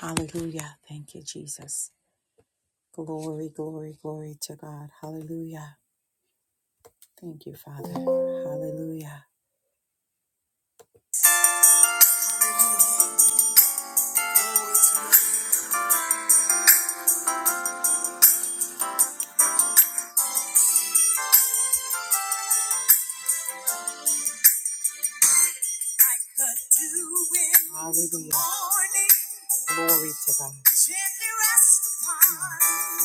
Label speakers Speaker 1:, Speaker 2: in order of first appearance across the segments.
Speaker 1: Hallelujah. Thank you, Jesus. Glory, glory, glory to God. Hallelujah. Thank you, Father. Hallelujah. Hallelujah. Glory to God.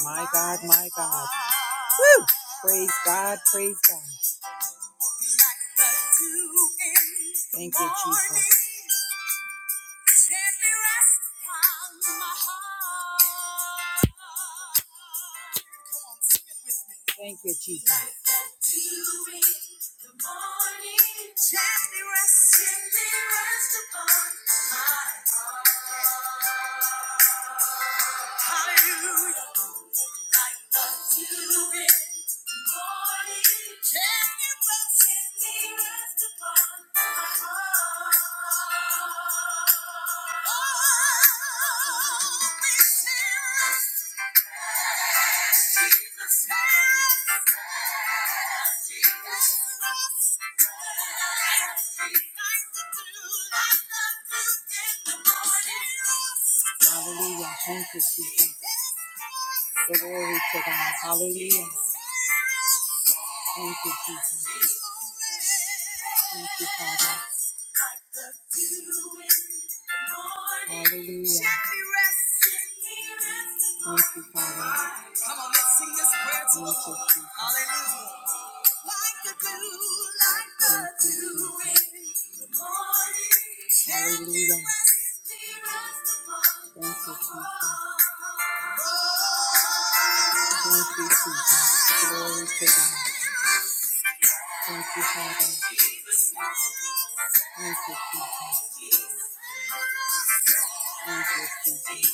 Speaker 1: My God, my God. Woo! Praise God, praise God. Thank you, Jesus. Gently rest upon my heart. Come on, sing it with me. Thank you, Jesus. Like the dew in the morning, Gently rest, gently rest upon my heart. Hallelujah. Hallelujah. Hallelujah. Thank you, Jesus. Glory to God. Hallelujah. Thank you, Jesus. Thank you, Father. Hallelujah. Thank you, Father. Come on, let's sing this prayer to the Thank you, Lord. Jesus. Hallelujah. Like the dew, like the Thank you, dew Jesus. in the morning. Hallelujah. Thank you, Jesus. Thank you, Jesus. Glory to God. Thank you, Father. Thank you, Jesus. Thank you, Jesus. Thank you, thank you, Father.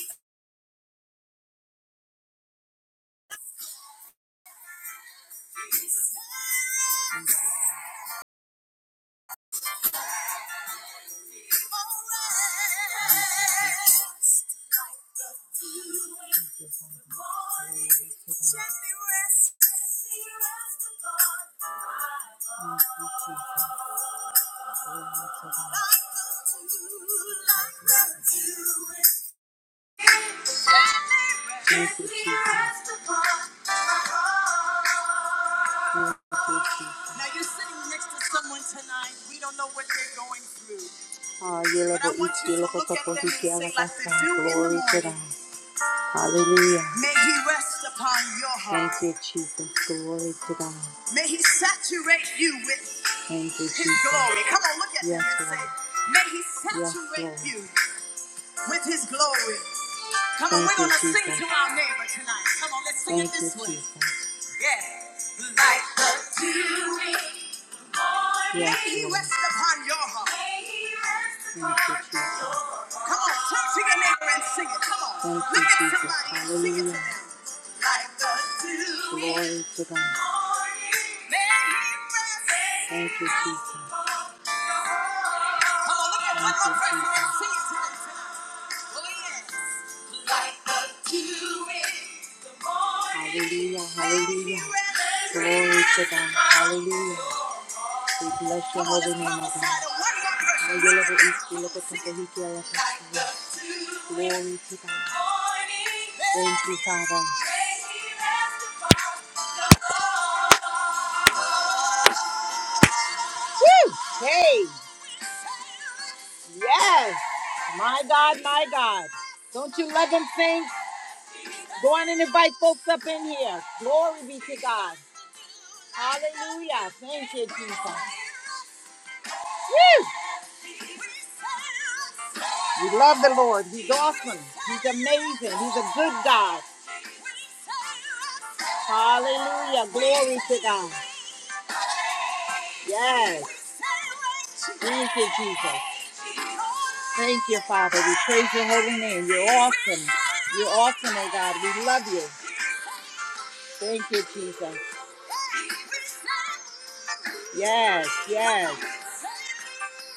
Speaker 1: Glory to God. Thank you, Jesus. Glory to God. Thank you, Jesus. Now you're sitting next to someone tonight. We don't know what they're going through. Ah, yeah, But I want you to look at them and say, like the dew in the Glory to morning, God. Hallelujah. May he rest upon your heart. Thank you, Jesus. Glory to God. May he saturate you with Thank you, his Jesus. glory. Come on, look at them yes, them and Lord. say, May he saturate yes, you with his glory. Come on, we're gonna sing to our neighbor tonight. Come on, let's sing it Thank this way. Yeah. Like the dewy morning. Yes, May he rest upon your heart. Come on, turn to your neighbor and sing it. Come on. Look at somebody and sing it to Hallelujah. them. Like the dewy May he rest. upon your heart. Come on, look at one more person and sing it to them. Hallelujah, hallelujah. Glory to God. Hallelujah. We bless your holy name, O God. Ayelabo iski loko teke hiki ala kasiya. Glory to God. Thank you, Father. Hey, yes, my God, my God. Don't you love him, Saints? Go on and invite folks up in here. Glory be to God. Hallelujah. Thank you, Jesus. Woo! We love the Lord. He's awesome. He's amazing. He's a good God. Hallelujah. Glory to God. Yes. Thank you, Jesus. Thank you, Father. We praise your holy name. You're awesome. You're awesome, oh God. We love you. Thank you, Jesus. Yes, yes.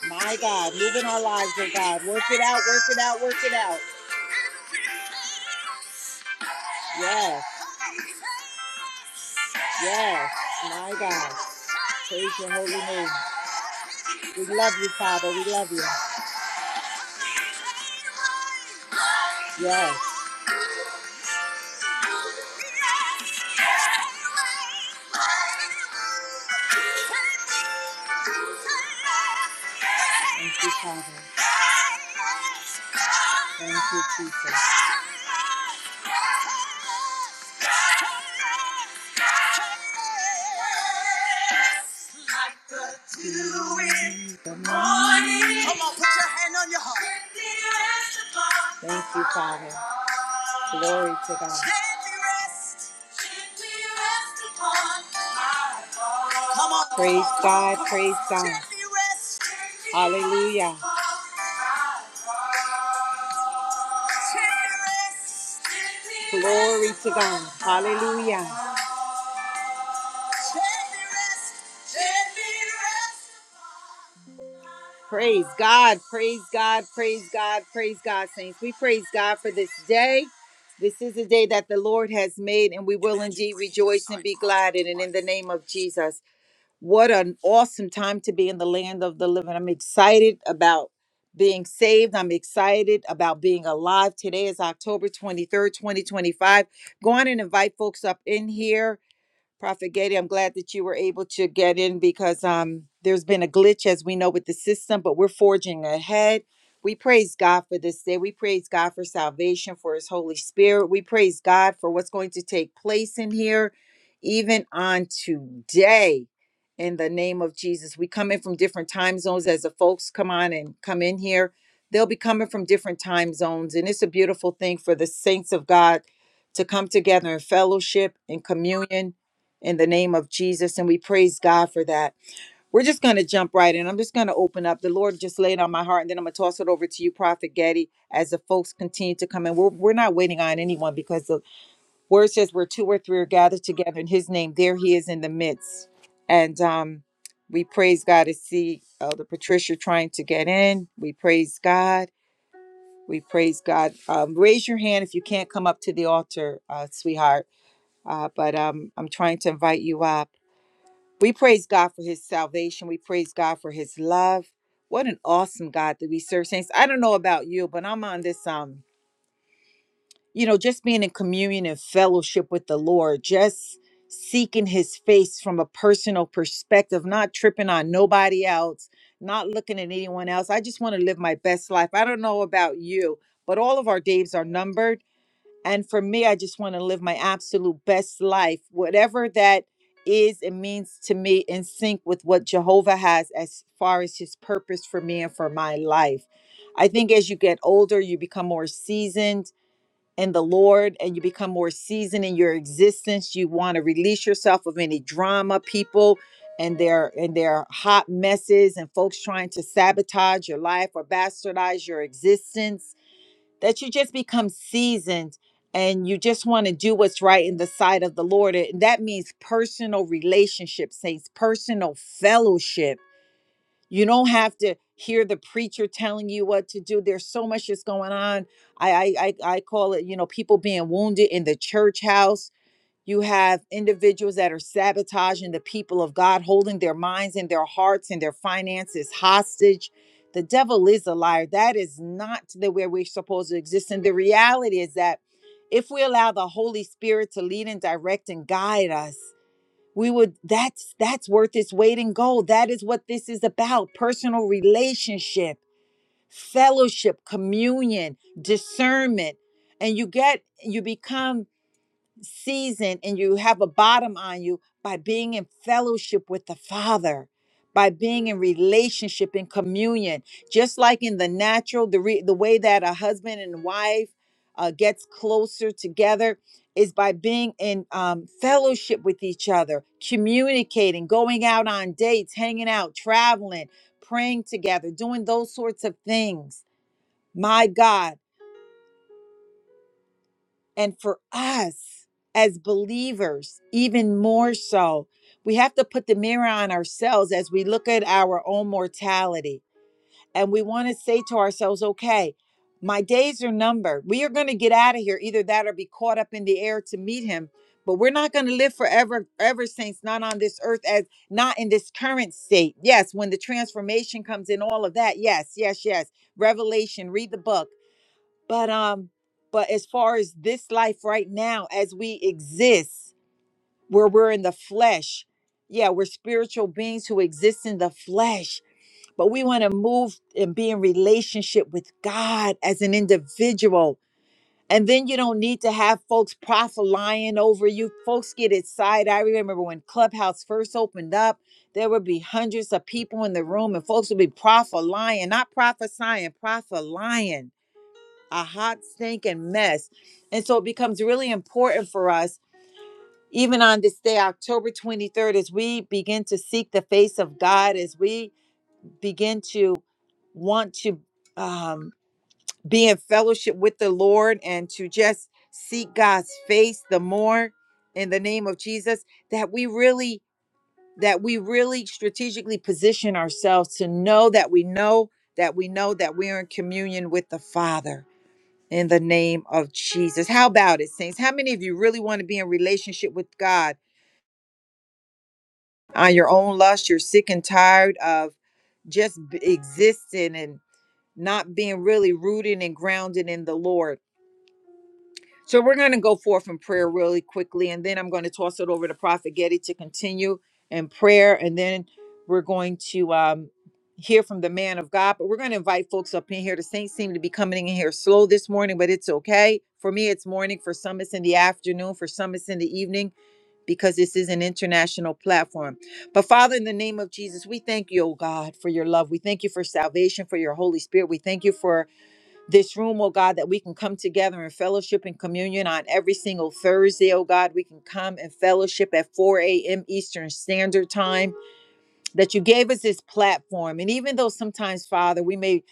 Speaker 1: My God, move in our lives, oh God. Work it out, work it out, work it out. Yes, yes, my God. Praise your holy name. We love you, Father. We love you. Yes. Thank you, Father. Thank you, Jesus. Come on, put your hand on your heart. Thank you, Father. Glory to God. Come on. Praise God, praise God. Hallelujah. Glory to God. Hallelujah. Praise God, praise God, praise God, praise God, saints. We praise God for this day. This is a day that the Lord has made, and we will indeed rejoice and be glad in it in the name of Jesus. What an awesome time to be in the land of the living. I'm excited about being saved. I'm excited about being alive. Today is October 23rd, 2025. Go on and invite folks up in here Prophet Getty, I'm glad that you were able to get in because um, there's been a glitch, as we know, with the system, but we're forging ahead. We praise God for this day. We praise God for salvation, for His Holy Spirit. We praise God for what's going to take place in here, even on today in the name of Jesus. We come in from different time zones as the folks come on and come in here. They'll be coming from different time zones. And it's a beautiful thing for the saints of God to come together in fellowship and communion in the name of Jesus. And we praise God for that. We're just going to jump right in. I'm just going to open up. The Lord just laid on my heart, and then I'm going to toss it over to you, Prophet Getty, as the folks continue to come in. We're, we're not waiting on anyone because the Word says where two or three are gathered together in his name there he is in the midst and um we praise god to see elder patricia trying to get in we praise god we praise god um, raise your hand if you can't come up to the altar uh, sweetheart uh, but um, i'm trying to invite you up we praise god for his salvation we praise god for his love what an awesome god that we serve saints i don't know about you but i'm on this um you know, just being in communion and fellowship with the Lord, just seeking his face from a personal perspective, not tripping on nobody else, not looking at anyone else. I just want to live my best life. I don't know about you, but all of our days are numbered. And for me, I just want to live my absolute best life, whatever that is and means to me, in sync with what Jehovah has as far as his purpose for me and for my life. I think as you get older, you become more seasoned in the Lord and you become more seasoned in your existence. You want to release yourself of any drama, people and their and their hot messes and folks trying to sabotage your life or bastardize your existence. That you just become seasoned and you just want to do what's right in the sight of the Lord. And that means personal relationships, saints, personal fellowship you don't have to hear the preacher telling you what to do. There's so much that's going on. I I I, I call it, you know, people being wounded in the church house. You have individuals that are sabotaging the people of God, holding their minds and their hearts and their finances hostage. The devil is a liar. That is not the way we're supposed to exist. And the reality is that if we allow the Holy Spirit to lead and direct and guide us, we would that's that's worth its weight in gold that is what this is about personal relationship fellowship communion discernment and you get you become season and you have a bottom on you by being in fellowship with the Father, by being in relationship in communion. Just like in the natural, the re- the way that a husband and wife uh, gets closer together is by being in um, fellowship with each other, communicating, going out on dates, hanging out, traveling, praying together, doing those sorts of things. My God and for us as believers, even more so, we have to put the mirror on ourselves as we look at our own mortality. And we want to say to ourselves, okay, my days are numbered. We are going to get out of here, either that or be caught up in the air to meet him. But we're not going to live forever, ever, saints, not on this earth, as not in this current state. Yes, when the transformation comes in, all of that. Yes, yes, yes. Revelation, read the book. But um, but as far as this life right now, as we exist, where we're in the flesh, yeah, we're spiritual beings who exist in the flesh, but we want to move and be in relationship with God as an individual. And then you don't need to have folks prophesying over you. Folks get excited. I remember when Clubhouse first opened up, there would be hundreds of people in the room, and folks would be prophesying, not prophesying, prophesying a hot stinking mess. And so it becomes really important for us, even on this day, October 23rd, as we begin to seek the face of God, as we begin to want to um, be in fellowship with the Lord and to just seek God's face the more in the name of Jesus, that we really that we really strategically position ourselves to know that we know that we know that we are in communion with the Father in the name of Jesus. How about it, saints? How many of you really want to be in relationship with God on your own lust? You're sick and tired of just b- existing and not being really rooted and grounded in the Lord. So we're going to go forth in prayer really quickly, and then I'm going to toss it over to Prophet Getty to continue in prayer, and then we're going to um, hear from the man of God. But we're going to invite folks up in here. The saints seem to be coming in here slow this morning, but it's okay. For me, it's morning. For some, it's in the afternoon. For some, it's in the evening because this is an international platform. But Father, in the name of Jesus, we thank you, oh God, for your love. We thank you for salvation, for your Holy Spirit. We thank you for this room, oh God, that we can come together in fellowship and communion on every single Thursday, oh God. We can come and fellowship at 4 a.m. Eastern Standard Time that you gave us this platform. And even though sometimes, Father, we may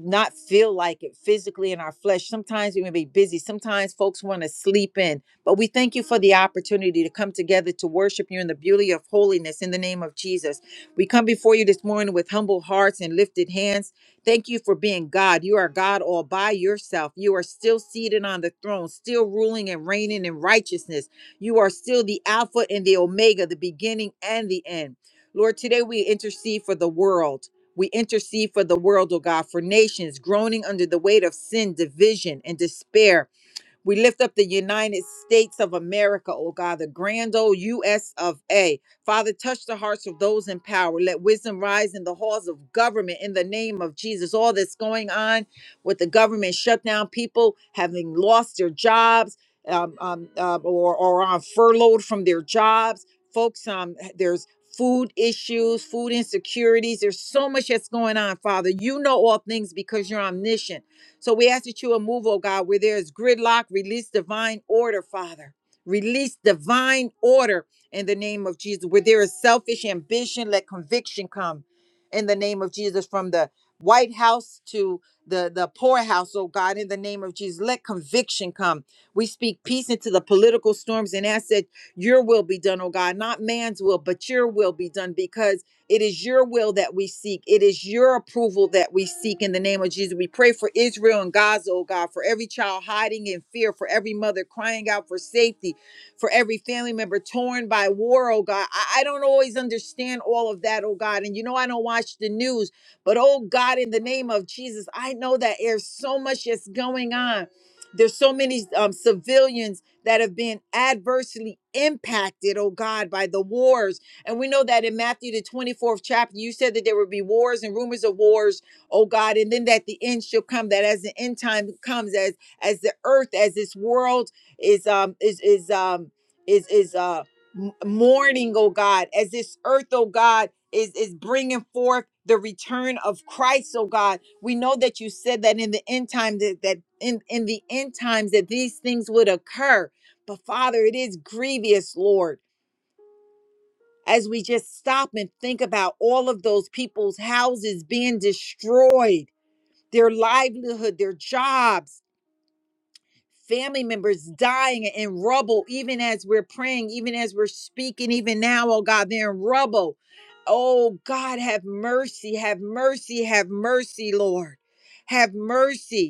Speaker 1: not feel like it physically in our flesh, sometimes we may be busy, sometimes folks want to sleep in, but we thank you for the opportunity to come together to worship you in the beauty of holiness in the name of Jesus. We come before you this morning with humble hearts and lifted hands. Thank you for being God. You are God all by yourself. You are still seated on the throne, still ruling and reigning in righteousness. You are still the Alpha and the Omega, the beginning and the end. Lord, today we intercede for the world. We intercede for the world, oh God, for nations groaning under the weight of sin, division, and despair. We lift up the United States of America, oh God, the grand old US of A. Father, touch the hearts of those in power. Let wisdom rise in the halls of government in the name of Jesus. All that's going on with the government shutdown, people having lost their jobs um, um, uh, or, or are furloughed from their jobs. Folks, um, there's food issues, food insecurities. There's so much that's going on, Father. You know all things because you're omniscient. So we ask that you will move, oh God, where there is gridlock, release divine order, Father. Release divine order in the name of Jesus. Where there is selfish ambition, let conviction come in the name of Jesus from the White House to the, the poorhouse, oh God, in the name of Jesus. Let conviction come. We speak peace into the political storms and ask that your will be done, oh God, not man's will, but your will be done because it is your will that we seek. It is your approval that we seek in the name of Jesus. We pray for Israel and Gaza, oh God, for every child hiding in fear, for every mother crying out for safety, for every family member torn by war, oh God. I, I don't always understand all of that, oh God. And you know, I don't watch the news, but oh God, in the name of Jesus, I know that there's so much that's going on. There's so many um, civilians that have been adversely impacted, oh God, by the wars and we know that in Matthew, the 24th chapter, you said that there would be wars and rumors of wars, oh God, and then that the end shall come, that as the end time comes, as as the earth, as this world is um is is um is is uh m- mourning, oh God, as this earth, oh God, is is bringing forth the return of Christ, oh God. We know that you said that in the end time that, that in, in the end times that these things would occur. But Father, it is grievous, Lord as we just stop and think about all of those people's houses being destroyed, their livelihood, their jobs, family members dying in rubble, even as we're praying, even as we're speaking, even now, oh God, they're in rubble. Oh God, have mercy, have mercy, have mercy, Lord. Have mercy.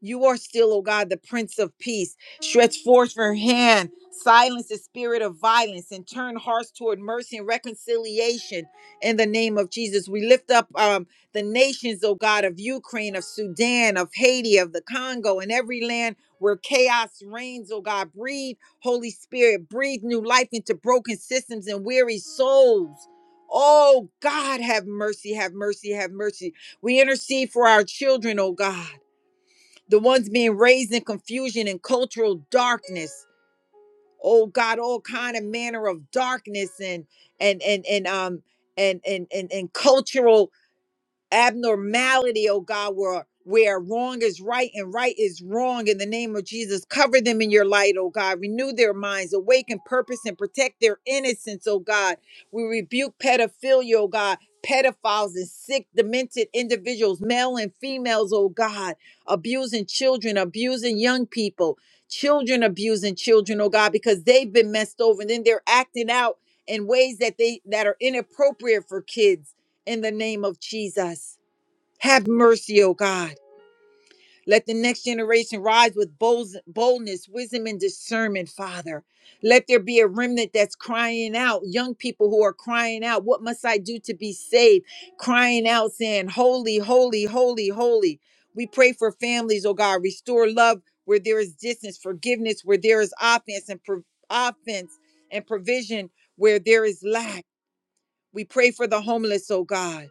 Speaker 1: You are still, oh God, the Prince of Peace. Stretch forth your hand, silence the spirit of violence, and turn hearts toward mercy and reconciliation in the name of Jesus. We lift up um, the nations, oh God, of Ukraine, of Sudan, of Haiti, of the Congo, and every land where chaos reigns, oh God. Breathe, Holy Spirit, breathe new life into broken systems and weary souls. Oh God, have mercy, have mercy, have mercy. We intercede for our children, oh God the ones being raised in confusion and cultural darkness oh god all kind of manner of darkness and and and and um and and and, and cultural abnormality, oh God, where where wrong is right and right is wrong in the name of Jesus. Cover them in your light, oh God. Renew their minds, awaken purpose, and protect their innocence, oh God. We rebuke pedophilia, oh God, pedophiles and sick, demented individuals, male and females, oh God, abusing children, abusing young people, children abusing children, oh God, because they've been messed over and then they're acting out in ways that they that are inappropriate for kids in the name of Jesus. Have mercy, O God. Let the next generation rise with bold- boldness, wisdom, and discernment, Father. Let there be a remnant that's crying out, young people who are crying out, What must I do to be saved? Crying out, saying, Holy, holy, holy, holy. We pray for families, oh God. Restore love where there is distance, forgiveness where there is offense, and pro- offense and provision where there is lack. We pray for the homeless, oh God.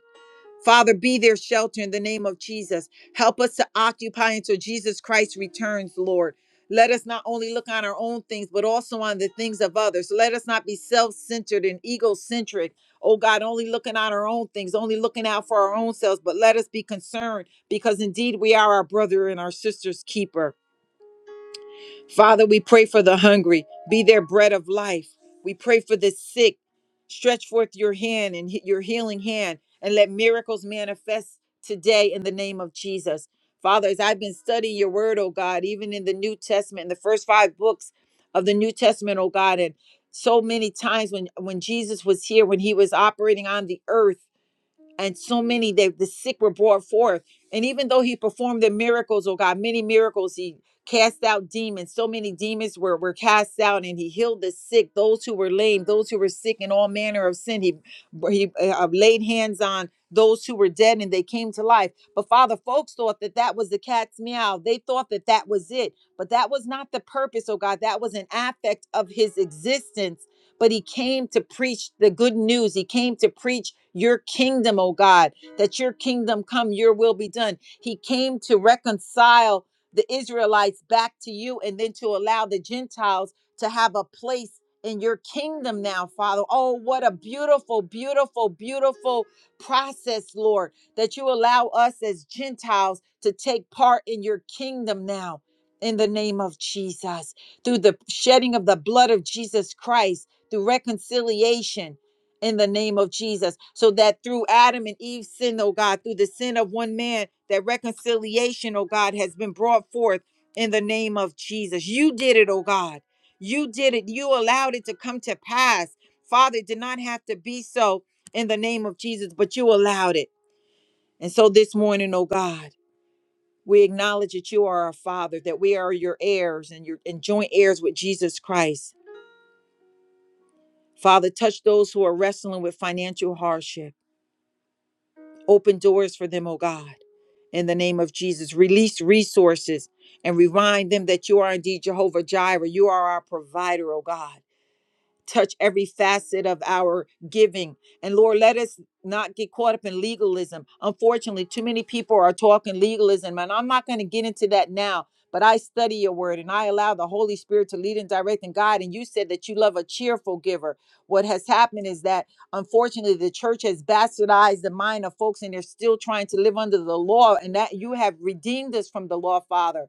Speaker 1: Father, be their shelter in the name of Jesus. Help us to occupy until Jesus Christ returns, Lord. Let us not only look on our own things, but also on the things of others. Let us not be self centered and egocentric. Oh God, only looking on our own things, only looking out for our own selves, but let us be concerned because indeed we are our brother and our sister's keeper. Father, we pray for the hungry. Be their bread of life. We pray for the sick. Stretch forth your hand and he- your healing hand and let miracles manifest today in the name of Jesus. Father, as I've been studying your word, oh God, even in the New Testament, in the first five books of the New Testament, oh God, and so many times when, when Jesus was here, when he was operating on the earth, and so many that the sick were brought forth. And even though he performed the miracles, oh God, many miracles, he cast out demons. So many demons were, were cast out, and he healed the sick, those who were lame, those who were sick in all manner of sin. He he uh, laid hands on those who were dead, and they came to life. But Father, folks thought that that was the cat's meow. They thought that that was it, but that was not the purpose, oh God. That was an aspect of his existence but he came to preach the good news. He came to preach your kingdom, oh God, that your kingdom come, your will be done. He came to reconcile the Israelites back to you and then to allow the Gentiles to have a place in your kingdom now, Father. Oh, what a beautiful, beautiful, beautiful process, Lord, that you allow us as Gentiles to take part in your kingdom now. In the name of Jesus, through the shedding of the blood of Jesus Christ through reconciliation in the name of Jesus. So that through Adam and Eve's sin, oh God, through the sin of one man, that reconciliation, oh God, has been brought forth in the name of Jesus. You did it, oh God. You did it. You allowed it to come to pass. Father, it did not have to be so in the name of Jesus, but you allowed it. And so this morning, oh God, we acknowledge that you are our Father, that we are your heirs and your and joint heirs with Jesus Christ. Father, touch those who are wrestling with financial hardship. Open doors for them, oh God. In the name of Jesus, release resources and remind them that you are indeed Jehovah Jireh. You are our provider, oh God touch every facet of our giving. And Lord, let us not get caught up in legalism. Unfortunately, too many people are talking legalism, and I'm not going to get into that now. But I study your word and I allow the Holy Spirit to lead and direct and guide. And you said that you love a cheerful giver. What has happened is that unfortunately the church has bastardized the mind of folks and they're still trying to live under the law. And that you have redeemed us from the law, Father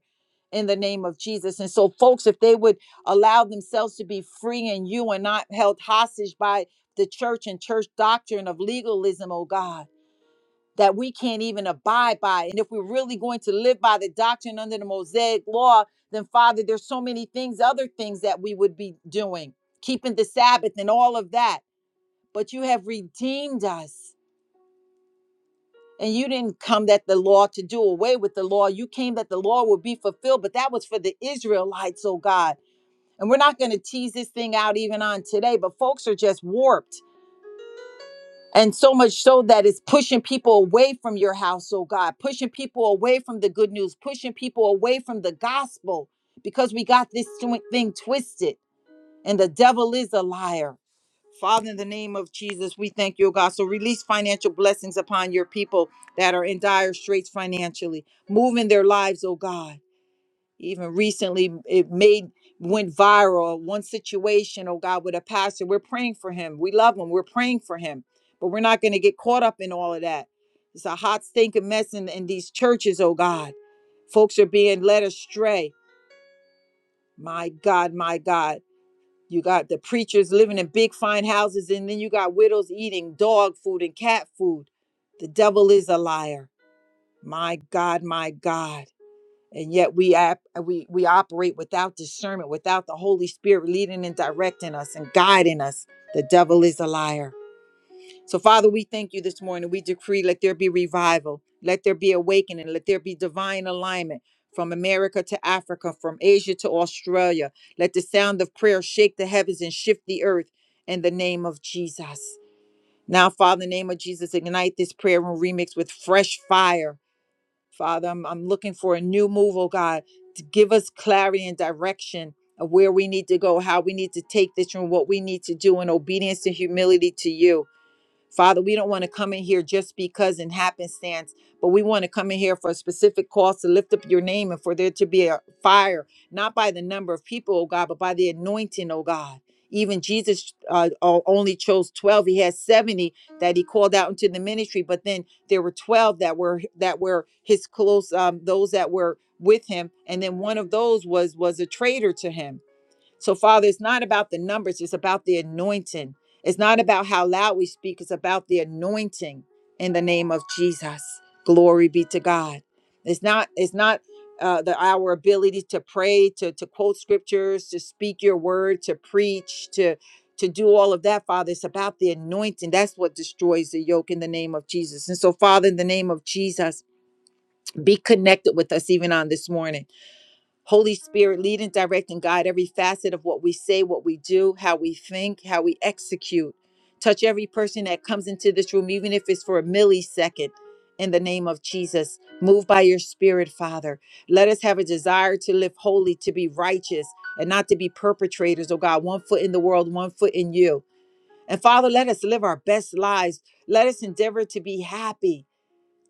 Speaker 1: in the name of Jesus. And so, folks, if they would allow themselves to be free in you and not held hostage by the church and church doctrine of legalism, oh God, that we can't even abide by. And if we're really going to live by the doctrine under the Mosaic law, then Father, there's so many things, other things that we would be doing, keeping the Sabbath and all of that. But you have redeemed us. And you didn't come that the law to do away with the law. You came that the law would be fulfilled, but that was for the Israelites, oh God. And we're not going to tease this thing out even on today, but folks are just warped. And so much so that it's pushing people away from your house, oh God, pushing people away from the good news, pushing people away from the gospel because we got this twi- thing twisted and the devil is a liar. Father, in the name of Jesus, we thank you, oh God. So release financial blessings upon your people that are in dire straits financially. Move in their lives, oh God even recently it made went viral one situation oh god with a pastor we're praying for him we love him we're praying for him but we're not going to get caught up in all of that it's a hot stinking mess in, in these churches oh god folks are being led astray my god my god you got the preachers living in big fine houses and then you got widows eating dog food and cat food the devil is a liar my god my god and yet we op- we we operate without discernment without the holy spirit leading and directing us and guiding us the devil is a liar so father we thank you this morning we decree let there be revival let there be awakening let there be divine alignment from America to Africa, from Asia to Australia. Let the sound of prayer shake the heavens and shift the earth in the name of Jesus. Now, Father, in the name of Jesus, ignite this prayer room remix with fresh fire Father, I'm, I'm looking for a new move, oh God, to give us clarity and direction of where we need to go, how we need to take this, and what we need to do in obedience and humility to you. Father, we don't want to come in here just because in happenstance, but we want to come in here for a specific cause to lift up your name and for there to be a fire, not by the number of people, oh God, but by the anointing, oh God. Even Jesus uh, o- only chose 12. He had 70 that he called out into the ministry, but then there were 12 that were that were his close um, those that were with him, and then one of those was was a traitor to him. So, Father, it's not about the numbers, it's about the anointing. It's not about how loud we speak, it's about the anointing in the name of Jesus. Glory be to God. It's not, it's not uh, the our ability to pray, to, to quote scriptures, to speak your word, to preach, to to do all of that, Father. It's about the anointing. That's what destroys the yoke in the name of Jesus. And so, Father, in the name of Jesus, be connected with us even on this morning. Holy Spirit, lead and direct and guide every facet of what we say, what we do, how we think, how we execute. Touch every person that comes into this room, even if it's for a millisecond, in the name of Jesus. Move by your Spirit, Father. Let us have a desire to live holy, to be righteous, and not to be perpetrators, oh God, one foot in the world, one foot in you. And Father, let us live our best lives. Let us endeavor to be happy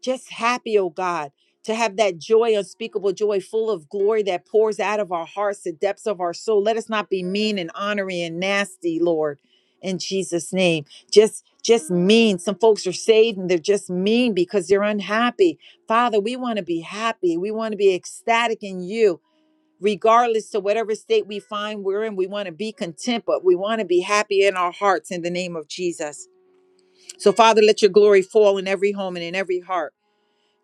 Speaker 1: just happy, oh God, to have that joy, unspeakable joy, full of glory that pours out of our hearts, the depths of our soul. Let us not be mean and honoring and nasty, Lord, in Jesus' name. Just just mean. Some folks are saved and they're just mean because they're unhappy. Father, we want to be happy. We want to be ecstatic in you. Regardless to whatever state we find we're in, we want to be content, but we want to be happy in our hearts in the name of Jesus. So, Father, let your glory fall in every home and in every heart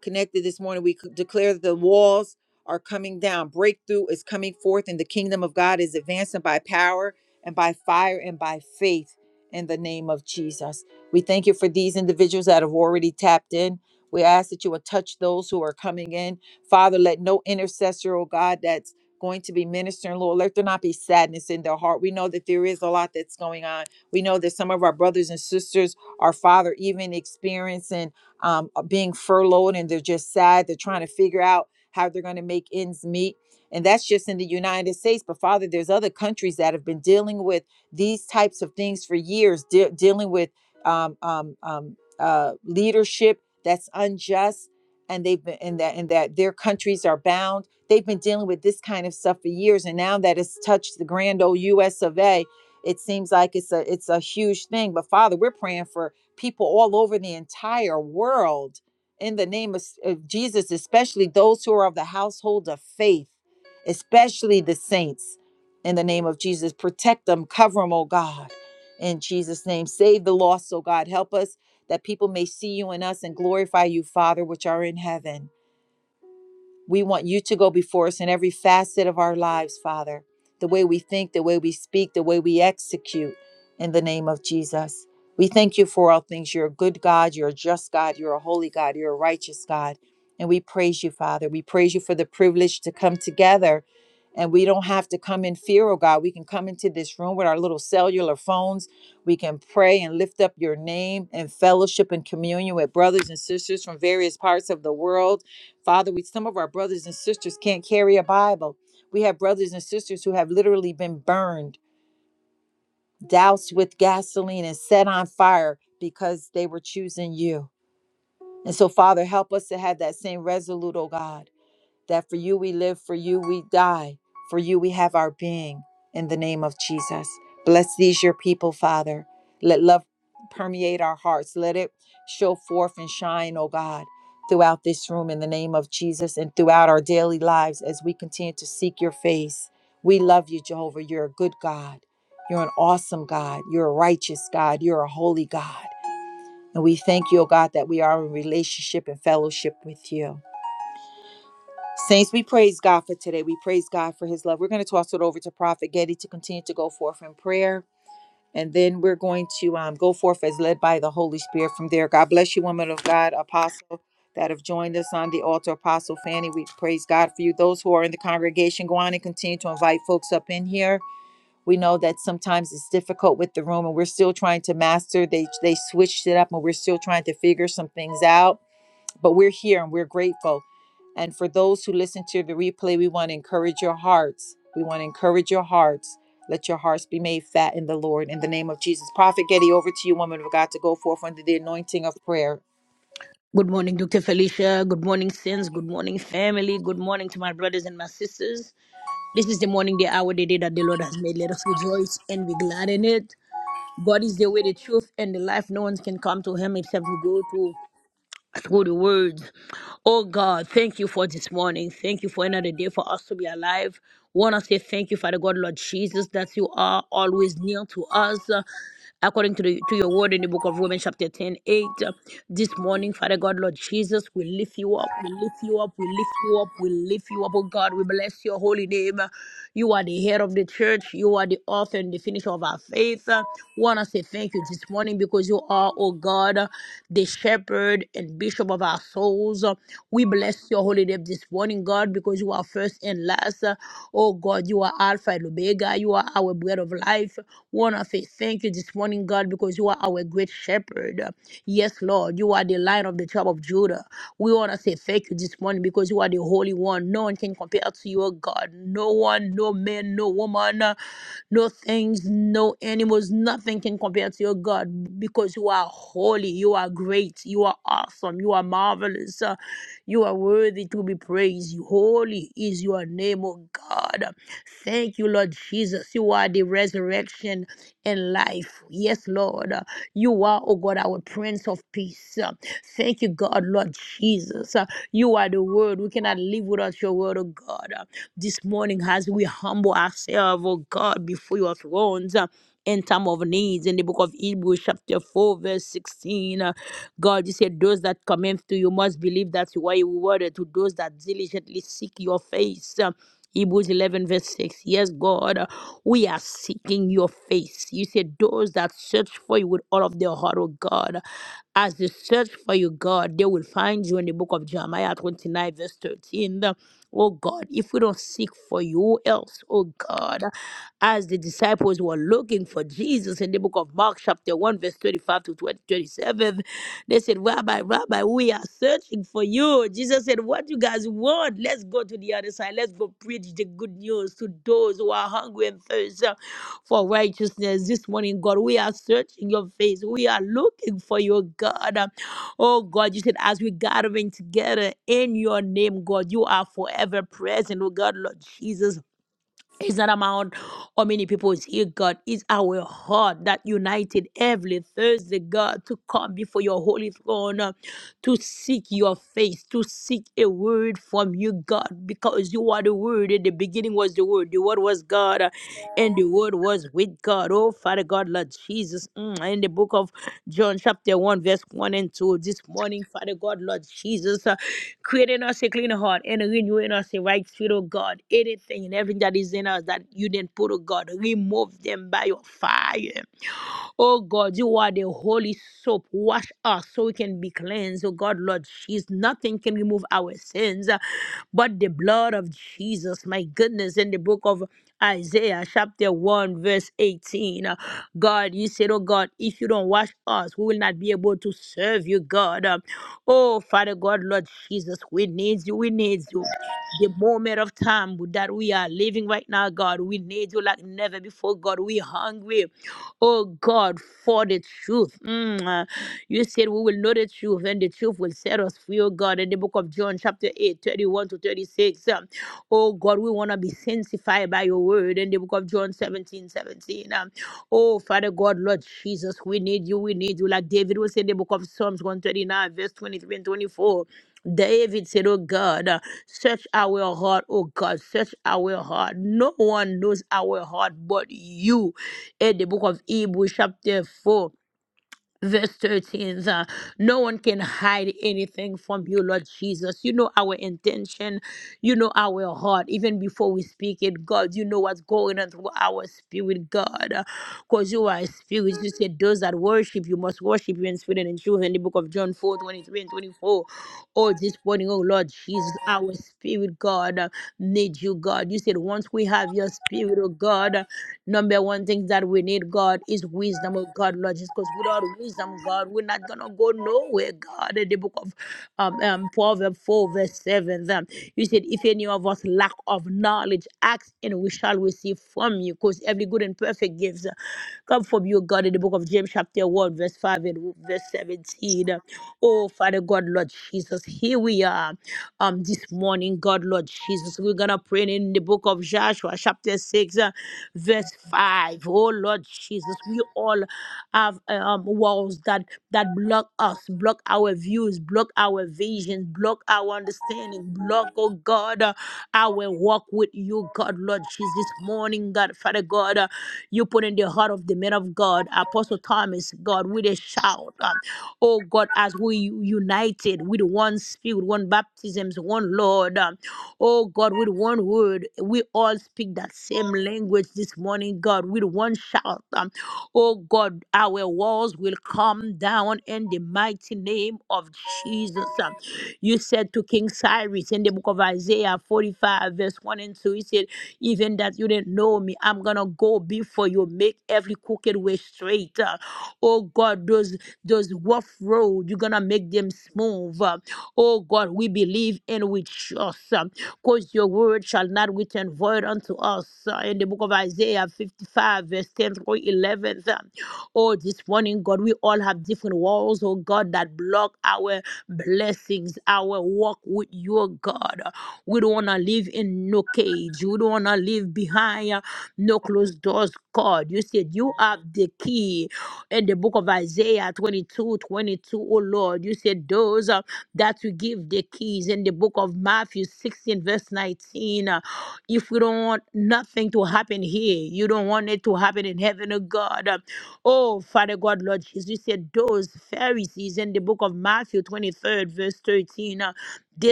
Speaker 1: connected this morning. We declare that the walls are coming down. Breakthrough is coming forth, and the kingdom of God is advancing by power and by fire and by faith in the name of Jesus. We thank you for these individuals that have already tapped in. We ask that you will touch those who are coming in. Father, let no intercessor, oh God, that's going to be ministering, Lord, let there not be sadness in their heart. We know that there is a lot that's going on. We know that some of our brothers and sisters, our Father, even experiencing um, are being furloughed and they're just sad. They're trying to figure out how they're going to make ends meet. And that's just in the United States. But Father, there's other countries that have been dealing with these types of things for years, de- dealing with um, um, um, uh, leadership that's unjust. And they've been in that, and that their countries are bound. They've been dealing with this kind of stuff for years, and now that it's touched the grand old U.S. of A., it seems like it's a it's a huge thing. But Father, we're praying for people all over the entire world in the name of, of Jesus, especially those who are of the household of faith, especially the saints in the name of Jesus. Protect them, cover them, oh God, in Jesus' name. Save the lost, oh God. Help us that people may see you in us and glorify you, Father, which are in heaven. We want you to go before us in every facet of our lives, Father. The way we think, the way we speak, the way we execute in the name of Jesus. We thank you for all things. You're a good God. You're a just God. You're a holy God. You're a righteous God. And we praise you, Father. We praise you for the privilege to come together. And we don't have to come in fear, oh God. We can come into this room with our little cellular phones. We can pray and lift up your name and fellowship and communion with brothers and sisters from various parts of the world Father, we some of our brothers and sisters can't carry a Bible. We have brothers and sisters who have literally been burned, doused with gasoline, and set on fire because they were choosing you. And so, Father, help us to have that same resolute, oh God that for you we live, for you we die, for you we have our being. In the name of Jesus, bless these your people, Father. Let love permeate our hearts. Let it show forth and shine, oh God, throughout this room in the name of Jesus and throughout our daily lives as we continue to seek your face. We love you, Jehovah. You're a good God. You're an awesome God. You're a righteous God. You're a holy God. And we thank you, oh God, that we are in relationship and fellowship with you. Saints, we praise God for today. We praise God for his love. We're going to toss it over to Prophet Getty to continue to go forth in prayer. And then we're going to um, go forth as led by the Holy Spirit from there. God bless you, woman of God, apostle that have joined us on the altar, Apostle Fanny. We praise God for you. Those who are in the congregation, go on and continue to invite folks up in here. We know that sometimes it's difficult with the room, and we're still trying to master. They they switched it up, and we're still trying to figure some things out but we're here and we're grateful. And for those who listen to the replay, we want to encourage your hearts. We want to encourage your hearts. Let your hearts be made fat in the Lord. In the name of Jesus. Prophet Getty, over to you, woman of God, to go forth under the anointing of prayer.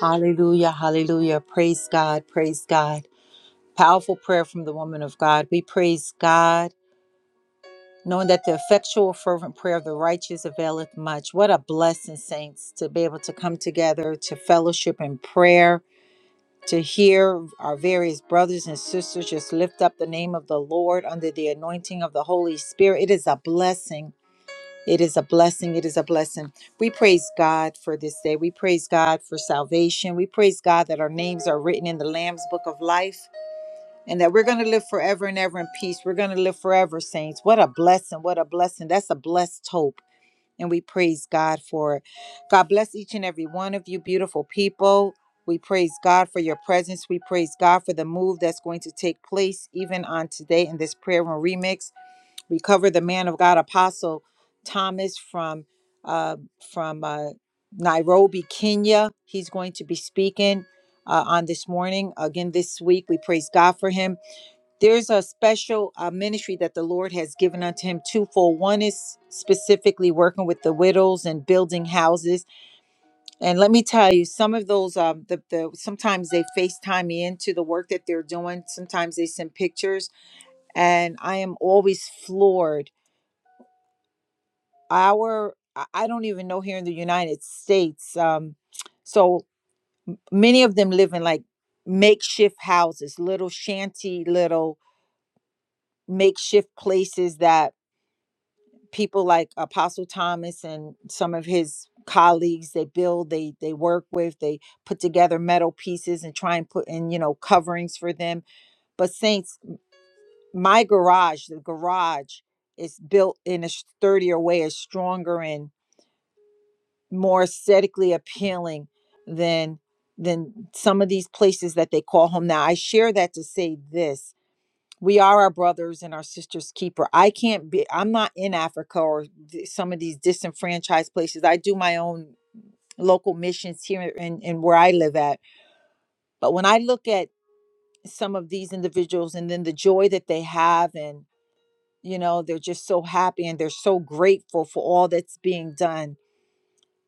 Speaker 1: Hallelujah. Hallelujah. Praise God. Praise God. Powerful prayer from the woman of God. We praise God, knowing that the effectual, fervent prayer of the righteous availeth much. What a blessing, saints, to be able to come together to fellowship in prayer to hear our various brothers and sisters just lift up the name of the Lord under the anointing of the Holy Spirit. It is a blessing. It is a blessing. It is a blessing. We praise God for this day. We praise God for salvation. We praise God that our names are written in the Lamb's book of life and that we're going to live forever and ever in peace. We're going to live forever, saints. What a blessing. What a blessing. That's a blessed hope. And we praise God for it. God bless each and every one of you, beautiful people. We praise God for your presence. We praise God for the move that's going to take place even on today in this prayer room remix. We cover the man of God, Apostle Thomas from uh, from uh, Nairobi, Kenya. He's going to be speaking uh, on this morning again this week. We praise God for him there's a special uh, ministry that the Lord has given unto him twofold. One is specifically working with the widows and building houses. And let me tell you, some of those, um, the, the sometimes they FaceTime me into the work that they're doing. Sometimes they send pictures, and I am always floored. Our, I I don't even know here in the United States. Um, so many of them live in like makeshift houses, little shanty, little makeshift places that people like apostle thomas and some of his colleagues they build they they work with they put together metal pieces and try and put in you know coverings for them but saints my garage the garage is built in a sturdier way is stronger and more aesthetically appealing than than some of these places that they call home now i share that to say this we are our brothers and our sisters keeper i can't be i'm not in africa or th- some of these disenfranchised places i do my own local missions here in, in where i live at but when i look at some of these individuals and then the joy that they have and you know they're just so happy and they're so grateful for all that's being done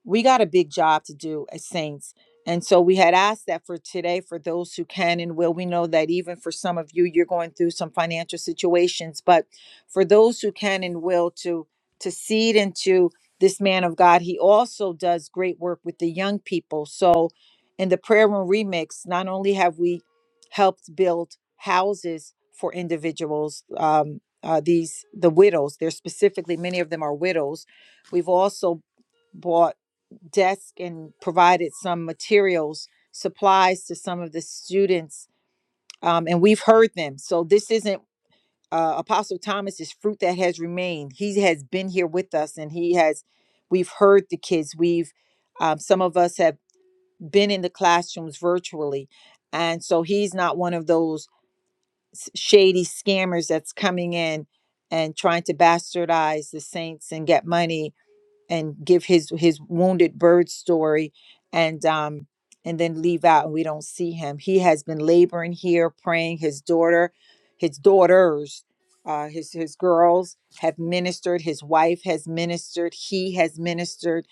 Speaker 1: we got a big job to do as saints. And so we had asked that for today for those who can and will. We know that even for some of you, you're going through some financial situations, but for those who can and will to to seed into this man of God, he also does great work with the young people. So in the prayer room remix, not only have we helped build houses for individuals, um, uh, these the widows. They're specifically many of them are widows. We've also bought desk and provided some materials, supplies to some of the students, um, and we've heard them. So this isn't uh, Apostle Thomas's fruit that has remained. He has been here with us, and he has. We've heard the kids. We've um, some of us have been in the classrooms virtually, and so he's not one of those s- shady scammers that's coming in and trying to bastardize the saints and get money and give his his wounded bird story and um and then leave out and we don't see him he has been laboring here praying his daughter his daughters uh his his girls have ministered his wife has ministered he has ministered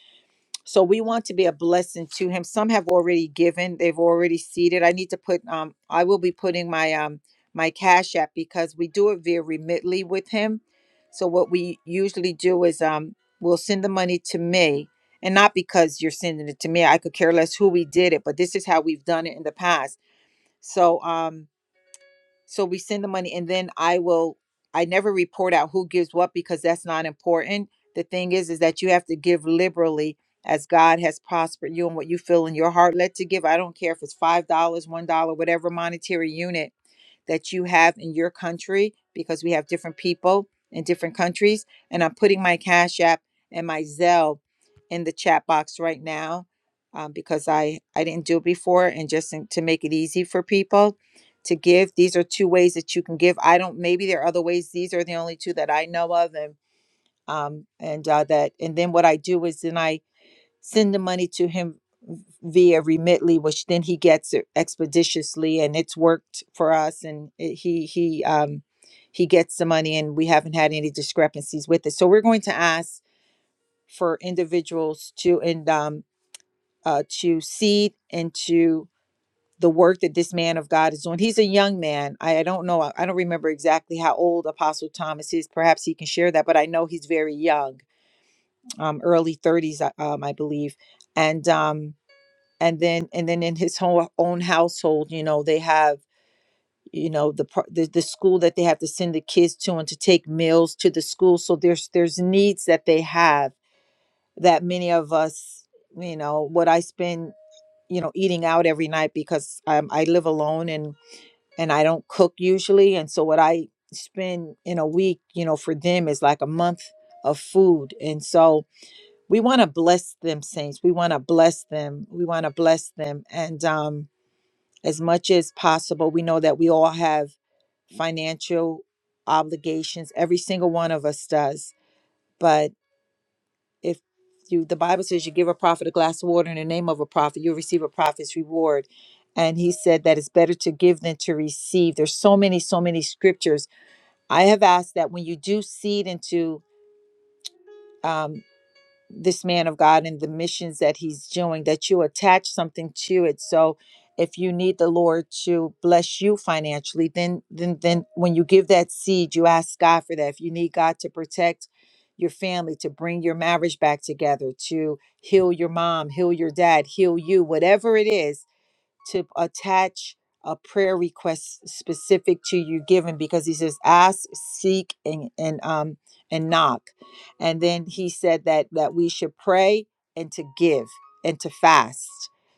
Speaker 1: so we want to be a blessing to him. Some have already given; they've already seeded. I need to put um I will be putting my um my cash app because we do it via Remitly with him. So what we usually do is um we'll send the money to me and not because you're sending it to me. I could care less who we did it, but this is how we've done it in the past. So um so we send the money and then I will I never report out who gives what because that's not important. The thing is is that you have to give liberally as God has prospered you and what you feel in your heart led to give. I don't care if it's five dollars, one dollar, whatever monetary unit that you have in your country because we have different people in different countries. And I'm putting my Cash App and my Zelle in the chat box right now um, because I, I didn't do it before. And just in- to make it easy for people to give, these are two ways that you can give. I don't, maybe there are other ways. These are the only two that I know of. And um, and uh, that, and then what I do is then I send the money to him via Remitly, which then he gets it expeditiously, and it's worked for us. And it, he he um, he gets the money, and we haven't had any discrepancies with it. So we're going to ask for individuals to and um, uh, to seed into the work that this man of God is doing. He's a young man. I, I don't know. I I don't remember exactly how old Apostle Thomas is. Perhaps he can share that, but I know he's very young, um, early 30s, uh, um, I believe. And um, and then and then in his whole own household you know they have you know the, par- the the school that they have to send the kids to and to take meals to the school so there's there's needs that they have that many of us you know what i spend you know eating out every night because um, i live alone and and i don't cook usually and so what i spend in a week you know for them is like a month of food and so we want to bless them saints we want to bless them we want to bless them and um as much as possible. We know that we all have financial obligations, every single one of us does. But if you, the Bible says you give a prophet a glass of water in the name of a prophet, you'll receive a prophet's reward. And he said that it's better to give than to receive. There's so many, so many scriptures. I have asked that when you do seed into um, this man of God and the missions that he's doing, that you attach something to it. So if you need the Lord to bless you financially, then then then when you give that seed, you ask God for that. If you need God to protect your family, to bring your marriage back together, to heal your mom, heal your dad, heal you, whatever it is, to attach a prayer request specific to you given because he says ask seek and and um and knock and then he said that that we should pray and to give and to fast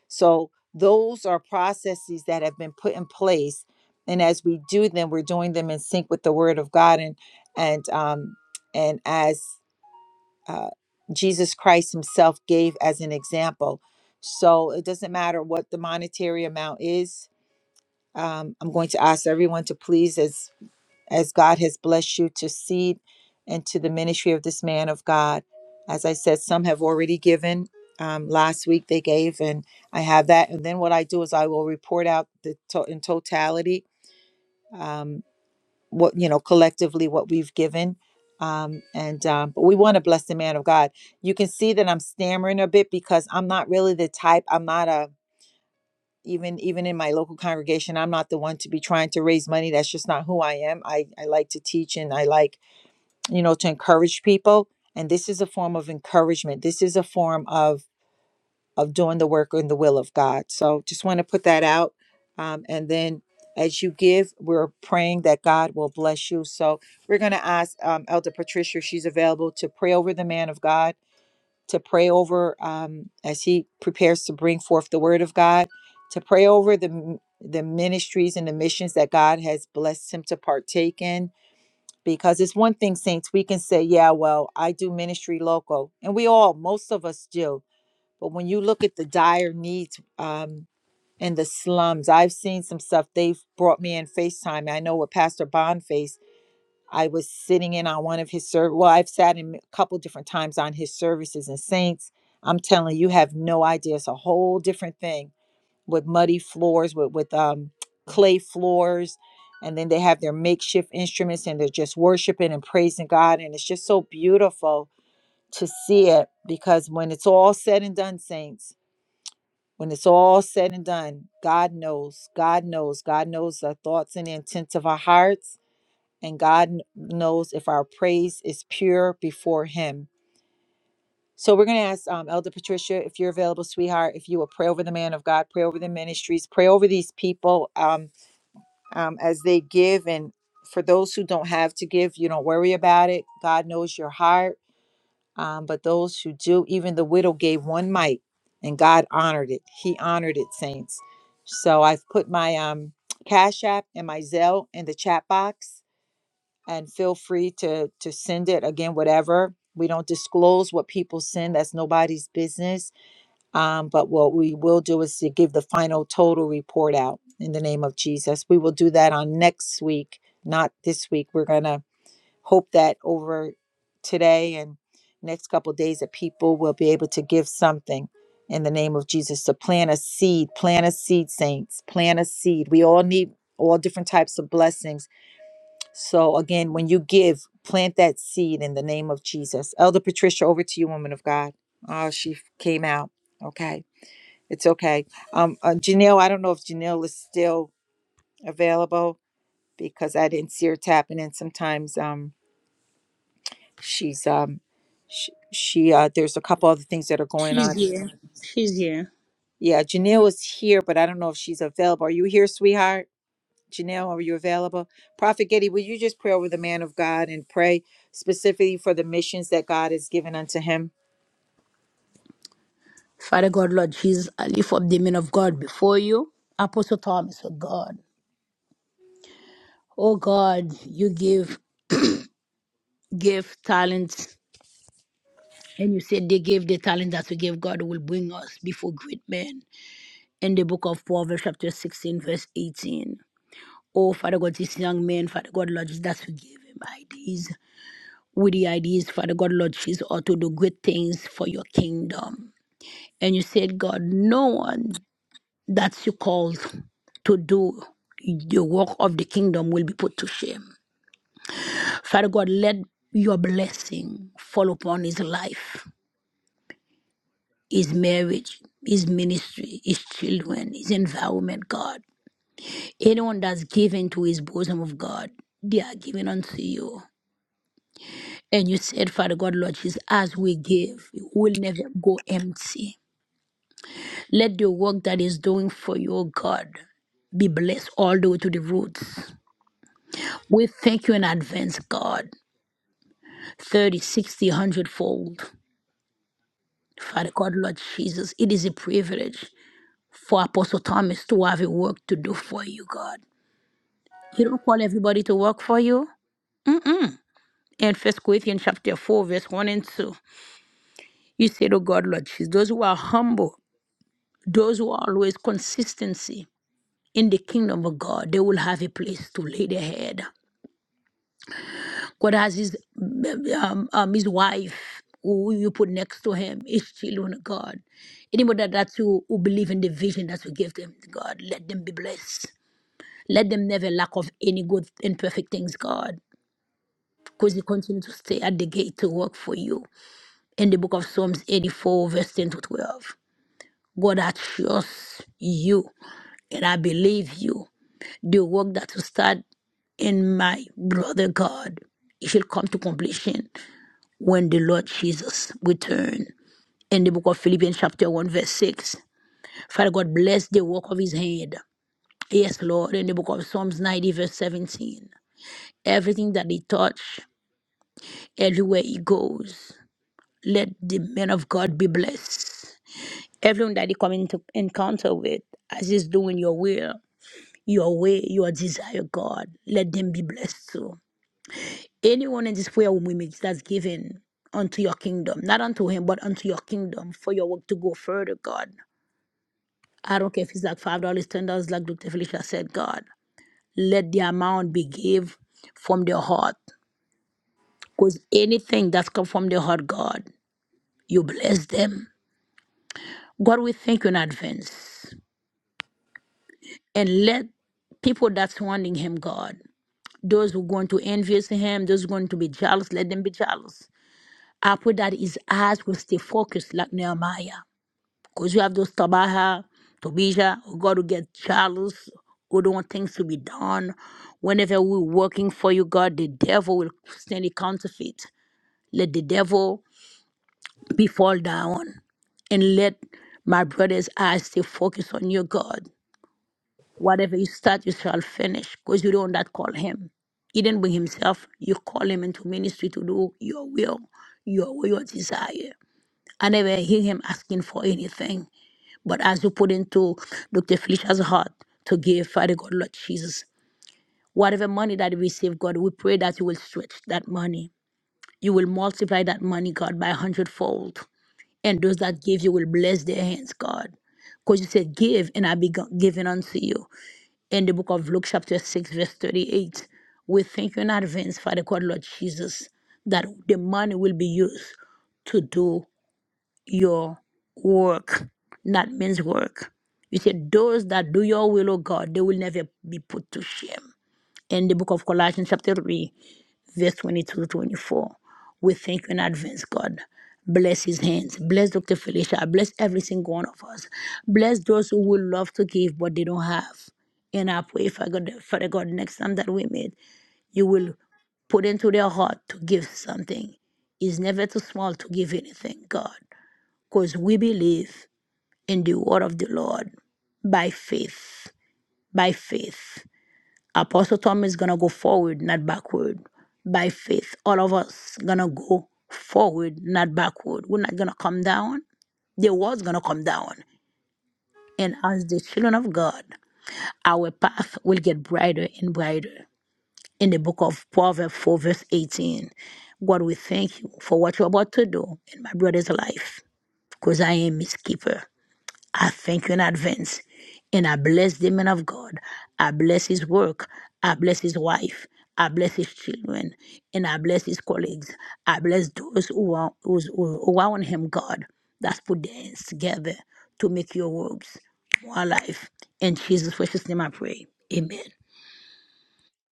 Speaker 1: so those are processes that have been put in place and as we do them we're doing them in sync with the word of god and and um and as uh, Jesus Christ Himself gave as an example. So it doesn't matter what the monetary amount is. Um, I'm going to ask everyone to please, as as God has blessed you, to seed into the ministry of this man of God. As I said, some have already given. Um, last week they gave, and I have that. And then what I do is I will report out the to- in totality. Um, what you know collectively what we've given um and um but we want to bless the man of god you can see that i'm stammering a bit because i'm not really the type i'm not a even even in my local congregation i'm not the one to be trying to raise money that's just not who i am i i like to teach and i like you know to encourage people and this is a form of encouragement this is a form of of doing the work in the will of God. So just want to put that out. Um, and then as you give, we're praying that God will bless you. So we're going to ask um, Elder Patricia, if she's available to pray over the man of God, to pray over um, as he prepares to bring forth the word of God, to pray over the the ministries and the missions that God has blessed him to partake in. Because it's one thing, saints, we can say, yeah, well, I do ministry local. And we all, most of us do but when you look at the dire needs um, in the slums, I've seen some stuff. They've brought me in FaceTime. I know what Pastor Bond faced. I was sitting in on one of his services. Well, I've sat in a couple different times on his services and saints. I'm telling you, you have no idea. It's a whole different thing with muddy floors, with, with um, clay floors. And then they have their makeshift instruments and they're just worshiping and praising God. And it's just so beautiful to see it because when it's all said and done, saints, when it's all said and done, God knows. God knows. God knows the thoughts and the intents of our hearts. And God kn- knows if our praise is pure before Him. So we're going to ask um, Elder Patricia if you're available, sweetheart, if you will pray over the man of God, pray over the ministries, pray over these people um, um, as they give. And for those who don't have to give, you don't worry about it. God knows your heart. Um, but those who do, even the widow gave one mite, and God honored it. He honored it, saints. So I've put my um, Cash App and my Zelle in the chat box, and feel free to to send it again. Whatever we don't disclose what people send, that's nobody's business. Um, but what we will do is to give the final total report out in the name of Jesus. We will do that on next week, not this week. We're gonna hope that over today and next couple of days that people will be able to give something in the name of Jesus to plant a seed, plant a seed, saints, plant a seed. We all need all different types of blessings. So again, when you give, plant that seed in the name of Jesus. Elder Patricia, over to you, woman of God. Oh, she came out. Okay. It's okay. Um, uh, Janelle, I don't know if Janelle is still available because I didn't see her tapping in. Sometimes um, She's um, she, she uh, there's a couple other things that are going on. Yeah, Janelle is here, but I don't know if she's available. Are you here, sweetheart? Janelle, are you available? Prophet Getty, will you just pray over the man of God and pray specifically for the missions that God has given unto him?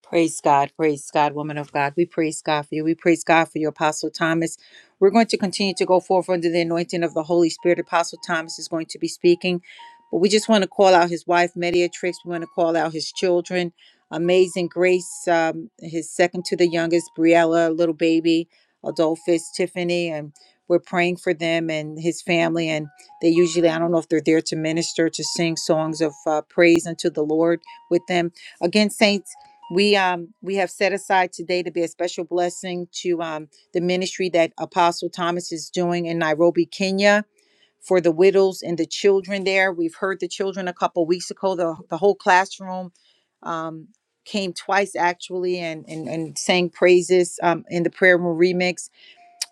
Speaker 1: Praise God. Praise God, woman of God. We praise God for you. We praise God for you, Apostle Thomas. We're going to continue to go forth under the anointing of the Holy Spirit. Apostle Thomas is going to be speaking, but we just want to call out his wife, Mediatrix. We want to call out his children, Amazing Grace, um, his second to the youngest, Briella, little baby, Adolphus, Tiffany, and we're praying for them and his family. And they usually, I don't know if they're there to minister, to sing songs of uh, praise unto the Lord with them again saints. We um we have set aside today to be a special blessing to um the ministry that Apostle Thomas is doing in Nairobi, Kenya for the widows and the children there. We've heard the children a couple weeks ago. The the whole classroom um came twice actually and and, and sang praises um in the prayer room remix.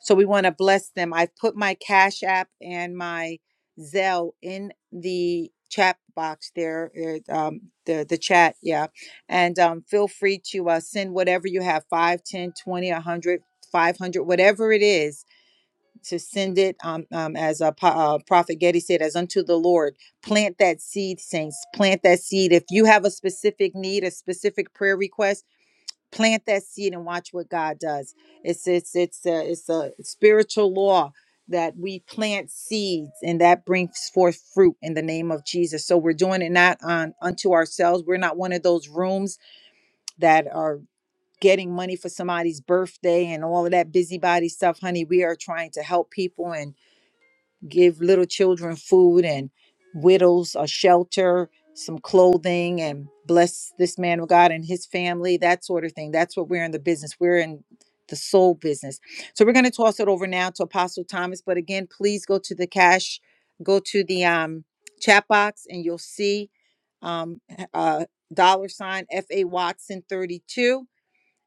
Speaker 1: So we want to bless them. I've put my Cash App and my Zelle in the chat box there, uh, um, the, the chat, yeah. And um, feel free to uh, send whatever you have 5, 10, 20, one hundred, five hundred, whatever it is, to send it, um, um, as uh, Po- uh, Prophet Getty said, as unto the Lord. Plant that seed, saints. Plant that seed. If you have a specific need, a specific prayer request, plant that seed and watch what God does. It's it's it's a, it's a spiritual law that we plant seeds and that brings forth fruit in the name of Jesus. So we're doing it not on unto ourselves. We're not one of those rooms that are getting money for somebody's birthday and all of that busybody stuff, honey. We are trying to help people and give little children food and widows a shelter, some clothing, and bless this man of God and his family, that sort of thing. That's what we're in the business. We're in the soul business. So we're going to toss it over now to Apostle Thomas. But again, please go to the cash, go to the um, chat box, and you'll see um, uh, dollar sign FA Watson 32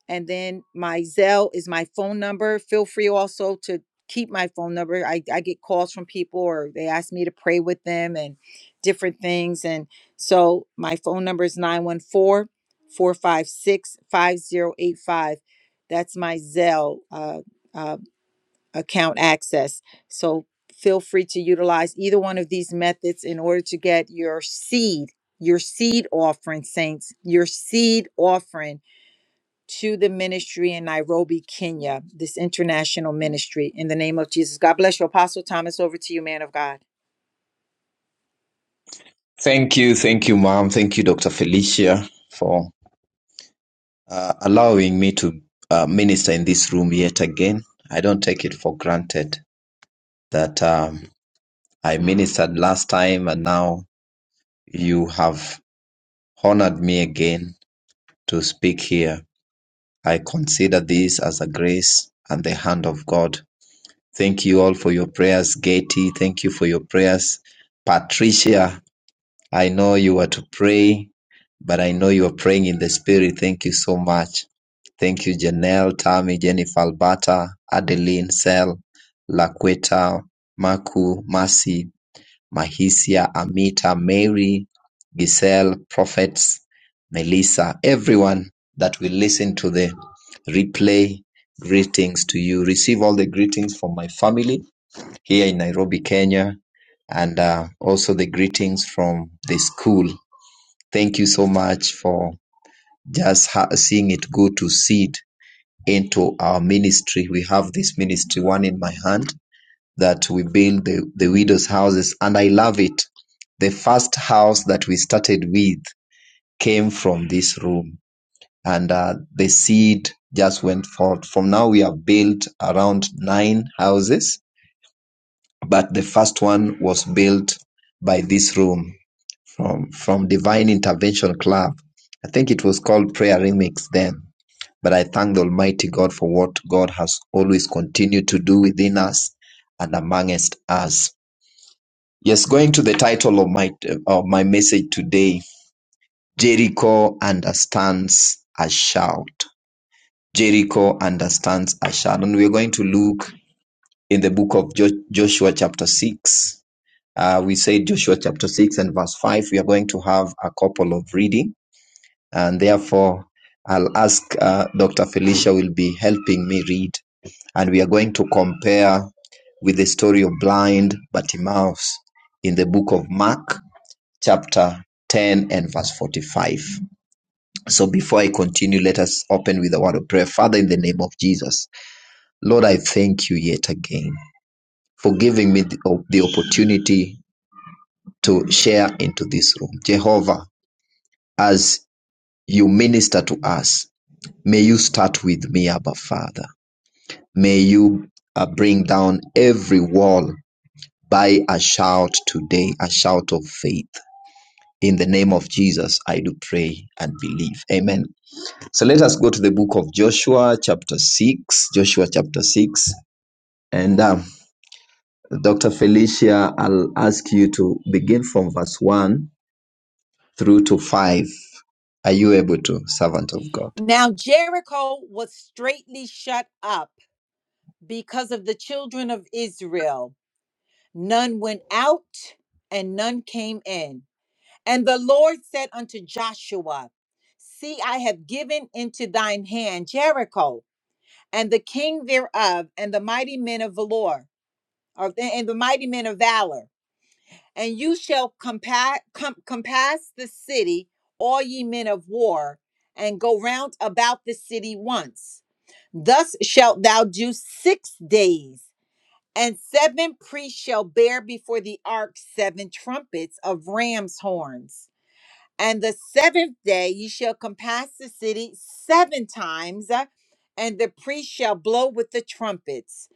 Speaker 1: and then my Zelle is my phone number. Feel free also to keep my phone number. I, I get calls from people or they ask me to pray with them and different things. And so my phone number is 914 456 5085. That's my Zelle uh, uh, account access. So feel free to utilize either one of these methods in order to get your seed, your seed offering, saints, your seed offering to the ministry in Nairobi, Kenya, this international ministry in the name of Jesus. God bless you, Apostle Thomas. Over to you, man of God.
Speaker 2: Thank you, thank you, ma'am. Thank you, Dr. Felicia, for uh, allowing me to uh, minister in this room yet again. I don't take it for granted that um, I ministered last time and now you have honored me again to speak here. I consider this as a grace and the hand of God. Thank you all for your prayers, Getty. Thank you for your prayers, Patricia. I know you are to pray, but I know you are praying in the spirit. Thank you so much. Thank you, Janelle, Tammy, Jennifer, Albata, Adeline, Sel, Laqueta, Maku, Mercy, Mahisia, Amita, Mary, Giselle, Prophets, Melissa, everyone that will listen to the replay. Greetings to you. Receive all the greetings from my family here in Nairobi, Kenya, and uh, also the greetings from the school. Thank you so much for just ha- seeing it go to seed into our ministry. We have this ministry, one in my hand, that we build the, the widows' houses, and I love it. The first house that we started with came from this room, and uh, the seed just went forth. From now, we have built around nine houses But the first one was built by this room from from Divine Intervention Club. I think it was called Prayer Remix then. But I thank the Almighty God for what God has always continued to do within us and amongst us. Yes, going to the title of my of my message today, Jericho understands a shout. Jericho understands a shout, and we're going to look in the book of jo- Joshua chapter six Uh, we say Joshua chapter 6 and verse 5. We are going to have a couple of reading, and therefore, I'll ask uh, Dr. Felicia will be helping me read, and we are going to compare with the story of blind Bartimaeus in the book of Mark, chapter 10 and verse 45. So before I continue, let us open with a word of prayer. Father, in the name of Jesus, Lord, I thank you yet again for giving me the, the opportunity to share into this room. Jehovah, as you minister to us, may you start with me, Abba Father. May you uh, bring down every wall by a shout today, a shout of faith. In the name of Jesus, I do pray and believe. Amen. So let us go to the book of Joshua, chapter 6. Joshua, chapter 6. And um, Dr. Felicia, I'll ask you to begin from verse 1 through to 5. Are you able to, servant of God?
Speaker 1: Now, Jericho was straitly shut up because of the children of Israel. None went out and none came in. And the Lord said unto Joshua, See, I have given into thine hand Jericho and the king thereof, and the mighty men of valor, or, and the mighty men of valor. and you shall compa- com- compass the city, all ye men of war, and go round about the city once. Thus shalt thou do six days, and seven priests shall bear before the ark seven trumpets of ram's horns. And the seventh day ye shall compass the city seven times, uh, and the priest shall blow with the trumpets.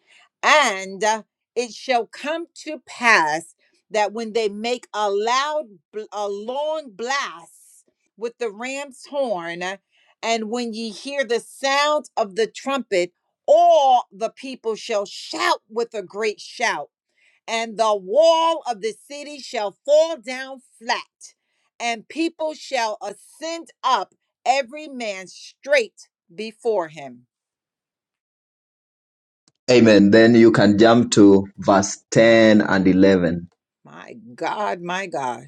Speaker 1: And uh, it shall come to pass that when they make a loud, bl- a long blast with the ram's horn, uh, and when ye hear the sound of the trumpet, all the people shall shout with a great shout and the wall of the city shall fall down flat, and people shall ascend up, every man straight before him.
Speaker 2: Amen. Then you can jump to verse 10 and 11.
Speaker 1: My God, my God.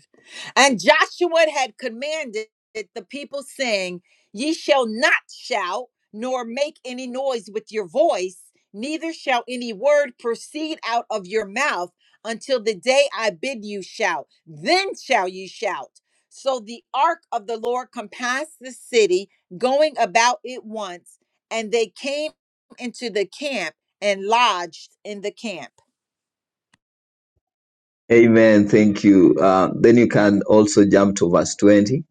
Speaker 1: And Joshua had commanded the people, saying, Ye shall not shout, nor make any noise with your voice, neither shall any word proceed out of your mouth until the day I bid you shout. Then shall you shout. So the ark of the Lord compassed the city, going about it once, and they came into the camp and lodged in the camp.
Speaker 2: Amen. Thank you. Uh, then you can also jump to verse 20.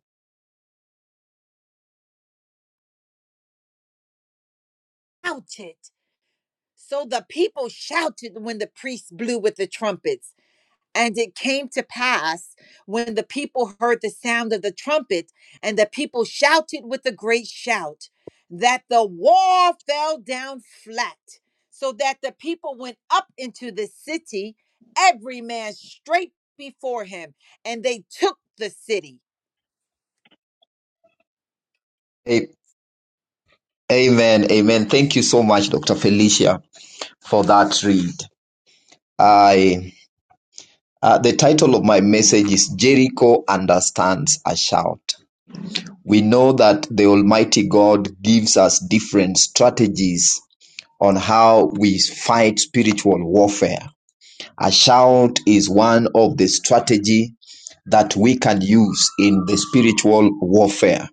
Speaker 1: Shouted. So the people shouted when the priests blew with the trumpets. And it came to pass when the people heard the sound of the trumpet, and the people shouted with a great shout, that the wall fell down flat, so that the people went up into the city, every man straight before him, and they took the city.
Speaker 2: A- Amen. Amen. Thank you so much, Dr. Felicia, for that read. I, uh, the title of my message is Jericho Understands a Shout. We know that the Almighty God gives us different strategies on how we fight spiritual warfare. A shout is one of the strategy that we can use in the spiritual warfare.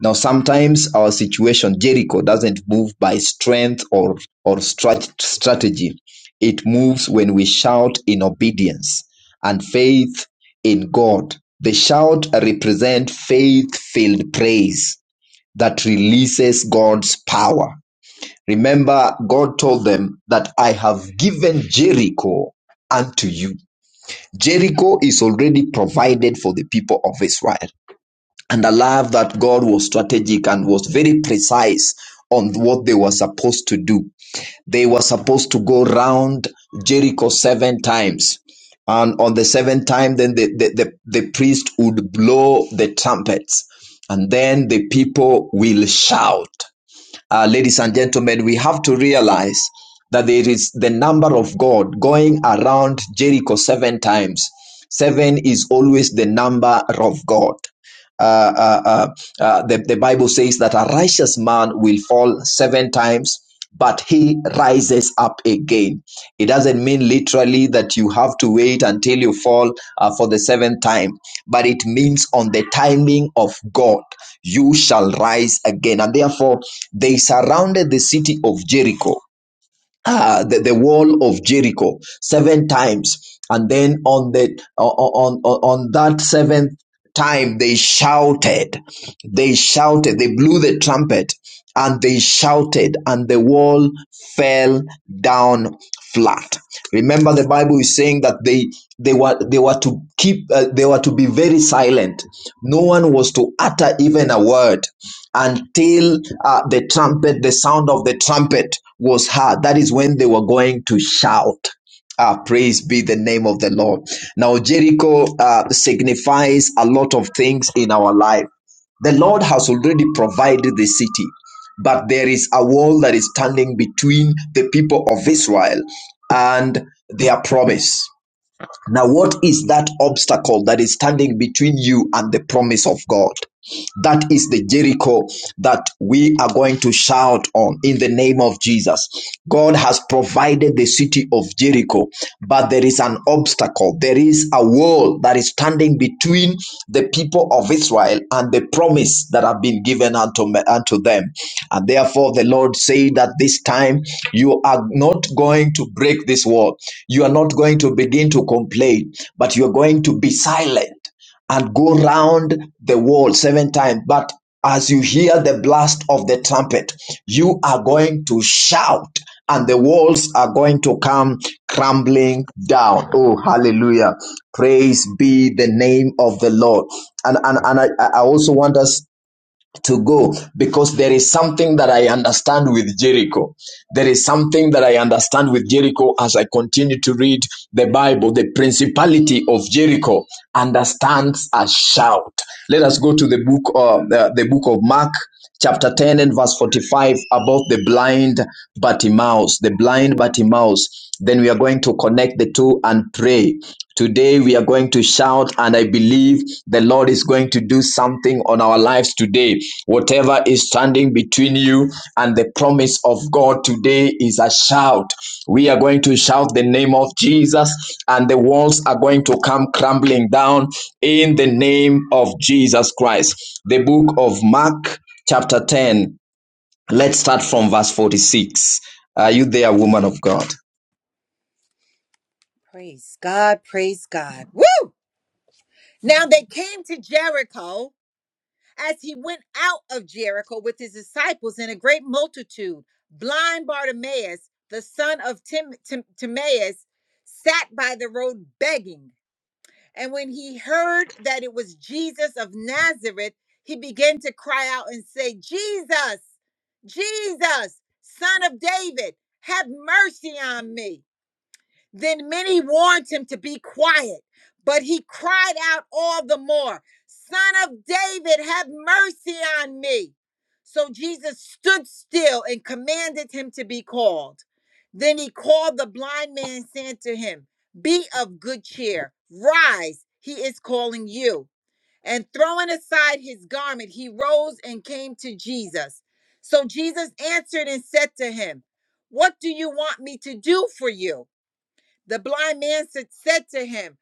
Speaker 2: Now, sometimes our situation, Jericho, doesn't move by strength or, or strat- strategy. It moves when we shout in obedience and faith in God. The shout represent faith-filled praise that releases God's power Remember, God told them that I have given Jericho unto you. Jericho is already provided for the people of Israel. And I love that God was strategic and was very precise on what they were supposed to do. They were supposed to go round Jericho seven times. And on the seventh time, then the, the, the, the priest would blow the trumpets. And then the people will shout uh, ladies and gentlemen, we have to realize that there is the number of God going around Jericho seven times. Seven is always the number of God uh, uh, uh, uh, the, the Bible says that a righteous man will fall seven times, but he rises up again. It doesn't mean literally that you have to wait until you fall uh, for the seventh time, but it means on the timing of God, you shall rise again. And therefore, they surrounded the city of Jericho uh, the, the wall of Jericho seven times, and then on the on on, on that seventh time they shouted, they shouted, they blew the trumpet, and they shouted, and the wall fell down flat. Remember, the Bible is saying that they they were they were to keep uh, they were to be very silent. No one was to utter even a word until uh, the trumpet, the sound of the trumpet was heard. That is when they were going to shout. Ah, praise be the name of the Lord. Now, Jericho uh, signifies a lot of things in our life. The Lord has already provided the city, but there is a wall that is standing between the people of Israel and their promise. Now, what is that obstacle that is standing between you and the promise of God? That is the Jericho that we are going to shout on in the name of Jesus. God has provided the city of Jericho, but there is an obstacle. There is a wall that is standing between the people of Israel and the promise that have been given unto, unto them. And therefore, the Lord said that this time you are not going to break this wall. You are not going to begin to complain, but you are going to be silent and go round the world seven times. But as you hear the blast of the trumpet, you are going to shout, and the walls are going to come crumbling down. Oh, hallelujah. Praise be the name of the Lord. And, and, and I, I also want us to go because there is something that I understand with Jericho. There is something that I understand with Jericho as I continue to read the Bible. The principality of Jericho understands a shout. Let us go to the book of uh, the, the book of Mark chapter 10 and verse 45 about the blind Bartimaeus, the blind Bartimaeus. Then we are going to connect the two and pray. Today we are going to shout, and I believe the Lord is going to do something on our lives today. Whatever is standing between you and the promise of God today is a shout. We are going to shout the name of Jesus, and the walls are going to come crumbling down in the name of Jesus Christ. The book of Mark chapter 10. Let's start from verse 46. Are you there, woman of God?
Speaker 1: Praise God, praise God. Woo! Now they came to Jericho as he went out of Jericho with his disciples and a great multitude. Blind Bartimaeus, the son of Tim, Tim- Timaeus, sat by the road begging. And when he heard that it was Jesus of Nazareth, he began to cry out and say, Jesus, Jesus, son of David, have mercy on me. Then many warned him to be quiet, but he cried out all the more, Son of David, have mercy on me. So Jesus stood still and commanded him to be called. Then he called the blind man, saying to him, Be of good cheer, rise, he is calling you. And throwing aside his garment, he rose and came to Jesus. So Jesus answered and said to him, What do you want me to do for you? The blind man said to him,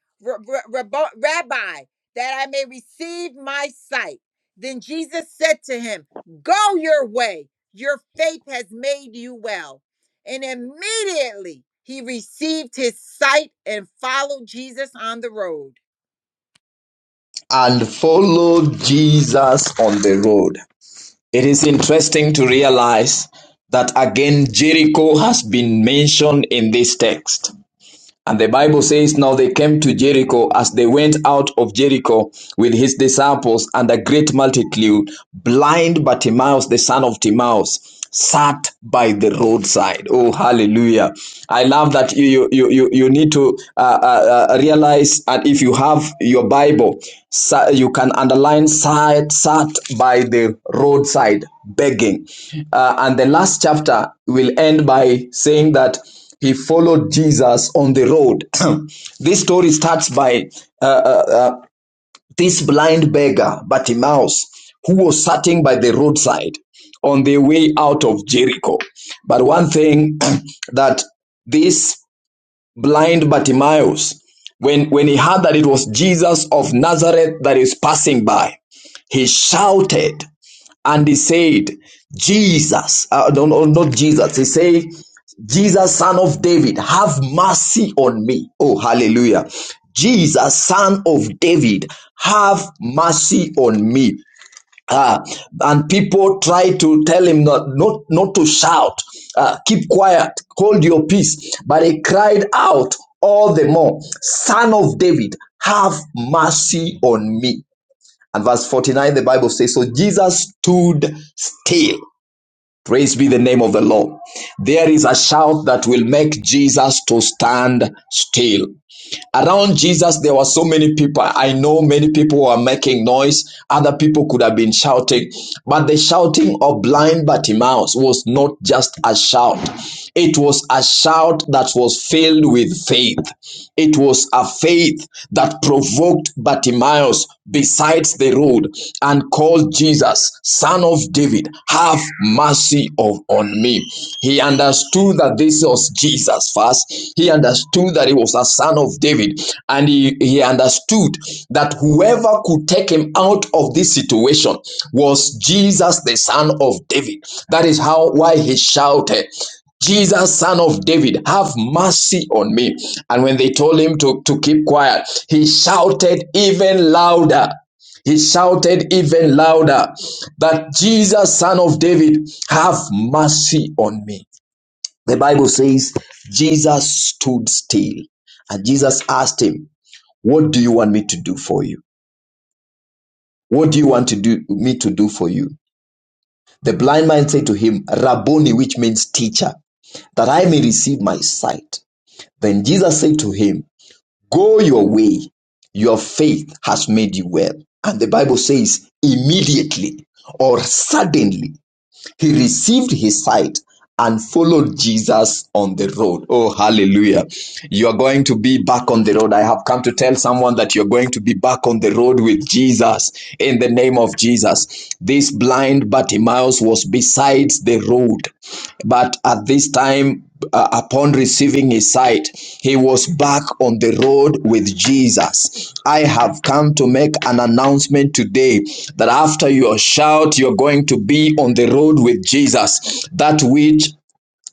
Speaker 1: Rabbi, that I may receive my sight. Then Jesus said to him, Go your way, your faith has made you well. And immediately he received his sight and followed Jesus on the road.
Speaker 2: And follow Jesus on the road. It is interesting to realize that again Jericho has been mentioned in this text. And the Bible says, Now they came to Jericho as they went out of Jericho with his disciples and a great multitude. Blind Bartimaeus, the son of Timaeus, sat by the roadside. Oh, hallelujah. I love that you, you, you, you you need to uh, uh, uh, realize, and if you have your Bible, you can underline sat, sat by the roadside begging. Uh, and the last chapter will end by saying that he followed Jesus on the road. this story starts by uh, uh, uh, this blind beggar, Bartimaeus, who was sitting by the roadside on the way out of Jericho. But one thing that this blind Bartimaeus, when, when he heard that it was Jesus of Nazareth that is passing by, he shouted and he said, Jesus, uh, no, no, not Jesus, he said, Jesus, son of David, have mercy on me. Oh, hallelujah. Jesus, son of David, have mercy on me. Ah, and people try to tell him not, not, not to shout, uh, keep quiet, hold your peace. But he cried out all the more, Son of David, have mercy on me. And verse 49, the Bible says, So Jesus stood still. Praise be the name of the Lord. There is a shout that will make Jesus to stand still. Around Jesus, there were so many people. I know many people were making noise. Other people could have been shouting. But the shouting of blind Bartimaeus was not just a shout. It was a shout that was filled with faith. It was a faith that provoked Bartimaeus besides the road and called Jesus, son of David, have mercy on on me. He understood that this was Jesus first. He understood that he was a son of David. And he, he understood that whoever could take him out of this situation was Jesus, the son of David. That is how why he shouted, Jesus, son of David, have mercy on me. And when they told him to, to keep quiet, he shouted even louder. He shouted even louder that Jesus, son of David, have mercy on me. The Bible says Jesus stood still and Jesus asked him, What do you want me to do for you? What do you want to do me to do for you? The blind man said to him, Rabboni, which means teacher, that I may receive my sight. Then Jesus said to him, Go your way, your faith has made you well. And the Bible says, immediately or suddenly He received his sight and followed Jesus on the road. Oh, hallelujah. You are going to be back on the road. I have come to tell someone that you're going to be back on the road with Jesus in the name of Jesus. This blind Bartimaeus was beside the road, but at this time, uh, upon receiving his sight, he was back on the road with Jesus. I have come to make an announcement today that after your shout, you're going to be on the road with Jesus. That which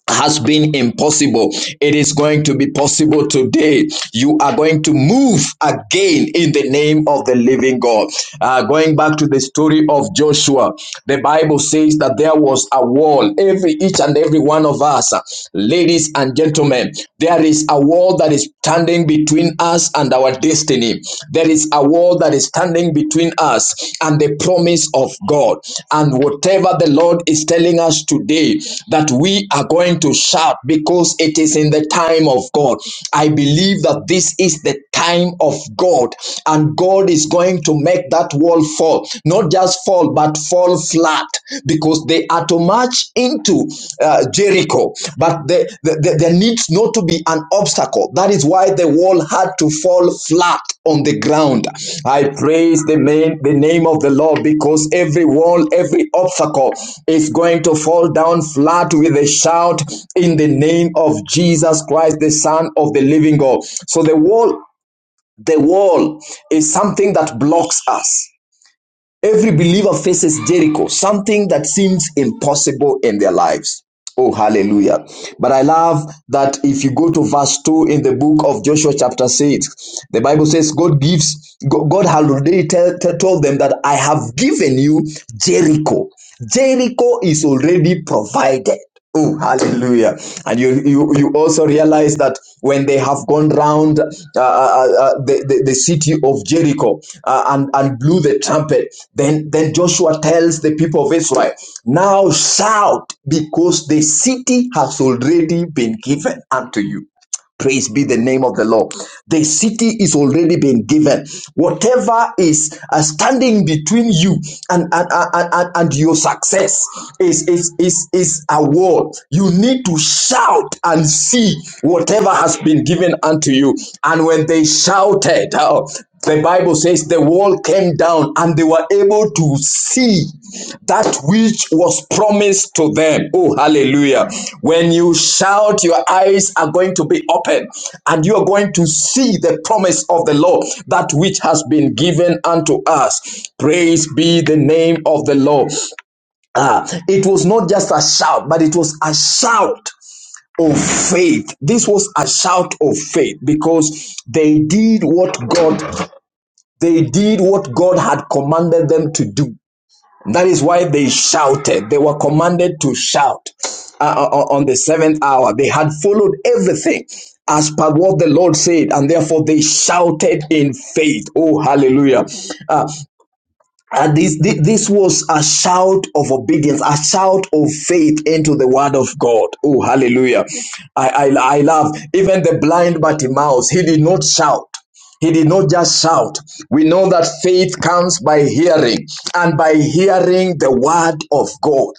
Speaker 2: has been impossible. It is going to be possible today. You are going to move again in the name of the living God. Uh, going back to the story of Joshua, the Bible says that there was a wall. Every each and every one of us, uh, ladies and gentlemen, there is a wall that is standing between us and our destiny. There is there is a wall that is standing between us and the promise of God. And whatever the Lord is telling us today, that we are going to shout because it is in the time of God. I believe that this is the time of God, and God is going to make that wall fall. Not just fall, but fall flat because they are too much into uh, Jericho, but there, there, there needs not to be an obstacle. That is why the wall had to fall flat on the ground. I praise the, main, the name of the Lord because every wall, every obstacle is going to fall down flat with a shout in the name of Jesus Christ, the Son of the living God. So the wall, the wall is something that blocks us. Every believer faces Jericho, something that seems impossible in their lives. Oh, hallelujah. But I love that if you go to verse 2 in the book of Joshua, chapter 6, the Bible says, God gives, God had already told them that I have given you Jericho. Jericho is already provided. Oh, hallelujah. And and you you, you also realize that when they have gone round uh, uh, uh, uh, the, the the city of Jericho uh, and and blew the trumpet, then then Joshua tells the people of Israel, now shout because the city has already been given unto you. Praise be the name of the Lord. The city is already been given. Whatever is uh, standing between you and, and, and, and, and your success is, is, is, is a wall. You need to shout and see whatever has been given unto you. And when they shouted, uh, the Bible says the wall came down and they were able to see that which was promised to them. Oh, hallelujah. When you shout, your eyes are going to be open and you are going to see the promise of the Lord, that which has been given unto us. Praise be the name of the Lord. Ah, it was not just a shout, but it was a shout of faith. This was a shout of faith because they did what God they did what God had commanded them to do. That is why they shouted. They were commanded to shout uh, uh, uh, on the seventh hour. They had followed everything as per what the Lord said, and therefore they shouted in faith. Oh, hallelujah. Uh, and this, thi- this was a shout of obedience, a shout of faith into the word of God. Oh, hallelujah. I, I, I love even the blind Bartimaeus. He did not shout. He did not just shout. We know that faith comes by hearing and by hearing the word of God.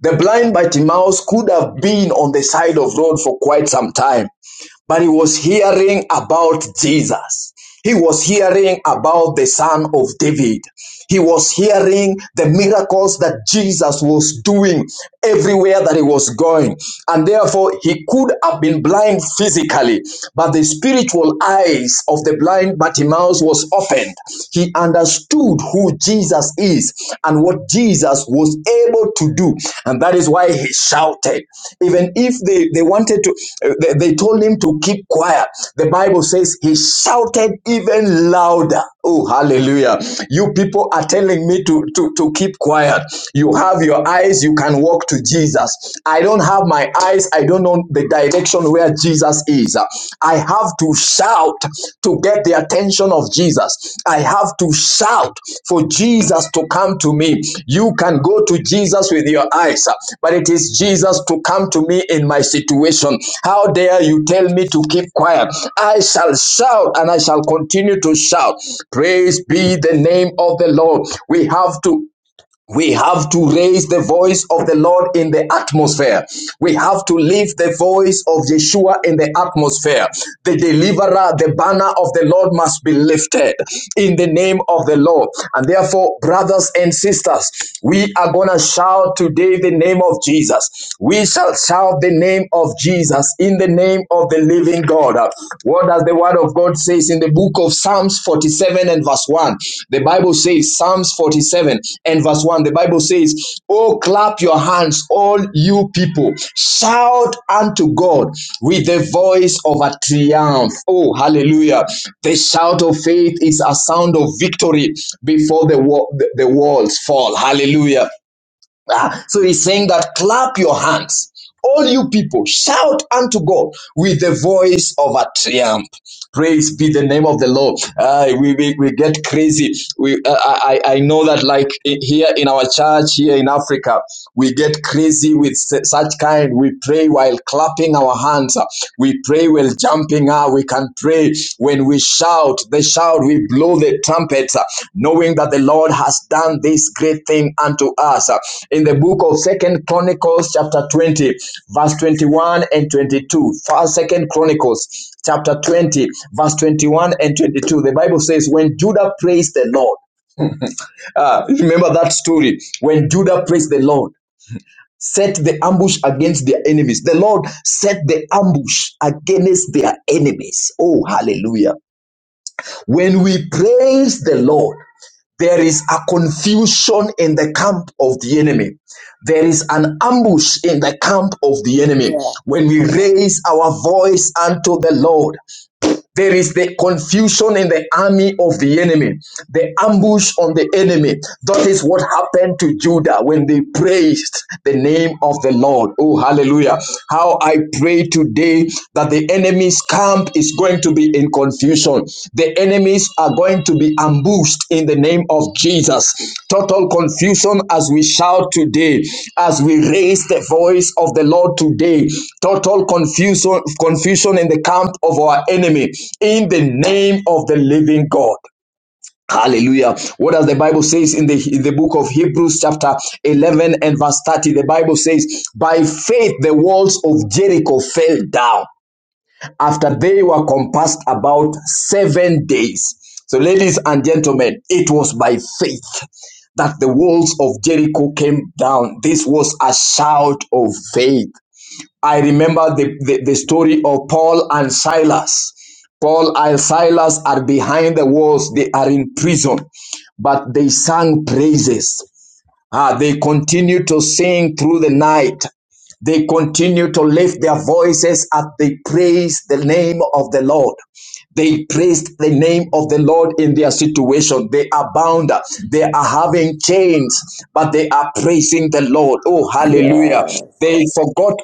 Speaker 2: The blind Bartimaeus could have been on the side of road for quite some time but he was hearing about Jesus. He was hearing about the son of David. He was hearing the miracles that Jesus was doing everywhere that he was going. And therefore, he could have been blind physically, but the spiritual eyes of the blind Bartimaeus was opened. He understood who Jesus is And and what Jesus was able to do. And that is why he shouted. Even if they, they wanted to, uh, they, they told him to keep quiet. The Bible says he shouted even louder. Oh, hallelujah. You people are telling me to, to, to keep quiet. You have your eyes, you can walk to Jesus. I don't have my eyes, I don't know the direction where Jesus is. Jesus. I have to shout to get the attention of Jesus. I have to shout for Jesus to come to me. You can go to Jesus with your eyes, but it is Jesus to come to me in my situation. How dare you tell me to keep quiet? I shall shout and I shall continue to shout. Praise be the name of the Lord. We have to we have to raise the voice of the Lord in the atmosphere. We have to lift the voice of Yeshua in the atmosphere. The deliverer, the banner of the Lord must be lifted in the name of the Lord. And therefore, brothers and sisters, we are going to shout today the name of Jesus. We shall shout the name of Jesus in the name of the living God. What does the word of God says in the book of Psalms 47 and verse 1? The Bible says, Psalms 47 and verse 1, the Bible says, Oh, clap your hands, all you people. Shout unto God with the voice of a triumph. Oh, hallelujah. The shout of faith is a sound of victory before the, wo- the the walls fall. Hallelujah. Ah, so he's saying that clap your hands. All you people, shout unto God with the voice of a triumph. Praise be the name of the Lord. Ah, we, we, we get crazy. We, uh, I, I I know that, like here in our church, here in Africa, we get crazy with su- such kind. We pray while clapping our hands. We pray while jumping. Ah, we can pray when we shout. The shout we blow the trumpets, uh, knowing that the Lord has done this great thing unto us. Uh, In the book of Second Chronicles, chapter 20, verse 21 and 22. First, Second Chronicles, chapter 20, verse 21 and 22. The Bible says, When Judah praised the Lord, uh, remember that story. When Judah praised the Lord, set the ambush against their enemies. The Lord set the ambush against their enemies. Oh, hallelujah. When we praise the Lord, there is a confusion in the camp of the enemy. There is an ambush in the camp of the enemy.
Speaker 3: Yes.
Speaker 2: When we raise our voice unto the Lord, there is the confusion in the army of the enemy, the ambush on the enemy. That is what happened to Judah when they praised the name of the Lord. Oh, hallelujah. How I pray today that the enemy's camp is going to be in confusion. The enemies are going to be ambushed in the name of Jesus. Total confusion as we shout today, as we raise the voice of the Lord today. Total confusion, confusion in the camp of our enemy in the name of the living God. Hallelujah. What does the Bible says in the, in the book of Hebrews chapter 11 and verse 30? The Bible says, by faith the walls of Jericho fell down after they were compassed about seven days. So, ladies and gentlemen, it was by faith that the walls of Jericho came down. This was a shout of faith. I remember the, the, the story of Paul and Silas. Paul and Silas are behind the walls, they are in prison, but they sang praises. Ah, they continue to sing through the night. They continue to lift their voices as they praise the name of the Lord. They praised the name of the Lord in their situation. They are bound. They are having chains, but they are praising the Lord. Oh, hallelujah. They
Speaker 3: Yes.
Speaker 2: forgot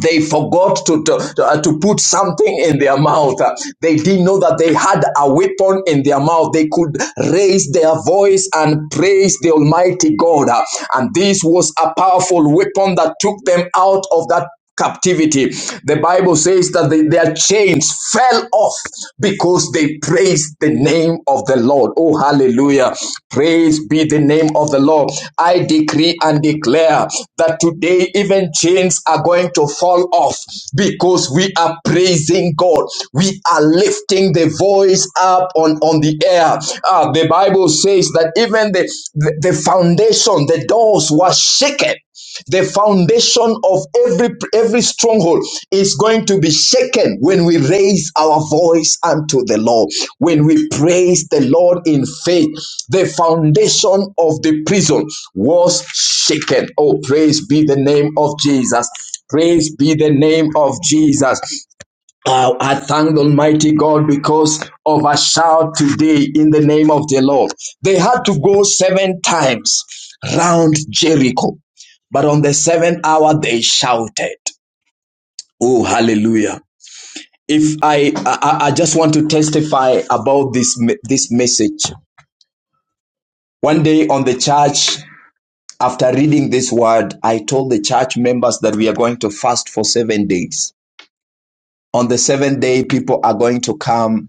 Speaker 2: they forgot to, to, to, uh, to put something in their mouth. Uh, They didn't know that they had a weapon in their mouth. They could raise their voice and praise the Almighty God. Uh, And this was a powerful weapon that took them out of that captivity. The Bible says that they- their chains fell off because they praised Praise the name of the Lord. Oh, hallelujah. Praise be the name of the Lord. I decree and declare that today even chains are going to fall off because we are praising God. We are lifting the voice up on, on the air. Ah, the Bible says that even the, the, the foundation, the doors were shaken the foundation of every every stronghold is going to be shaken when we raise our voice unto the lord when we praise the lord in faith the foundation of the prison was shaken oh praise be the name of jesus praise be the name of jesus uh, I thank Almighty God because of a shout today in the name of the Lord. They had to go seven times round Jericho, but on the seventh hour they shouted. Oh, hallelujah. If I, I, I just want to testify about this, this message. One day on the church, after reading this word, I told the church members that we are going to fast for seven days. On the seventh day, people are going to come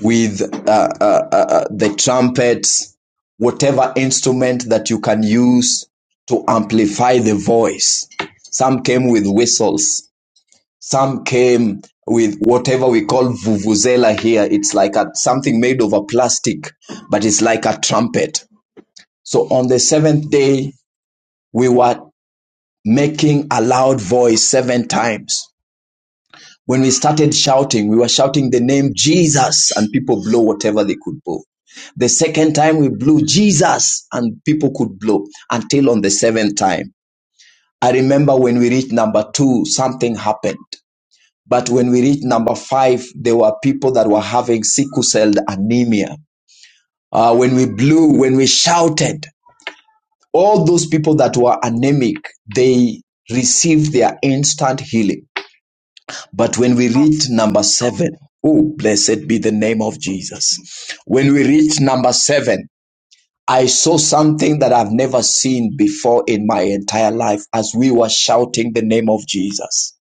Speaker 2: with uh, uh, uh, uh, the trumpets, whatever instrument that you can use to amplify the voice. Some came with whistles. Some came with whatever we call vuvuzela here. It's like a, something made of a plastic, but it's like a trumpet. So on the seventh day, we were making a loud voice seven times. When we started shouting, we were shouting the name Jesus, and people blow whatever they could blow. The second time we blew Jesus, and people could blow until on the seventh time. I remember when we reached number two, something happened. But when we reached number five, there were people that were having sickle cell anemia. Uh, when we blew, when we shouted, all those people that were anemic, they received their instant healing. But when we read number seven, oh, blessed be the name of Jesus. When we read number seven, I saw something that I've never seen before in my entire life as we were shouting the name of Jesus.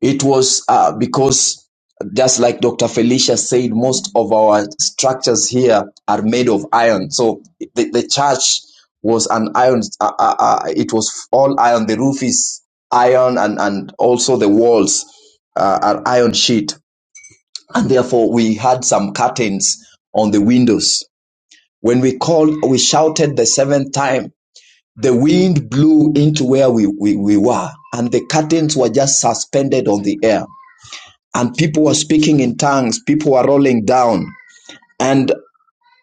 Speaker 2: It was uh, because, just like Dr. Felicia said, most of our structures here are made of iron. So the, the church was an iron, uh, uh, uh, it was all iron. The roof is iron, and, and also the walls uh, are iron sheet. And therefore, we had some curtains on the windows. When we called, we shouted the seventh time, the wind blew into where we, we, we were, and the curtains were just suspended on the air and people were speaking in tongues people were rolling down and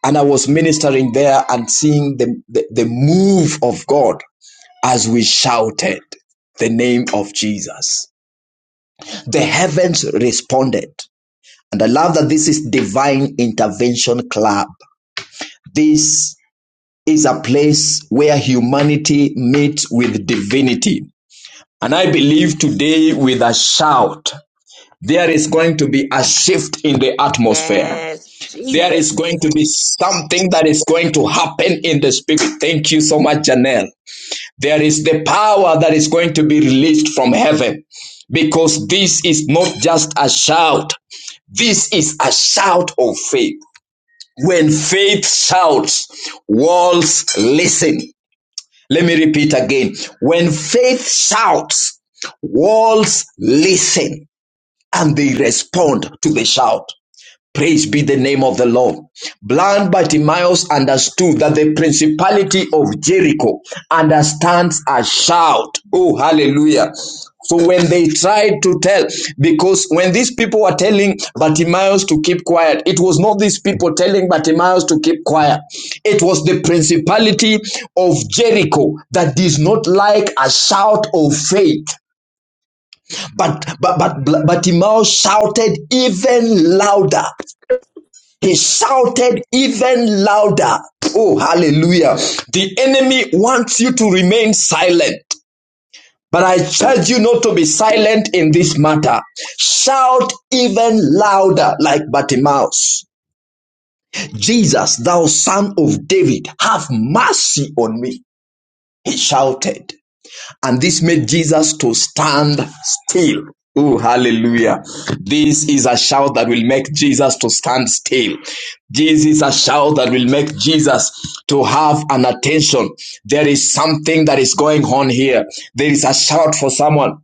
Speaker 2: and i was ministering there and seeing the the, the move of god as we shouted the name of jesus the heavens responded and i love that this is divine intervention club this is a place where humanity meets with divinity and i believe today with a shout there is going to be a shift in the atmosphere
Speaker 3: Yes.
Speaker 2: There
Speaker 3: Jesus.
Speaker 2: is going to be something that is going to happen in the spirit. Thank you so much, Janelle. There is the power that is going to be released from heaven because this is not just a shout. This is a shout of faith. When faith shouts, walls listen. Let me repeat again. When faith shouts, walls listen and they respond to the shout. Praise be the name of the Lord. Blind Bartimaeus understood that the principality of Jericho understands a shout. Oh, hallelujah. So when they tried to tell, because when these people were telling Bartimaeus to keep quiet, it was not these people telling Bartimaeus to keep quiet. It was the principality of Jericho that does not like a shout of faith. But but but Bartimaeus shouted even louder he shouted even louder. Oh, hallelujah. The enemy wants you to remain silent. But I charge you not to be silent in this matter. Shout even louder like Bartimaeus. Jesus, thou son of David, have mercy on me. He shouted and this made Jesus to stand still. Oh, hallelujah. This is a shout that will make Jesus to stand still. This is a shout that will make Jesus to have an attention. There is something that is going on here. There is a shout for someone.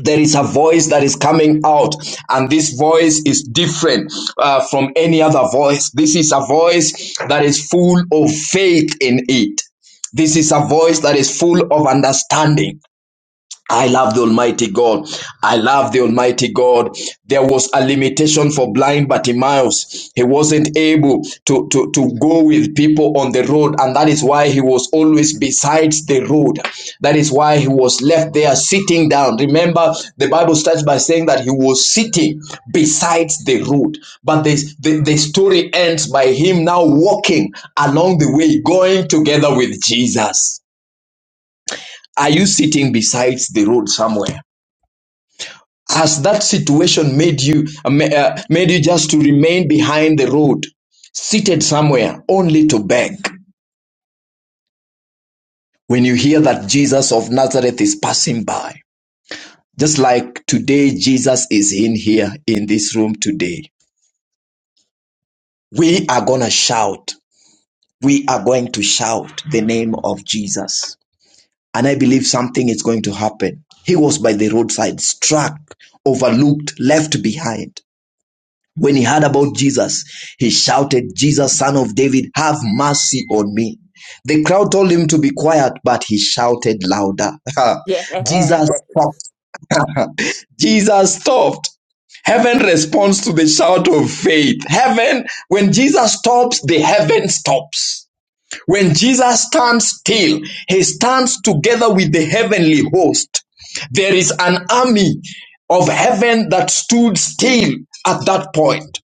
Speaker 2: There is a voice that is coming out, and this voice is different uh, from any other voice. This is a voice that is full of faith in it. This is a voice that is full of understanding. I love the Almighty God. I love the Almighty God. There was a limitation for blind Bartimaeus. He wasn't able to, to, to go with people on the road, and that is why he was always besides the road. That is why he was left there sitting down. Remember, the Bible starts by saying that he was sitting besides the road. But the, the, the story ends by him now walking along the way, going together with Jesus. Are you sitting besides the road somewhere? Has that situation made you uh, made you just to remain behind the road, seated somewhere only to beg? When you hear that Jesus of Nazareth is passing by, just like today Jesus is in here in this room today, we are gonna shout. We are going to shout the name of Jesus, and I believe something is going to happen. He was by the roadside, struck, overlooked, left behind When he heard about Jesus, he shouted, Jesus, son of David, have mercy on me. The crowd told him to be quiet, but he shouted louder.
Speaker 3: Yes.
Speaker 2: Jesus stopped. Jesus stopped. Heaven responds to the shout of faith. Heaven, when Jesus stops, the heaven stops. When Jesus stands still, he stands together with the heavenly host. There is an army of heaven that stood still at that point.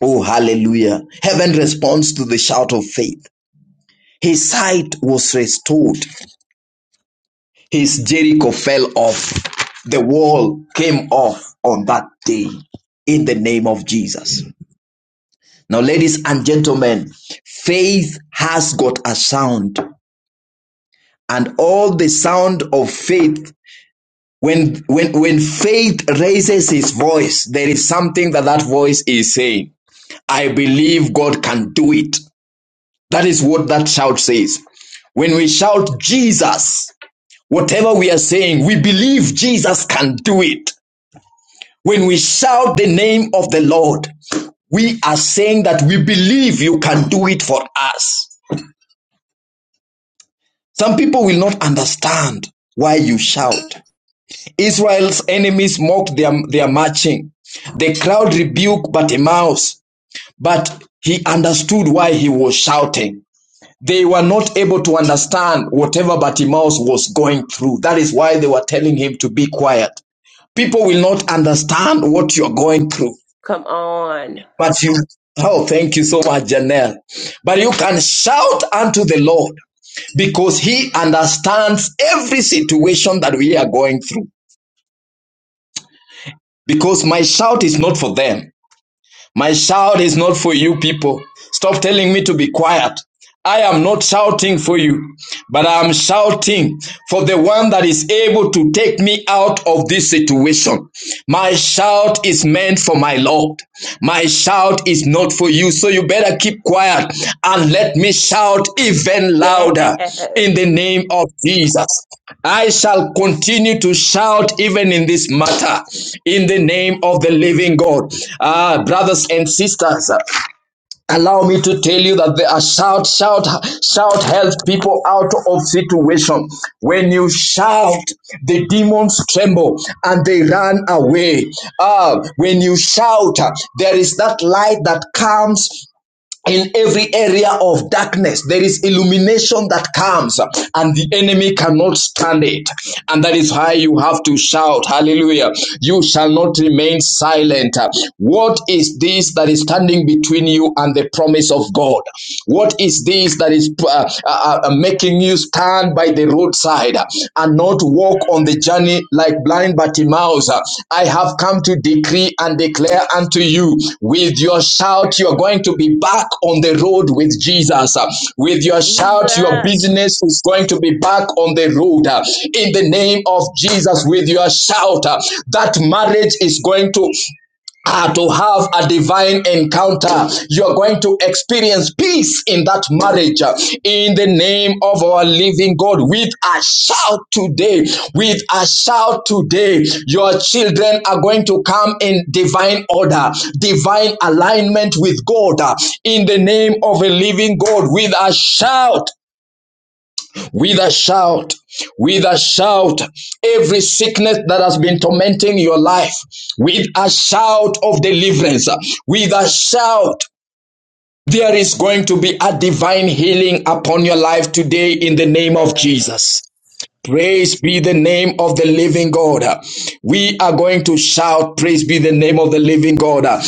Speaker 2: Oh, hallelujah. Heaven responds to the shout of faith. His sight was restored. His Jericho fell off. The wall came off on that day in the name of Jesus. Now, ladies and gentlemen, faith has got a sound, and all the sound of faith. When, when, when faith raises his voice, there is something that that voice is saying. I believe God can do it. That is what that shout says. When we shout Jesus, whatever we are saying, we believe Jesus can do it. When we shout the name of the Lord, we are saying that we believe you can do it for us. Some people will not understand why you shout. Israel's enemies mocked their, their marching. The crowd rebuked Bartimaeus, but he understood why he was shouting. They were not able to understand whatever Bartimaeus was going through. That is why they were telling him to be quiet. People will not understand what you're going through,
Speaker 3: Come on.
Speaker 2: but you. Oh, thank you so much, Janelle. But you can shout unto the Lord because He understands every situation that we are going through. Because my shout is not for them. My shout is not for you people. Stop telling me to be quiet. I am not shouting for you, but I am shouting for the one that is able to take me out of this situation. My shout is meant for my Lord. My shout shout is not for you. So you better keep quiet and let me shout even louder in
Speaker 3: Yes.
Speaker 2: the name of Jesus. I shall continue to shout even in this matter in the name of the living God. Ah, brothers and sisters, Allow me to tell you that there are shout, shout, shout helps people out of situation. When you shout, the demons tremble and they run away. Ah, when you shout, there is that light that comes in every area of darkness there is illumination that comes uh, and the enemy cannot stand it and that is why you have to shout hallelujah you shall not remain silent Uh, what is this that is standing between you and the promise of god what is this that is uh, uh, uh, making you stand by the roadside side uh, and not walk on the journey like blind Bartimaeus. uh. I have come to decree and declare unto you with your shout, you're going to be back on the road with Jesus. uh. With your
Speaker 3: Jesus.
Speaker 2: shout, your
Speaker 3: Yes.
Speaker 2: business is going to be back on the road uh. in the name of Jesus. With your shout, uh, that marriage is going to Ah, to have a divine encounter. You are going to experience peace in that marriage ah, in the name of our living God. With a shout today, with a shout today, your children are going to come in divine order, divine alignment with God ah, in the name of a living God. With a shout, with a shout, with a shout, every sickness that has been tormenting your life, with a shout of deliverance, with a shout, there is going to be a divine healing upon your life today in the name of Jesus. Praise be the name of the living God. We are going to shout, Praise be the name of the living God.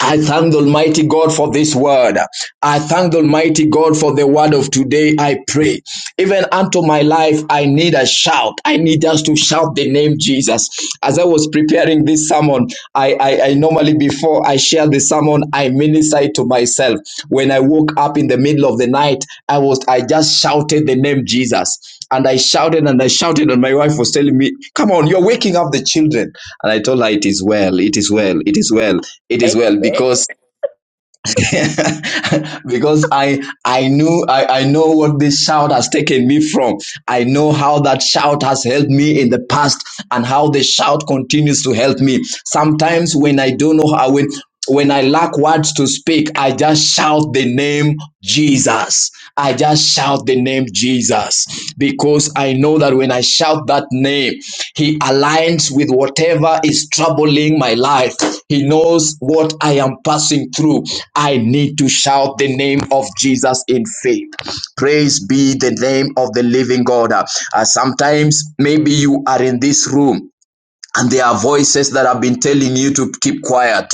Speaker 2: I thank the Almighty God for this word. I thank the Almighty God for the word of today. I pray. Even unto my life, I need a shout. I need us to shout the name Jesus. As I was preparing this sermon, I, I, I normally, before I share the sermon, I minister to myself. When I woke up in the middle of the night, I was I just shouted the name Jesus. And I shouted and I shouted, and my wife was telling me, Come on, you're waking up the children. And I told her, It is well, it is well, it is well, it is well,
Speaker 3: Amen.
Speaker 2: because because I I knew I, I know what this shout has taken me from. I know how that shout has helped me in the past and how the shout continues to help me. Sometimes when I don't know how when when I lack words to speak, I just shout the name Jesus. I just shout the name Jesus, because I know that when I shout that name, He aligns with whatever is troubling my life. He knows what I am passing through. I need to shout the name of Jesus in faith. Praise be the name of the living God. Uh, sometimes maybe you are in this room and there are voices that have been telling you to keep quiet.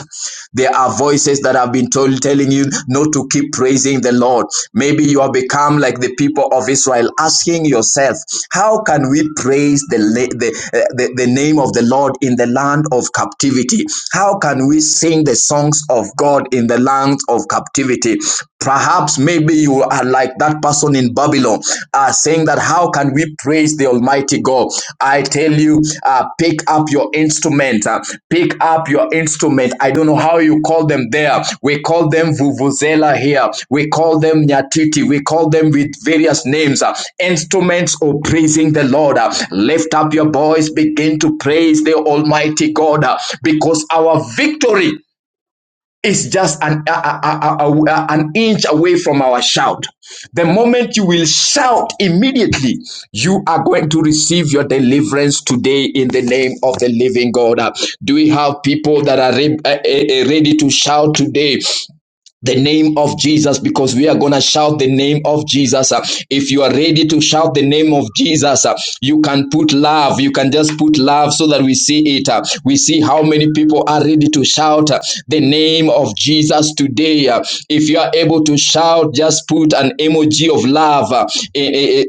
Speaker 2: There are voices that have been told, telling you not to keep praising the Lord. Maybe you have become like the people of Israel, asking yourself, how can we praise the, the, uh, the, the name of the Lord in the land of captivity? How can we sing the songs of God in the land of captivity? Perhaps maybe you are like that person in Babylon are saying that how can we praise the Almighty God? I tell you, uh, pick up your instrument, uh, pick up your instrument. I don't know how you call them there. We call them vuvuzela here. We call them nyatiti. We call them with various names. uh, instruments of praising the Lord. Uh, lift up your voice. Begin to praise the Almighty God uh, because our victory is just an, a, a, a, a- an inch away from our shout. The moment you will shout immediately, you are going to receive your deliverance today in the name of the living God. Uh, Do we have people that are re- eh, eh, eh, ready to shout today? the name of Jesus because we are going to shout the name of Jesus. Uh, If you are ready to shout the name of Jesus, uh, you can put love. You can just put love so that we see it. Uh, We see how many people are ready to shout uh, the name of Jesus today. Uh, If you are able to shout, just put an emoji of love uh,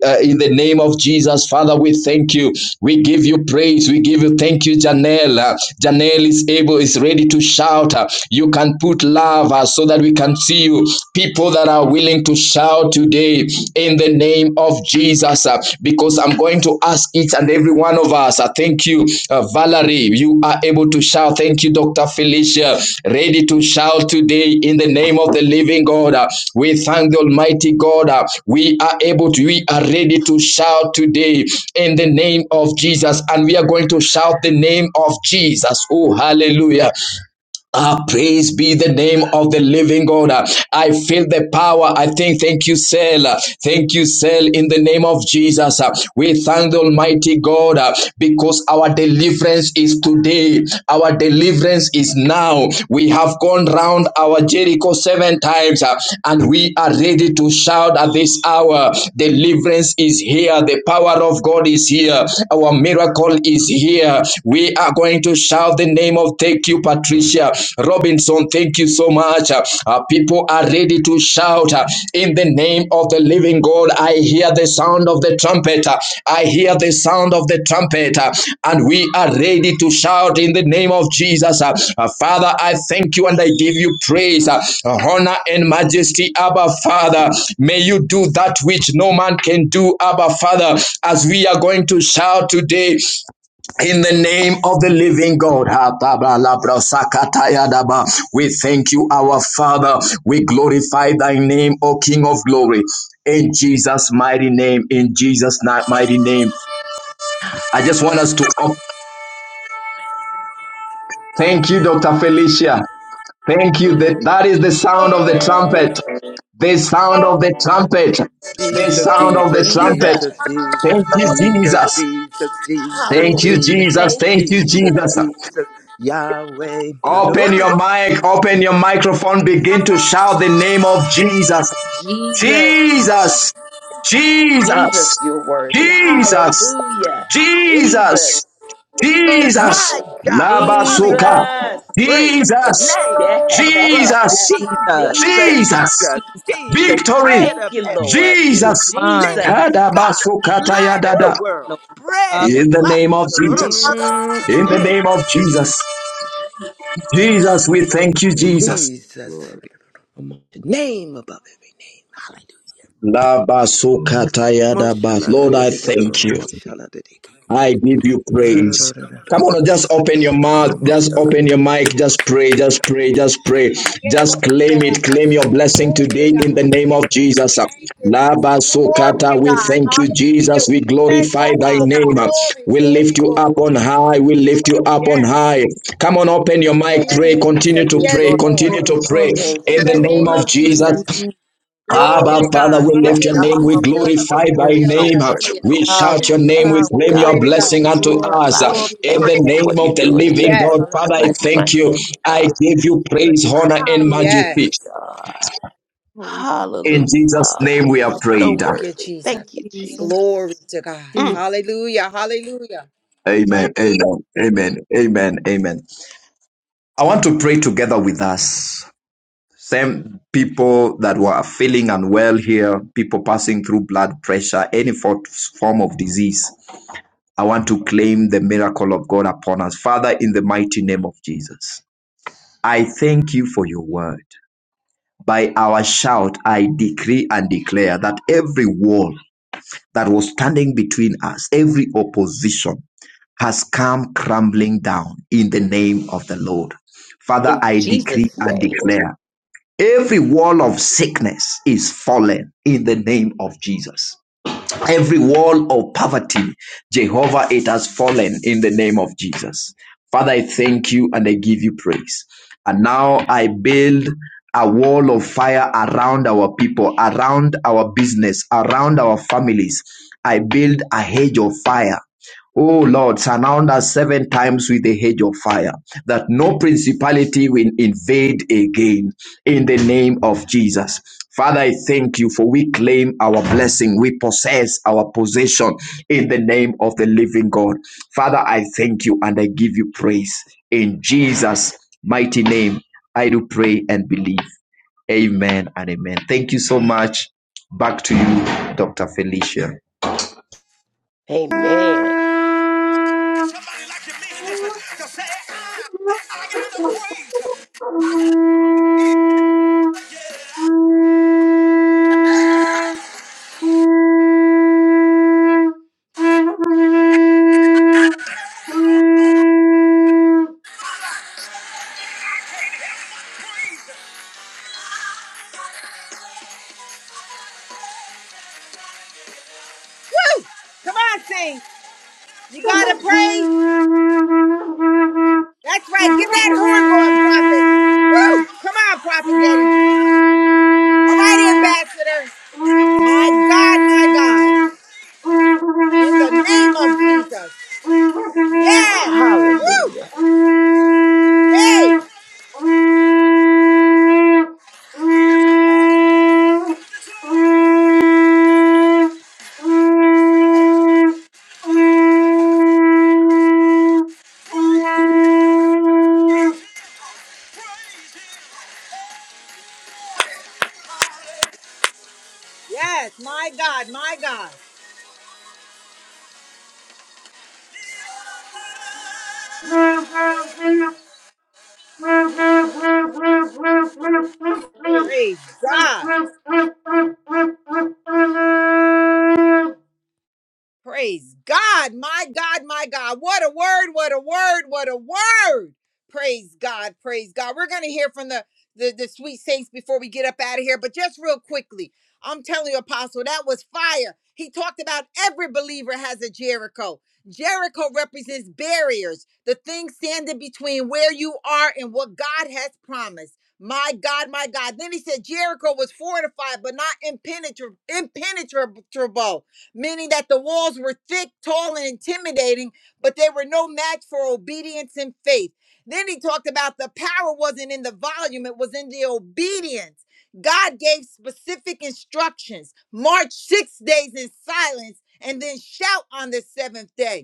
Speaker 2: uh, in the name of Jesus. Father, we thank you. We give you praise. We give you thank you, Janelle. Uh, Janelle is able, is ready to shout. Uh, You can can put love uh, so that we can see you. People that are willing to shout today in the name of Jesus, uh, because I'm going to ask each and every one of us. I thank you, uh, Valerie. You are able to shout. Thank you, Dr. Felicia. Ready to shout today in the name of the living God. Uh, we thank the Almighty God. Uh, we are able to, we are ready to shout today in the name of Jesus. And we are going to shout the name of Jesus. Oh, hallelujah. Ah, praise be the name of the living God. Ah, I feel the power. I think, thank you, Sel. Ah, Thank you, Sel, in the name of Jesus. Ah, We thank the Almighty God ah, because our deliverance is today. Our deliverance is now. We have gone round our Jericho seven times ah, and we are ready to shout at this hour. Deliverance is here. The power of God is here. Our miracle is here. We are going to shout the name of thank you, Patricia Robinson. Thank you so much. Uh, people are ready to shout uh, in the name of the living God. I hear the sound of the trumpet. Uh, I hear the sound of the trumpet, uh, and we are ready to shout in the name of Jesus. Uh, uh, Father, I thank you and I give you praise, uh, uh, honor, and majesty, Abba Father. May you do that which no man can do, Abba Father, as we are going to shout today in the name of the living God, we thank you, our Father. We glorify thy name, O King of glory. In Jesus' mighty name, in Jesus' mighty name. I just want us to thank you, Dr. Felicia. Thank you. That, that is the sound of the trumpet. The sound of the trumpet. The
Speaker 4: Jesus,
Speaker 2: sound of the
Speaker 4: Jesus,
Speaker 2: trumpet.
Speaker 4: Jesus,
Speaker 3: Jesus.
Speaker 1: Glory
Speaker 2: Thank
Speaker 4: Jesus,
Speaker 2: you,
Speaker 4: Jesus,
Speaker 2: Jesus.
Speaker 4: Jesus, Jesus,
Speaker 2: Thank you,
Speaker 3: Hallelujah.
Speaker 4: Jesus,
Speaker 2: Jesus.
Speaker 3: Thank
Speaker 2: Thank
Speaker 3: you,
Speaker 2: you,
Speaker 4: Jesus,
Speaker 2: Jesus.
Speaker 3: Jesus.
Speaker 4: Jesus, Yahweh.
Speaker 2: Open your
Speaker 4: Adoronos.
Speaker 2: mic, open your microphone, begin to shout the name of Jesus.
Speaker 3: Jesus.
Speaker 2: Jesus,
Speaker 3: Jesus,
Speaker 2: Jesus,
Speaker 3: you're worthy.
Speaker 2: Jesus,
Speaker 3: Hallelujah. Jesus.
Speaker 2: Jesus, Jesus,
Speaker 4: My God, hallelujah.
Speaker 2: Labasuka,
Speaker 4: We
Speaker 3: Jesus.
Speaker 4: praise the
Speaker 2: Jesus,
Speaker 4: name
Speaker 3: Yes.
Speaker 4: above
Speaker 2: Jesus,
Speaker 4: Jesus,
Speaker 5: Jesus,
Speaker 3: Jesus.
Speaker 2: Jesus,
Speaker 4: Jesus,
Speaker 5: Jesus,
Speaker 4: Jesus,
Speaker 2: victory,
Speaker 4: bread
Speaker 3: Thank
Speaker 4: of
Speaker 3: you,
Speaker 4: heaven,
Speaker 3: Lord.
Speaker 5: he is
Speaker 2: Jesus,
Speaker 5: mine,
Speaker 4: living
Speaker 3: Jesus.
Speaker 4: God,
Speaker 2: Kadabasukataya
Speaker 4: light of the
Speaker 2: dada.
Speaker 3: Woo!
Speaker 4: world,
Speaker 5: Lord. Hallelujah.
Speaker 4: bread of
Speaker 2: in the
Speaker 4: life.
Speaker 2: name of Jesus.
Speaker 4: Adoronos.
Speaker 2: In the
Speaker 3: Mm-mm.
Speaker 2: name of Jesus. Jesus, we thank you, Jesus.
Speaker 4: Jesus,
Speaker 5: Glory,
Speaker 4: name above every name.
Speaker 2: Labasukatayadaba.
Speaker 4: Moshala da
Speaker 2: Lord,
Speaker 4: da
Speaker 2: I
Speaker 4: da da da
Speaker 2: thank
Speaker 4: da,
Speaker 2: you.
Speaker 4: moshala da
Speaker 2: I give you
Speaker 4: mashallah, da da da da da da
Speaker 2: praise.
Speaker 4: da da da
Speaker 2: Come on, just open your mouth,
Speaker 4: da,
Speaker 2: just
Speaker 4: moshala.
Speaker 2: open your mic, just pray, just pray, just pray. Just claim it, claim your blessing
Speaker 1: to
Speaker 2: today
Speaker 1: God.
Speaker 2: in the name of Jesus.
Speaker 1: Thank you, Jesus. Glory to
Speaker 2: Labasukata, we
Speaker 1: God.
Speaker 2: thank you,
Speaker 1: Hallelujah.
Speaker 2: Jesus. We
Speaker 1: We bless
Speaker 2: glorify
Speaker 1: you,
Speaker 2: thy
Speaker 1: Father.
Speaker 2: name.
Speaker 1: Glory,
Speaker 2: We
Speaker 1: glory,
Speaker 2: lift you up
Speaker 1: glory.
Speaker 2: on high. We lift you up on
Speaker 1: Yes.
Speaker 2: high. Come on, open your
Speaker 3: Yeah.
Speaker 2: mic,
Speaker 1: Thank
Speaker 2: pray,
Speaker 1: you,
Speaker 2: continue
Speaker 1: Jesus.
Speaker 2: to
Speaker 1: Yes,
Speaker 2: pray,
Speaker 5: glory,
Speaker 1: Lord.
Speaker 2: continue
Speaker 5: glory,
Speaker 2: to pray
Speaker 5: glory.
Speaker 3: Thank
Speaker 1: In
Speaker 2: in
Speaker 3: you,
Speaker 2: the
Speaker 1: the
Speaker 2: name
Speaker 1: name
Speaker 3: Lord.
Speaker 2: of
Speaker 1: of
Speaker 2: Jesus.
Speaker 5: Holy
Speaker 1: Jesus.
Speaker 5: name.
Speaker 1: Glory
Speaker 2: Abba,
Speaker 1: to
Speaker 2: Father,
Speaker 1: God.
Speaker 2: we
Speaker 3: Hallelujah,
Speaker 2: lift your
Speaker 5: I'm
Speaker 2: name,
Speaker 5: a
Speaker 2: we
Speaker 3: God.
Speaker 5: humble
Speaker 2: glorify
Speaker 5: servant.
Speaker 3: You're
Speaker 2: thy name,
Speaker 3: so worthy,
Speaker 2: we
Speaker 3: Lord.
Speaker 2: shout
Speaker 5: Yahweh,
Speaker 2: your name, we
Speaker 5: Yahweh,
Speaker 3: Thank you,
Speaker 2: claim
Speaker 3: God,
Speaker 2: your
Speaker 1: Glory to
Speaker 3: for what
Speaker 1: God.
Speaker 2: blessing
Speaker 3: you're doing
Speaker 2: unto
Speaker 3: in
Speaker 5: glory,
Speaker 3: my
Speaker 2: us.
Speaker 3: life.
Speaker 5: glory,
Speaker 1: Thank you,
Speaker 2: In
Speaker 3: Thank
Speaker 5: glory.
Speaker 3: you
Speaker 2: the
Speaker 1: Jesus.
Speaker 3: for
Speaker 2: name
Speaker 3: what you're
Speaker 2: of the
Speaker 3: doing in the
Speaker 2: living
Speaker 1: Yes.
Speaker 2: God,
Speaker 5: Hallelujah.
Speaker 2: Father, I
Speaker 3: life of my
Speaker 2: thank you.
Speaker 3: family,
Speaker 2: I
Speaker 3: God.
Speaker 2: give you
Speaker 5: Praise
Speaker 2: praise,
Speaker 5: the
Speaker 2: honor, and majesty.
Speaker 3: Hallelujah,
Speaker 1: Yes.
Speaker 3: God.
Speaker 5: Holy
Speaker 2: In
Speaker 3: Hallelujah,
Speaker 2: Jesus'
Speaker 3: God.
Speaker 2: name we
Speaker 3: You're
Speaker 2: are
Speaker 5: Lord
Speaker 3: so
Speaker 2: prayed.
Speaker 1: Thank you,
Speaker 3: worthy.
Speaker 1: Jesus.
Speaker 3: Thank you,
Speaker 5: Jesus.
Speaker 1: Glory
Speaker 3: Jesus.
Speaker 1: to God.
Speaker 3: Mm.
Speaker 1: Hallelujah. Hallelujah.
Speaker 2: Amen, amen, amen, amen, amen. I want to pray together with us. Same people that were feeling unwell here, people passing through blood pressure, any form of disease. I want to claim the miracle of God upon us. Father, in the mighty name of Jesus, I thank you for your word. By our shout, I decree and declare that every wall that was standing between us, every opposition, has come crumbling down in the name of the Lord. Father,
Speaker 3: In
Speaker 2: I decree
Speaker 3: Jesus'
Speaker 2: and
Speaker 3: name,
Speaker 2: declare every wall of sickness is fallen in the name of Jesus. Every wall of poverty, Jehovah, it has fallen in the name of Jesus. Father, I thank you and I give you praise. And now I build a wall of fire around our people, around our business, around our families. I build a hedge of fire O Lord, surround us seven times with a hedge of fire, that no principality will invade again in the name of Jesus. Father, I thank you for we claim our blessing. We possess our possession in the name of the living God. Father, I thank you and I give you praise. In Jesus' mighty name, I do pray and believe. Amen and amen. Thank you so much. Back to you, Dr. Felicia.
Speaker 3: amen.
Speaker 6: Thank
Speaker 1: Woo! Come on, sing. You gotta praise. That's right. Get that horn going, prophet. Woo! Come on, prophet Getty. All right,
Speaker 6: you.
Speaker 1: ambassador. My God, my God. In the name of Jesus. Yes. Woo.
Speaker 3: Hallelujah.
Speaker 1: Hey.
Speaker 6: Mm-hmm.
Speaker 1: Yes. My God. My God.
Speaker 6: Thank
Speaker 1: Praise God.
Speaker 6: you.
Speaker 1: Praise God. My God, my God. What a word, what a word, what a word. Praise God, praise God. We're going to hear from the, the the sweet saints before we get up out of here, but just real quickly. I'm telling you apostle, that was fire. He talked about every believer has a Jericho. Jericho represents barriers, the things standing between where you are and what God has promised. My God, my God. Then he said Jericho was fortified but not impenetra- impenetrable meaning that the walls were thick, tall, and intimidating, but they were no match for obedience and faith. Then he talked about the power wasn't in the volume, it was in the obedience. God gave specific instructions march six days in silence and then shout on the seventh day.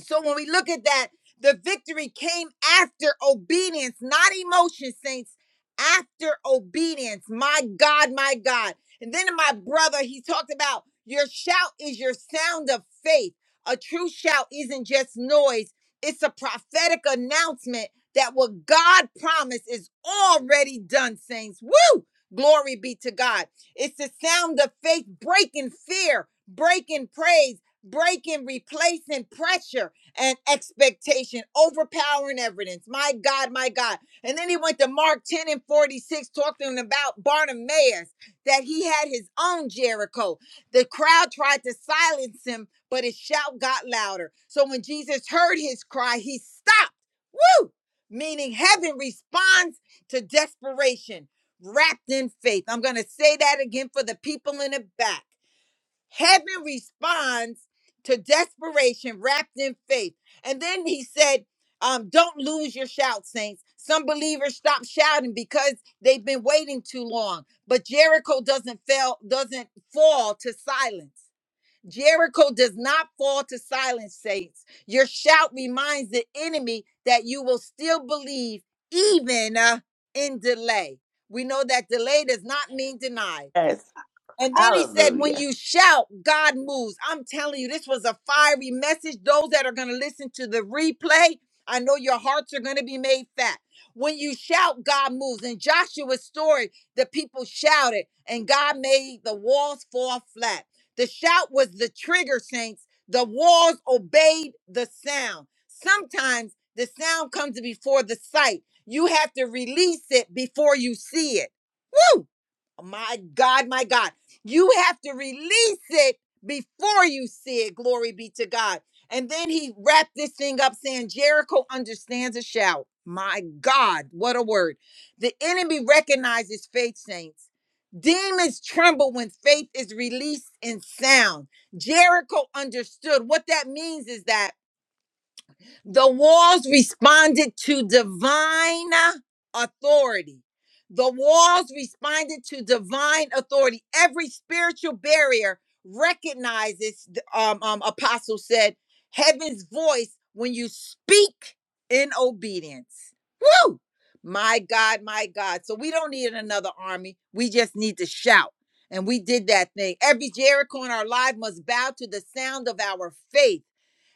Speaker 1: So when we look at that, the victory came after obedience, not emotion, saints, after obedience. My God, my God. And then in my brother, he talked about your shout is your sound of faith. A true shout isn't just noise, it's a prophetic announcement that what God promised is already done, saints. Woo! Glory be to God. It's the sound of faith breaking fear, breaking praise, breaking, replacing pressure and expectation, overpowering evidence. My God, my God. And then he went to Mark 10 and 46, talking about Bartimaeus, that he had his own Jericho. The crowd tried to silence him, but his shout got louder. So when Jesus heard his cry, he stopped. Woo! Meaning heaven responds to desperation wrapped in faith. I'm going to say that again for the people in the back. Heaven responds to desperation wrapped in faith. And then he said, um, Don't lose your shout, saints. Some believers stop shouting because they've been waiting too long. But Jericho doesn't fail, doesn't fall to silence. Jericho does not fall to silence, saints. Your shout reminds the enemy that you will still believe even uh, in delay. We know that delay does not mean denied.
Speaker 3: Yes.
Speaker 1: And then he said, when
Speaker 3: Hallelujah.
Speaker 1: you shout, God moves. I'm telling you, this was a fiery message. Those that are going to listen to the replay, I know your hearts are going to be made fat. When you shout, God moves. In Joshua's story, the people shouted and God made the walls fall flat. The shout was the trigger, saints. The walls obeyed the sound. Sometimes the sound comes before the sight. You have to release it before you see it. Woo! My God, my God. You have to release it before you see it. Glory be to God. And then he wrapped this thing up saying, Jericho understands a shout. My God, what a word. The enemy recognizes faith, saints. Demons tremble when faith is released in sound. Jericho understood. What that means is that the walls responded to divine authority. The walls responded to divine authority. Every spiritual barrier recognizes, um, um, Apostle said, heaven's voice when you speak in obedience. Woo! My God, my God. So we don't need another army. We just need to shout. And we did that thing. Every Jericho in our life must bow to the sound of our faith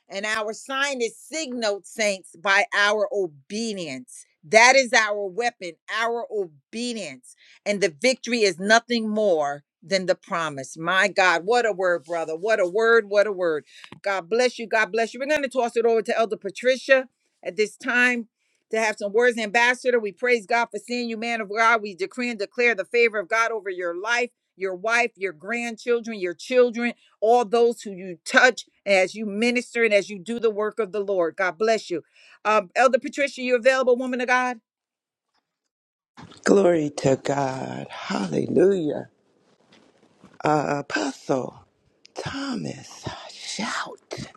Speaker 1: and our sign is signaled, saints, by our obedience. That is our weapon, our obedience. And the victory is nothing more than the promise. My God, what a word, brother. What a word, what a word. God bless you. God bless you. We're going to toss it over to Elder Patricia at this time to have some words. Ambassador, we praise God for seeing you, man of God. We decree and declare the favor of God over your life, your wife, your grandchildren, your children all those who you touch as you minister and as you do the work of the Lord. God bless you. Um, Elder Patricia, you available, woman of God?
Speaker 4: Glory to God. Hallelujah. Uh, Apostle Thomas, a shout.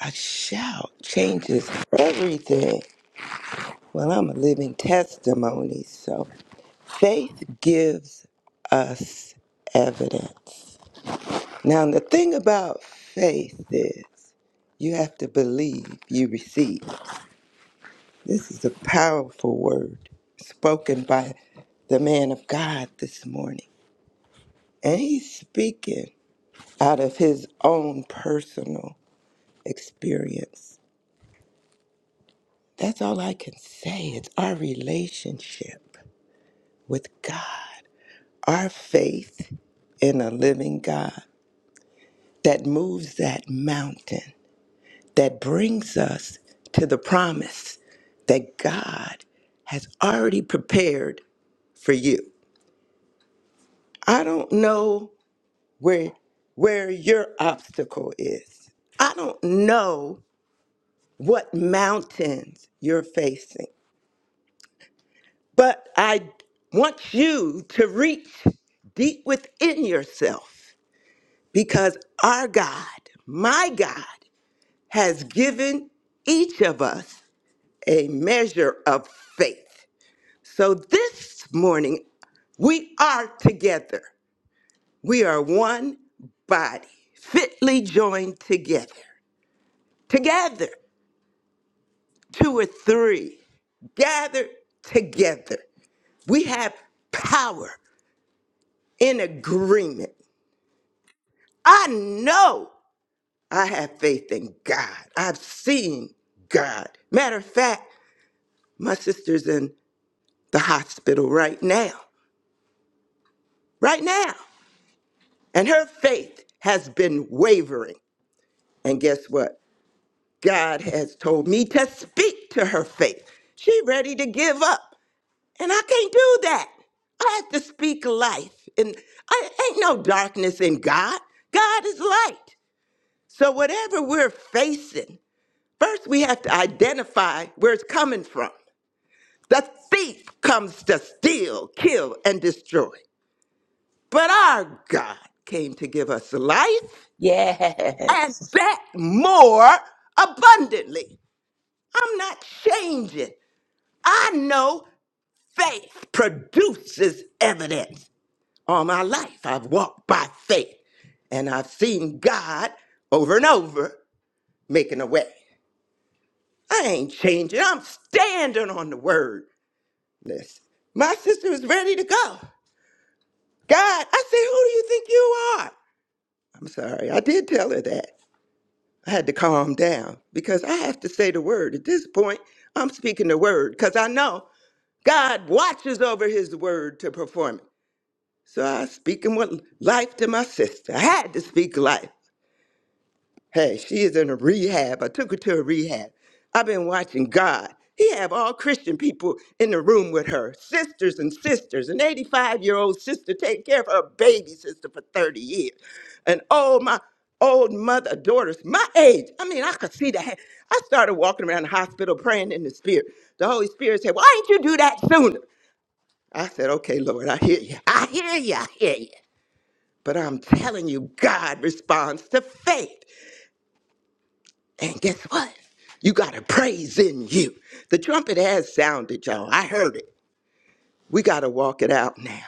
Speaker 4: A shout changes everything. Well, I'm a living testimony, so faith gives us evidence. Now, the thing about faith is you have to believe you receive. This is a powerful word spoken by the man of God this morning. And he's speaking out of his own personal experience. That's all I can say. It's our relationship with God, our faith in a living God that moves that mountain, that brings us to the promise that God has already prepared for you. I don't know where where your obstacle is. I don't know what mountains you're facing, but I want you to reach deep within yourself because our God, my God, has given each of us a measure of faith. So this morning, we are together. We are one body, fitly joined together. together, two or three, gather together. We have power in agreement. I know I have faith in God. I've seen God. Matter of fact, my sister's in the hospital right now, right now. And her faith has been wavering. And guess what? God has told me to speak to her faith. She ready to give up. And I can't do that. I have to speak life. And I ain't no darkness in God. God is light. So whatever we're facing, first we have to identify where it's coming from. The thief comes to steal, kill, and destroy. But our God came to give us life and
Speaker 3: Yes.
Speaker 4: that more abundantly. I'm not changing. I know faith produces evidence. all my life. I've walked by faith and I've seen God over and over making a way. I ain't changing. I'm standing on the word. Listen, my sister is ready to go. God, I said, who do you think you are? I'm sorry. I did tell her that. I had to calm down because I have to say the word. At this point, I'm speaking the word because I know God watches over his word to perform it. So I was speaking with life to my sister. I had to speak life. Hey, she is in a rehab. I took her to a rehab. I've been watching God. He have all Christian people in the room with her, sisters and sisters. An 85-year-old sister taking care of her baby sister for 30 years. And oh, my old mother, daughters, my age. I mean, I could see that. I started walking around the hospital praying in the spirit. The Holy Spirit said, why didn't you do that sooner? I said, okay, Lord, I hear you. I hear you. I hear you. But I'm telling you, God responds to faith. And guess what? You got a praise in you. The trumpet has sounded, y'all. I heard it. We got to walk it out now.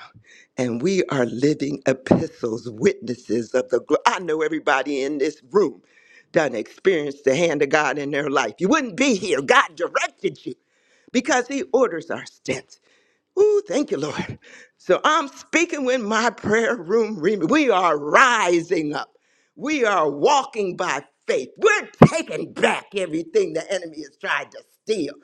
Speaker 4: And we are living epistles, witnesses of the glory. I know everybody in this room done experienced the hand of God in their life. You wouldn't be here. God directed you because he orders our steps. Ooh, thank you, Lord. So I'm speaking with my prayer room remit. We are rising up. We are walking by faith. We're taking back everything the enemy has tried to steal.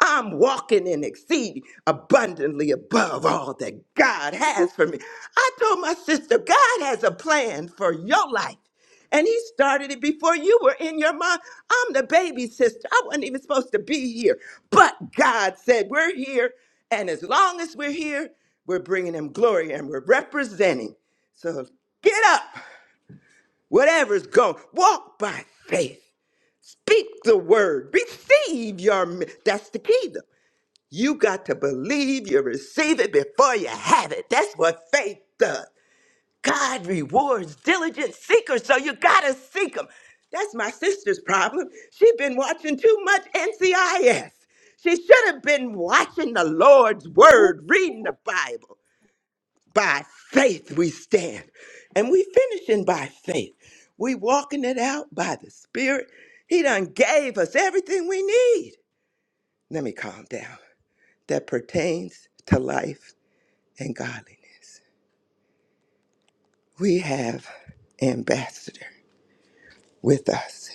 Speaker 4: I'm walking in exceeding abundantly above all that God has for me. I told my sister, God has a plan for your life. And he started it before you were in your mom. I'm the baby sister. I wasn't even supposed to be here. But God said, We're here. And as long as we're here, we're bringing him glory and we're representing. So get up, whatever's going, walk by faith, speak the word, receive your. mi- That's the key, though. You got to believe you receive it before you have it. That's what faith does. God rewards diligent seekers, so you gotta seek them. That's my sister's problem. She's been watching too much NCIS. She should have been watching the Lord's word, reading the Bible. By faith we stand. And we finishing by faith. We walking it out by the Spirit. He done gave us everything we need. Let me calm down. That pertains to life and godliness. We have ambassador with us.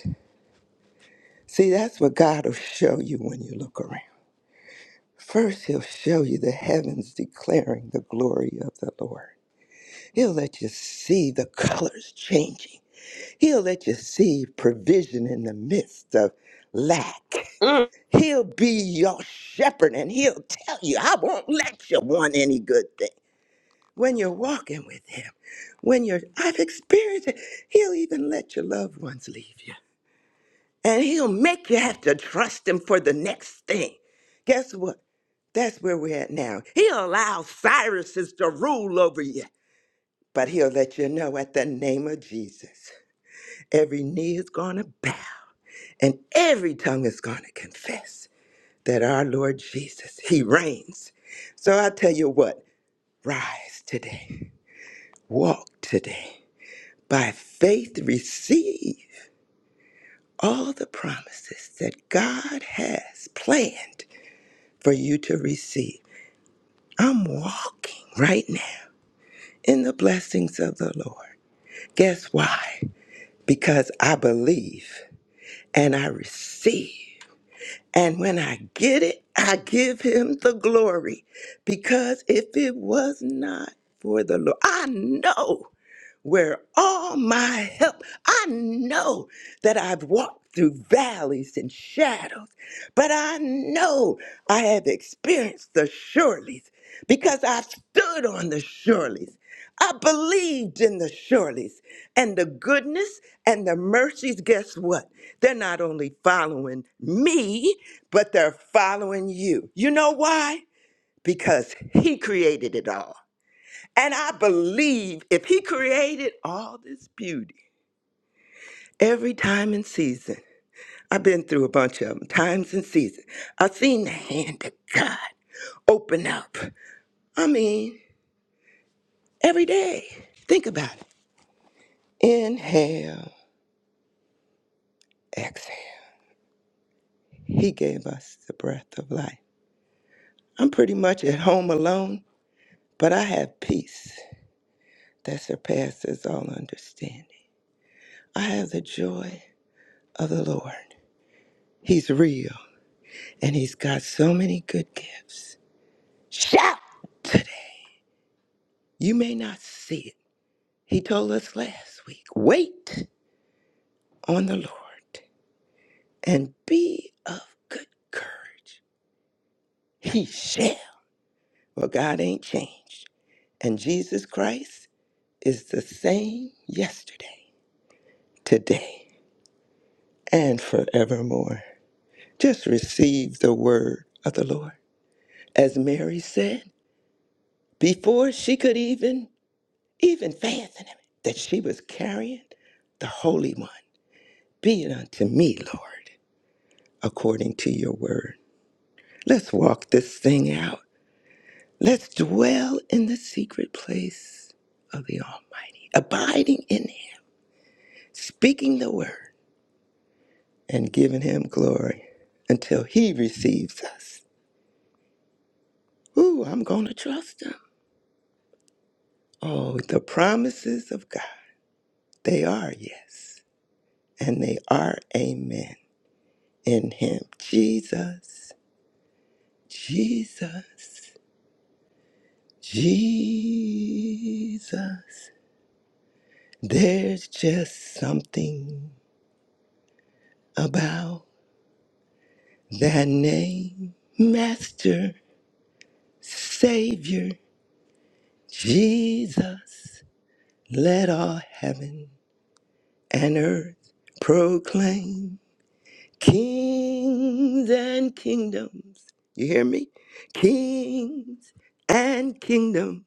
Speaker 4: See, that's what God will show you when you look around. First, He'll show you the heavens declaring the glory of the Lord. He'll let you see the colors changing. He'll let you see provision in the midst of lack.
Speaker 3: Mm.
Speaker 4: He'll be your shepherd and he'll tell you, I won't let you want any good thing. When you're walking with him, when you're, I've experienced it, he'll even let your loved ones leave you. And he'll make you have to trust him for the next thing. Guess what? That's where we're at now. He'll allow Cyrus to rule over you, but he'll let you know at the name of Jesus, every knee is going to bow and every tongue is going to confess that our Lord Jesus, he reigns. So I tell you what, rise today, walk today, by faith receive all the promises that God has planned for you to receive. I'm walking right now in the blessings of the Lord. Guess why? Because I believe and I receive. And when I get it, I give him the glory. Because if it was not for the Lord, I know. where all my help, I know that I've walked through valleys and shadows, but I know I have experienced the surelies because I stood on the surelies. I believed in the surelies and the goodness and the mercies. Guess what? They're not only following me, but they're following you. You know why? Because He created it all. And I believe if he created all this beauty every time and season, I've been through a bunch of them, times and seasons. I've seen the hand of God open up. I mean, every day. Think about it. Inhale, exhale. He gave us the breath of life. I'm pretty much at home alone, but I have peace that surpasses all understanding. I have the joy of the Lord. He's real. And he's got so many good gifts. Shout! You may not see it. He told us last week wait on the Lord and be of good courage. He shall. Well, God ain't changed. And Jesus Christ is the same yesterday, today, and forevermore. Just receive the word of the Lord. As Mary said, before she could even even fancying that she was carrying the Holy One. Be it unto me, Lord, according to your word. Let's walk this thing out. Let's dwell in the secret place of the Almighty, abiding in Him, speaking the word, and giving Him glory until He receives us. Ooh, I'm going to trust Him. Oh, the promises of God, they are yes, and they are amen in Him, Jesus. Jesus, Jesus, there's just something about that name, Master, Savior, Jesus. Let all heaven and earth proclaim kings and kingdoms. You hear me? Kings and kingdoms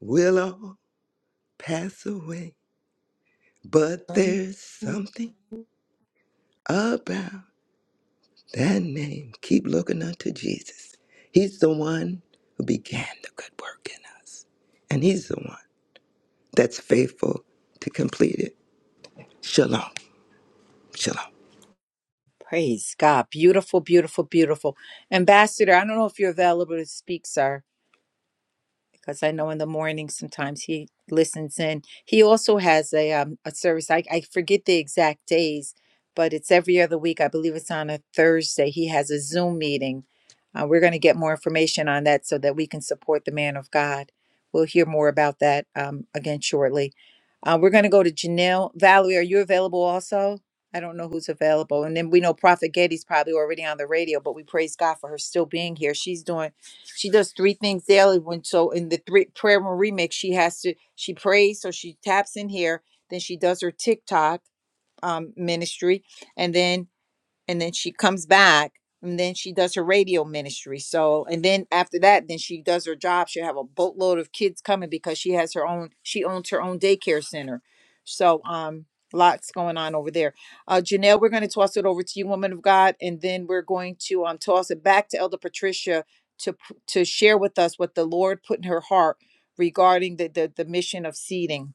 Speaker 4: will all pass away, but there's something about that name. Keep looking unto Jesus. He's the one who began the good work in us, and He's the one that's faithful to complete it. Shalom. Shalom.
Speaker 1: Praise God. Beautiful, beautiful, beautiful. Ambassador, I don't know if you're available to speak, sir. because I know in the morning sometimes he listens in. He also has a um, a service. I, I forget the exact days, but it's every other week. I believe it's on a Thursday. He has a Zoom meeting. Uh, we're going to get more information on that so that we can support the man of God. We'll hear more about that um, again shortly. Uh, we're going to go to Janelle. Valerie, are you available also? I don't know who's available. And then we know Prophet Getty's probably already on the radio, but we praise God for her still being here. She's doing she does three things daily when so in the three prayer room remix she has to she prays so she taps in here then she does her tiktok um, ministry and then and then she comes back and then she does her radio ministry so and then after that then she does her job she'll have a boatload of kids coming because she has her own she owns her own daycare center so um lots going on over there uh janelle we're going to toss it over to you woman of god and then we're going to um toss it back to elder patricia to p- to share with us what the lord put in her heart regarding the the, the mission of seeding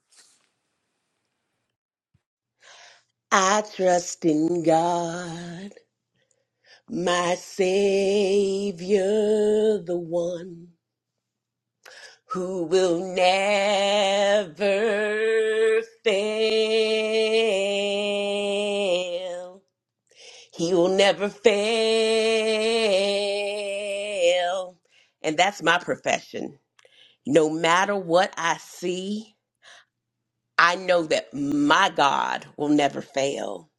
Speaker 3: I trust in God, my Savior, the one who will never fail. He will never fail. And that's my profession. No matter what I see, I know that my God will never fail.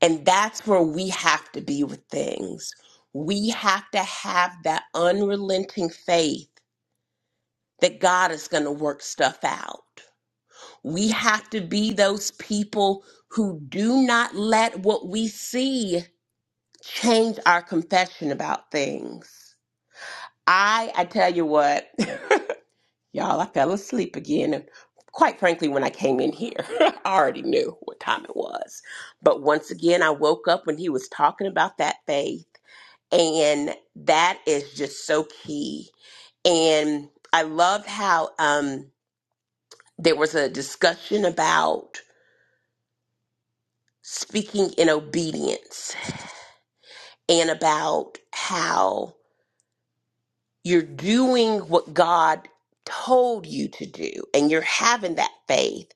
Speaker 3: And that's where we have to be with things. We have to have that unrelenting faith that God is going to work stuff out. We have to be those people who do not let what we see change our confession about things. I I tell you what. Y'all, I fell asleep again. And quite frankly, when I came in here, I already knew what time it was. But once again, I woke up when he was talking about that faith. And that is just so key. And I loved how um, there was a discussion about speaking in obedience and about how you're doing what God told you to do and you're having that faith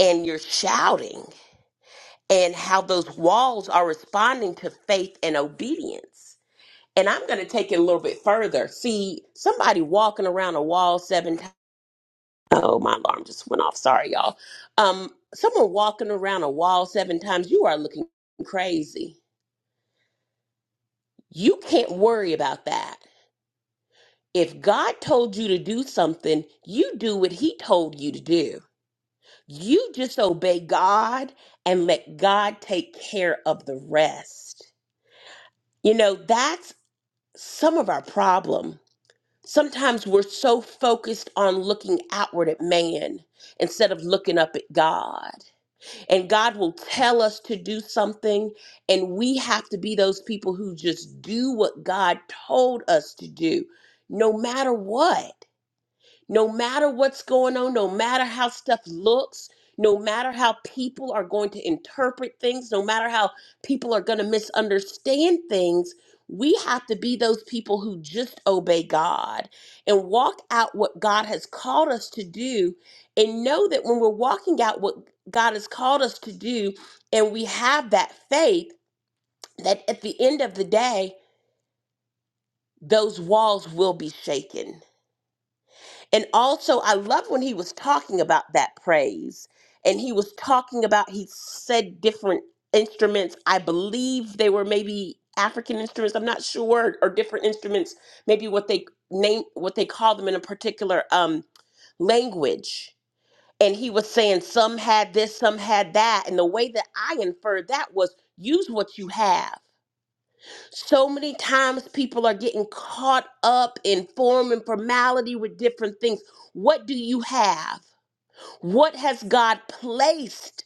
Speaker 3: and you're shouting. and how those walls are responding to faith and obedience. And I'm going to take it a little bit further. See, somebody walking around a wall seven times. Oh, my alarm just went off. Sorry, y'all. Um, someone walking around a wall seven times, you are looking crazy. You can't worry about that. If God told you to do something, you do what He told you to do. You just obey God and let God take care of the rest. You know, that's some of our problem. Sometimes we're so focused on looking outward at man instead of looking up at God. And God will tell us to do something, and we have to be those people who just do what God told us to do, no matter what. No matter what's going on, no matter how stuff looks, no matter how people are going to interpret things, no matter how people are going to misunderstand things, we have to be those people who just obey God and walk out what God has called us to do and know that when we're walking out what God has called us to do and we have that faith that at the end of the day, those walls will be shaken And also, I love when he was talking about that praise and he was talking about, he said different instruments. I believe they were maybe African instruments. I'm not sure, or different instruments, maybe what they name, what they call them in a particular um, language. And he was saying some had this, some had that. And the way that I inferred that was use what you have so many times people are getting caught up in form and formality with different things. What do you have? What has God placed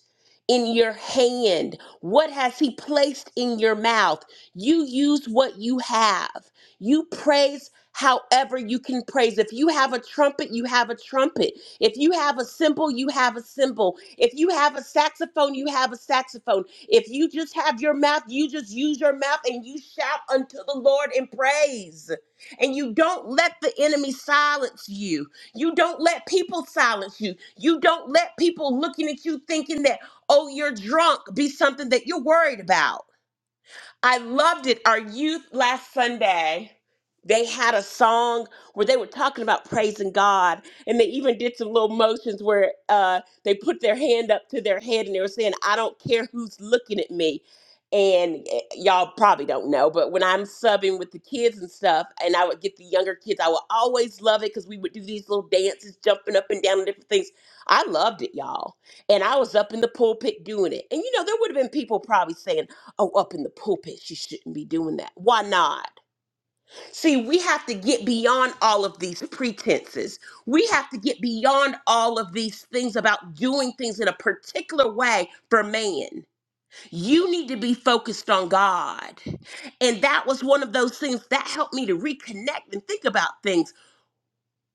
Speaker 3: in your hand? What has He placed in your mouth? You use what you have. You praise however you can praise. If you have a trumpet, you have a trumpet. If you have a cymbal, you have a cymbal. If you have a saxophone, you have a saxophone. If you just have your mouth, you just use your mouth and you shout unto the Lord in praise. And you don't let the enemy silence you. You don't let people silence you. You don't let people looking at you thinking that, oh, you're drunk, be something that you're worried about. I loved it. Our youth last Sunday, they had a song where they were talking about praising God, and they even did some little motions where uh, they put their hand up to their head and they were saying, "I don't care who's looking at me." And eh, y'all probably don't know, but when I'm subbing with the kids and stuff, and I would get the younger kids, I would always love it because we would do these little dances, jumping up and down, and different things. I loved it, y'all. And I was up in the pulpit doing it. And you know, there would have been people probably saying, oh, up in the pulpit, she shouldn't be doing that. Why not? See, we have to get beyond all of these pretenses. We have to get beyond all of these things about doing things in a particular way for man. You need to be focused on God. And that was one of those things that helped me to reconnect and think about things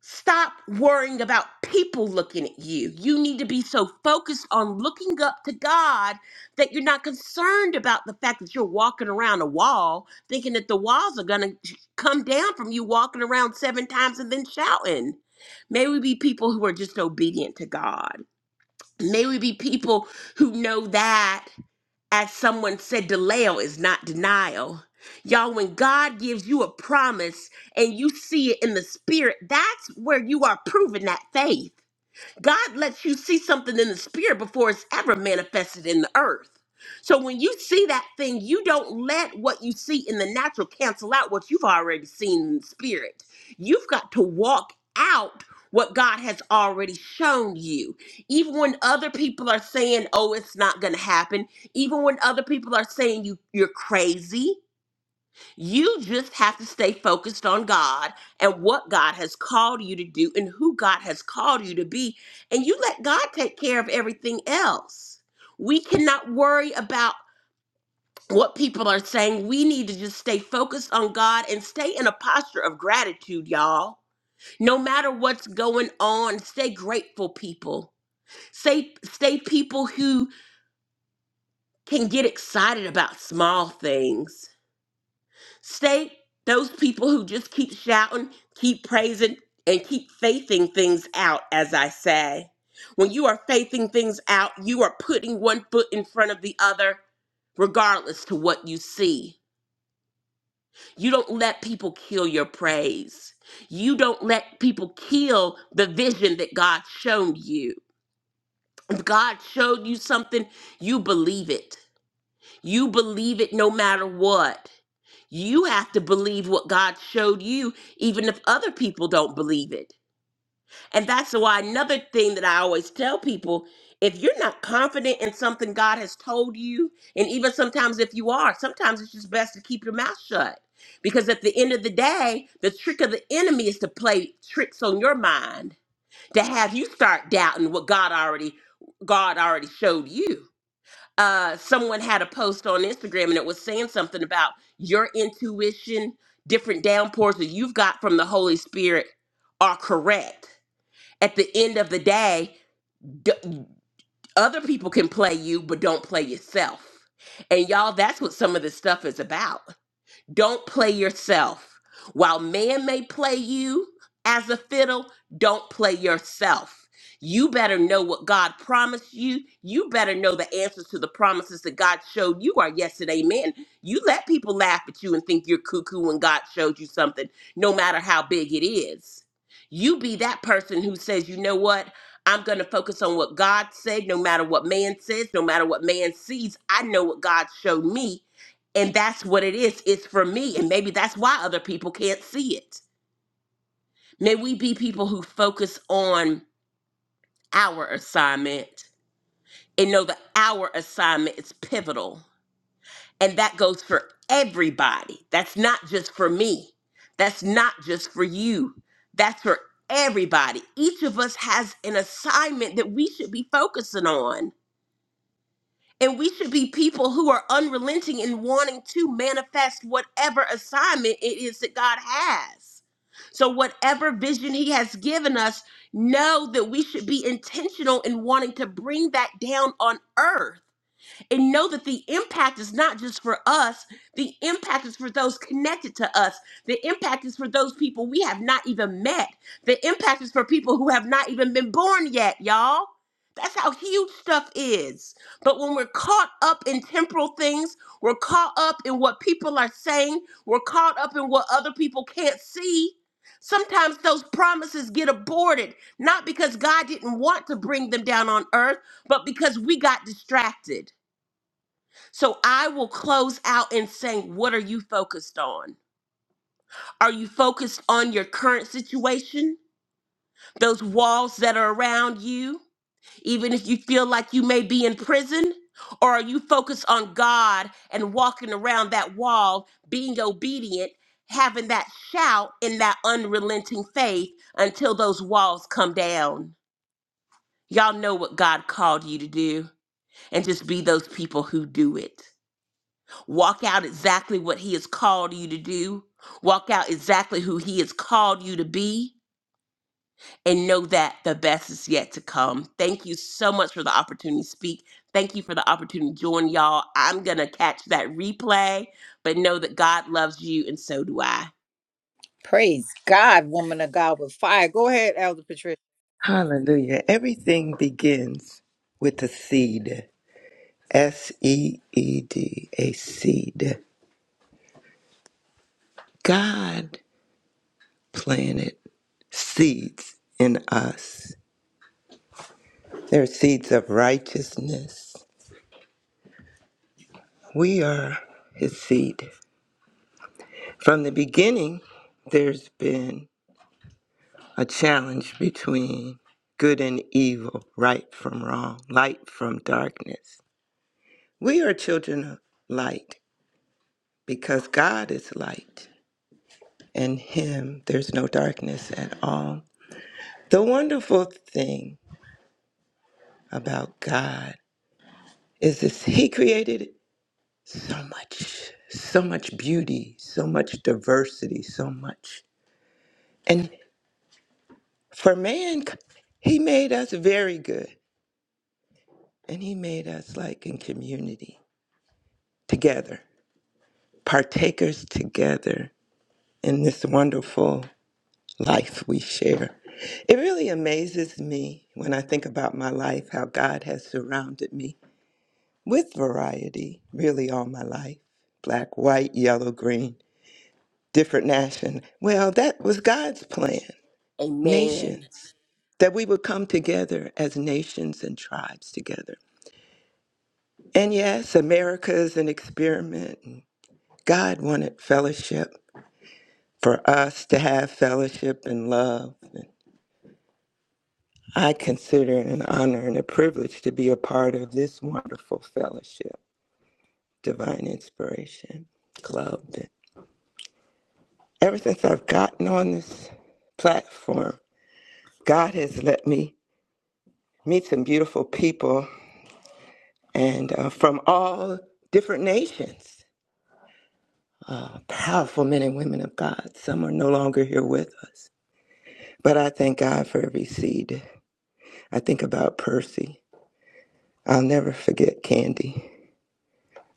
Speaker 3: Stop worrying about people looking at you. You need to be so focused on looking up to God that you're not concerned about the fact that you're walking around a wall thinking that the walls are going to come down from you walking around seven times and then shouting. May we be people who are just obedient to God. May we be people who know that as someone said, delayo is not denial. Y'all, when God gives you a promise and you see it in the spirit, that's where you are proving that faith. God lets you see something in the spirit before it's ever manifested in the earth. So when you see that thing, you don't let what you see in the natural cancel out what you've already seen in the spirit. You've got to walk out what God has already shown you. Even when other people are saying, "Oh, it's not going to happen," even when other people are saying you you're crazy, you just have to stay focused on God and what God has called you to do and who God has called you to be. And you let God take care of everything else. We cannot worry about what people are saying. We need to just stay focused on God and stay in a posture of gratitude, y'all. No matter what's going on, stay grateful, people. Stay, stay people who can get excited about small things Stay those people who just keep shouting, keep praising, and keep faithing things out, as I say. When you are faithing things out, you are putting one foot in front of the other, regardless to what you see. You don't let people kill your praise. You don't let people kill the vision that God showed you. If God showed you something, you believe it. You believe it no matter what. You have to believe what God showed you, even if other people don't believe it. And that's why another thing that I always tell people if you're not confident in something God has told you, and even sometimes if you are, sometimes it's just best to keep your mouth shut. Because at the end of the day, the trick of the enemy is to play tricks on your mind, to have you start doubting what God already God already showed you uh someone had a post on Instagram and it was saying something about your intuition, different downpours that you've got from the Holy Spirit are correct. At the end of the day, d- other people can play you, but don't play yourself. And y'all, that's what some of this stuff is about. Don't play yourself. While man may play you as a fiddle, don't play yourself. You better know what God promised you. You better know the answers to the promises that God showed you are yes and amen. You let people laugh at you and think you're cuckoo when God showed you something, no matter how big it is. You be that person who says, you know what? I'm going to focus on what God said, no matter what man says, no matter what man sees. I know what God showed me, and that's what it is. It's for me. And maybe that's why other people can't see it. May we be people who focus on our assignment and know that our assignment is pivotal. And that goes for everybody. That's not just for me. That's not just for you. That's for everybody. Each of us has an assignment that we should be focusing on And we should be people who are unrelenting in wanting to manifest whatever assignment it is that God has. So, whatever vision He has given us, know that we should be intentional in wanting to bring that down on earth and know that the impact is not just for us, the impact is for those connected to us. The impact is for those people we have not even met. The impact is for people who have not even been born yet, y'all. That's how huge stuff is. But when we're caught up in temporal things, we're caught up in what people are saying, we're caught up in what other people can't see. Sometimes those promises get aborted, not because God didn't want to bring them down on earth, but because we got distracted. So I will close out in saying, what are you focused on? Are you focused on your current situation, those walls that are around you, even if you feel like you may be in prison? Or are you focused on God and walking around that wall, being obedient, having that shout in that unrelenting faith until those walls come down? Y'all know what God called you to do, and just be those people who do it. Walk out exactly what He has called you to do. Walk out exactly who He has called you to be. And know that the best is yet to come. Thank you so much for the opportunity to speak. Thank you for the opportunity to join y'all. I'm going to catch that replay, but know that God loves you and so do I.
Speaker 1: praise god woman of god with fire go ahead elder patricia
Speaker 4: Hallelujah. Everything begins with a seed. S E E D, a seed. God planted seeds in us. they are seeds of righteousness. We are his seed. From the beginning, there's been a challenge between good and evil, right from wrong, light from darkness. We are children of light because God is light. In Him, there's no darkness at all. The wonderful thing about God is this He created so much, so much beauty, so much diversity, so much. And for man, He made us very good. And he made us like in community together, partakers together in this wonderful life we share. It really amazes me when I think about my life how God has surrounded me with variety really all my life black, white, yellow, green, different nation. Well, that was God's plan.
Speaker 3: Amen.
Speaker 4: Nations, that we would come together as nations and tribes together. And yes, America is an experiment. God wanted fellowship for us to have fellowship and love. And I consider it an honor and a privilege to be a part of this wonderful fellowship, Divine Inspiration Club. And ever since I've gotten on this platform, God has let me meet some beautiful people and uh, from all different nations, uh, powerful men and women of God. Some are no longer here with us. But I thank God for every seed. I think about Percy. I'll never forget Candy.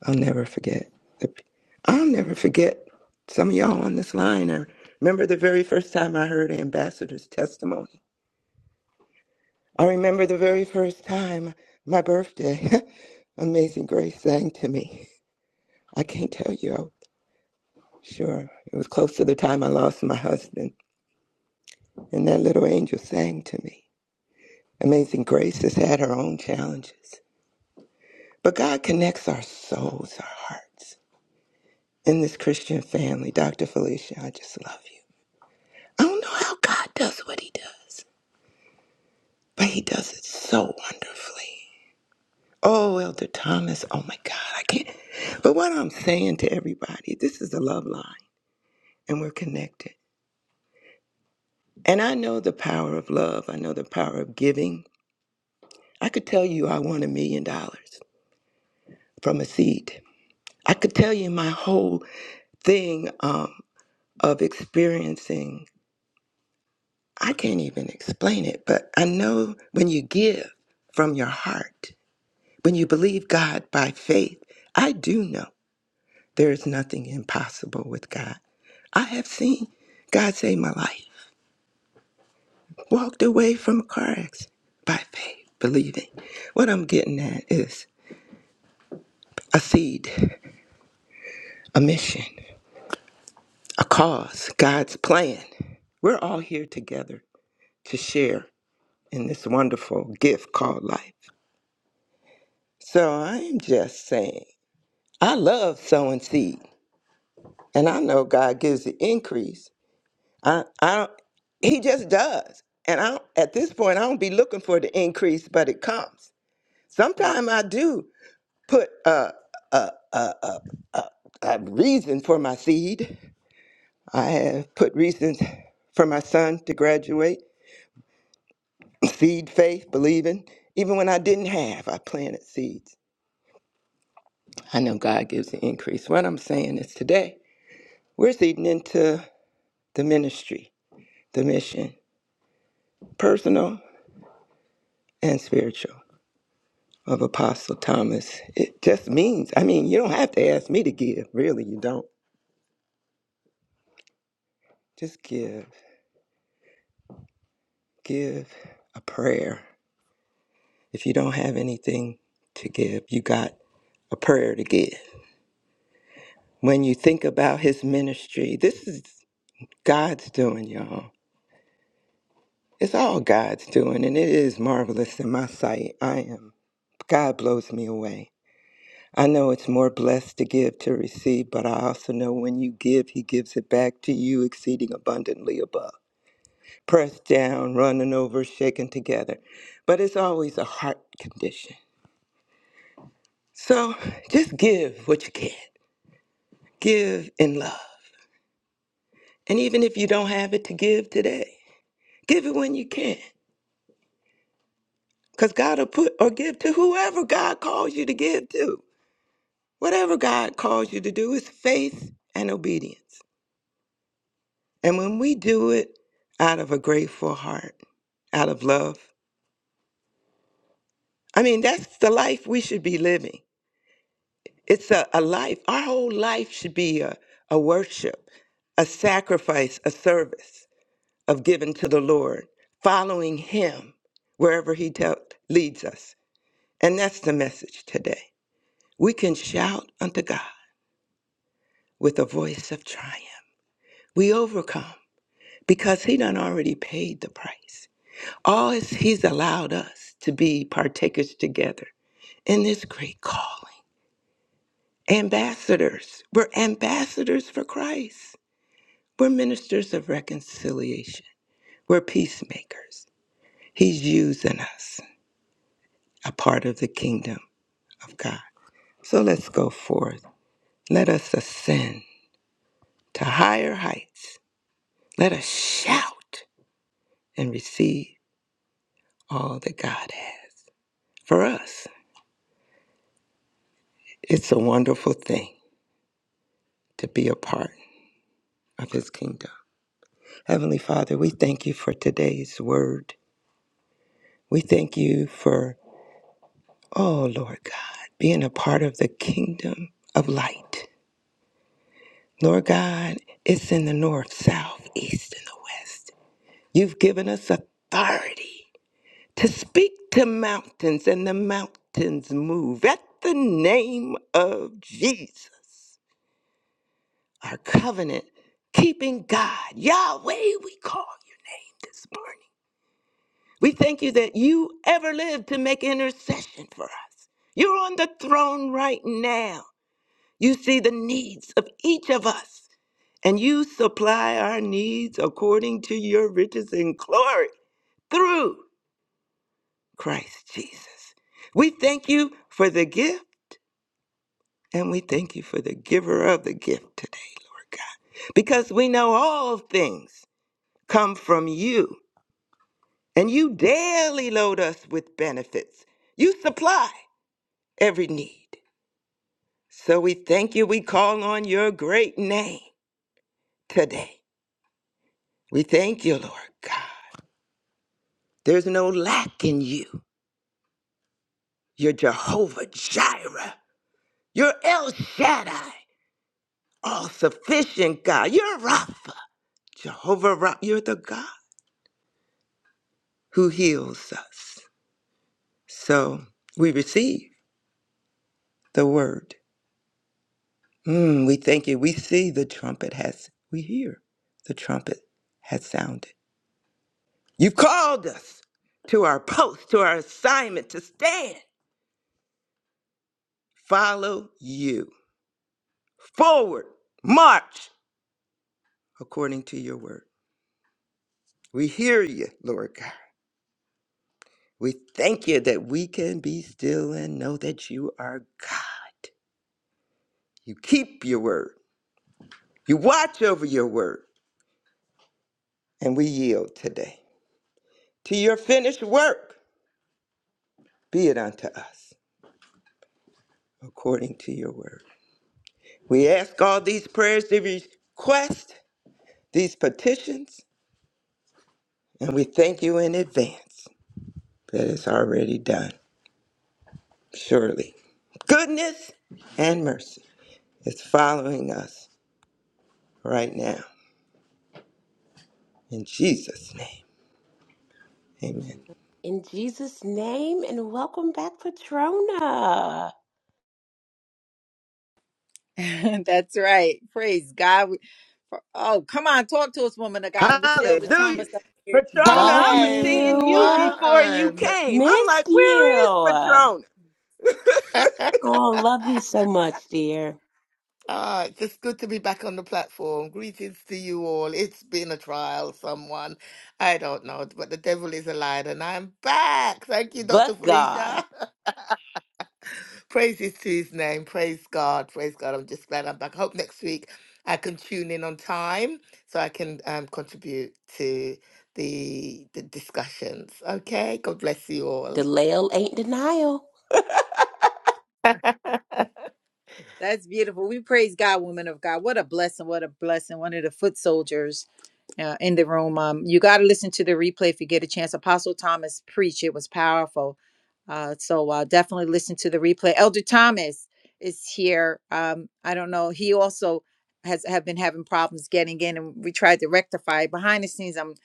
Speaker 4: I'll never forget. The, p- I'll never forget some of y'all on this line. I remember the very first time I heard Ambassador's testimony. I remember the very first time my birthday, Amazing Grace sang to me. I can't tell you, I'm sure. It was close to the time I lost my husband, and that little angel sang to me. Amazing Grace has had her own challenges, but God connects our souls, our hearts. in this Christian family. Dr. Felicia, I just love you. I don't know how God does what he does, but he does it so wonderfully. Oh, Elder Thomas, oh my God, I can't. But what I'm saying to everybody, this is a love line and we're connected. And I know the power of love, I know the power of giving. I could tell you I want a million dollars from a seed. I could tell you my whole thing um, of experiencing I can't even explain it, but I know when you give from your heart, when you believe God by faith, I do know there is nothing impossible with God. I have seen God save my life, walked away from a car accident by faith, believing. What I'm getting at is a seed, a mission, a cause, God's plan. We're all here together to share in this wonderful gift called life. So I'm just saying. I love sowing seed, and I know God gives the increase. I, I, don't- He just does. And I, don't- at this point, I don't be looking for the increase, but it comes. Sometimes I do put a a a a, a, a reason for my seed. I have put reasons for my son to graduate. Seed, faith, believing. Even when I didn't have, I planted seeds. I know God gives the increase. What I'm saying is today, we're seeding into the ministry the mission, personal and spiritual, of Apostle Thomas. It just means, I mean, you don't have to ask me to give, really, you don't. Just give. Give a prayer. If you don't have anything to give, you got a prayer to give. When you think about his ministry, this is God's doing, y'all. It's all God's doing, and it is marvelous in my sight. I am. God blows me away. I know it's more blessed to give to receive, but I also know when you give, He gives it back to you exceeding abundantly above. Pressed down, running over, shaken together. But it's always a heart condition. So just give what you can. Give in love. And even if you don't have it to give today, give it when you can. Because God will put or give to whoever God calls you to give to. Whatever God calls you to do is faith and obedience. And when we do it out of a grateful heart, out of love, I mean, that's the life we should be living. It's a, a life, our whole life should be a, a worship, a sacrifice, a service of giving to the Lord, following Him wherever He tell leads us. And that's the message today. We can shout unto God with a voice of triumph. We overcome because He done already paid the price. All is He's allowed us to be partakers together in this great calling. Ambassadors. We're ambassadors for Christ. We're ministers of reconciliation. We're peacemakers. He's using us, a part of the kingdom of God. So let's go forth. Let us ascend to higher heights. Let us shout and receive all that God has. For us, it's a wonderful thing to be a part of His kingdom. Heavenly Father, we thank you for today's word. We thank you for, oh Lord God, being a part of the kingdom of light. Lord God, it's in the north, south, east, and the west. You've given us authority to speak to mountains, and the mountains move at the name of Jesus. Our covenant keeping God, Yahweh, we call your name this morning. We thank you that you ever live to make intercession for us. You're on the throne right now. You see the needs of each of us, and you supply our needs according to your riches and glory through Christ Jesus. We thank you for the gift, and we thank you for the giver of the gift today, Lord God, because we know all things come from you, and you daily load us with benefits. You supply. every need. So we thank you. We call on your great name today. We thank you, Lord God. There's no lack in you. You're Jehovah Jireh. You're El Shaddai, all sufficient God. You're Rapha, Jehovah Rapha. You're the God who heals us. So we receive the word. Mm, we thank you. We see the trumpet has, we hear the trumpet has sounded. You called us to our post, to our assignment to stand, follow you. Forward, march according to your word. We hear you, Lord God. We thank you that we can be still and know that you are God. You keep your word, you watch over your word, and we yield today to your finished work. Be it unto us according to your word. We ask all these prayers, these requests, these petitions And we thank you in advance that it's already done. Surely, goodness and mercy is following us right now. In Jesus' name, amen.
Speaker 3: In Jesus' name, and welcome back, Patrona.
Speaker 1: That's right. Praise God. We- for- Oh, come on, talk to us, woman of God. And we see Elder
Speaker 4: Hallelujah.
Speaker 1: Thomas. uh"
Speaker 4: Patrona,
Speaker 3: Love
Speaker 4: I was
Speaker 7: Time
Speaker 4: seeing you
Speaker 3: you.
Speaker 4: before you
Speaker 7: one.
Speaker 4: came. I'm like,
Speaker 3: Missed
Speaker 4: where is
Speaker 3: you.
Speaker 4: Patrona?
Speaker 3: Oh, love you so much, dear.
Speaker 7: Ah, it's just good to be back on the platform. Greetings to you all. It's been a trial, someone. I don't know, but the devil is a liar, and I'm back. Thank you, Dr.
Speaker 3: But God,
Speaker 7: Felicia. Praises to his name. Praise God. Praise God. I'm just glad I'm back. I hope next week I can tune in on time so I can um, contribute to the, the discussions. Okay? God bless you all.
Speaker 3: delayal ain't denial.
Speaker 1: That's beautiful. We praise God, woman of God. What a blessing. What a blessing. One of the foot soldiers uh, in the room. Um, you got to listen to the replay if you get a chance. Apostle Thomas preached; it was powerful. Uh, so uh, definitely listen to the replay. Elder Thomas is here. Um, I don't know. He also has have been having problems getting in, and we tried to rectify it. behind the scenes. I'm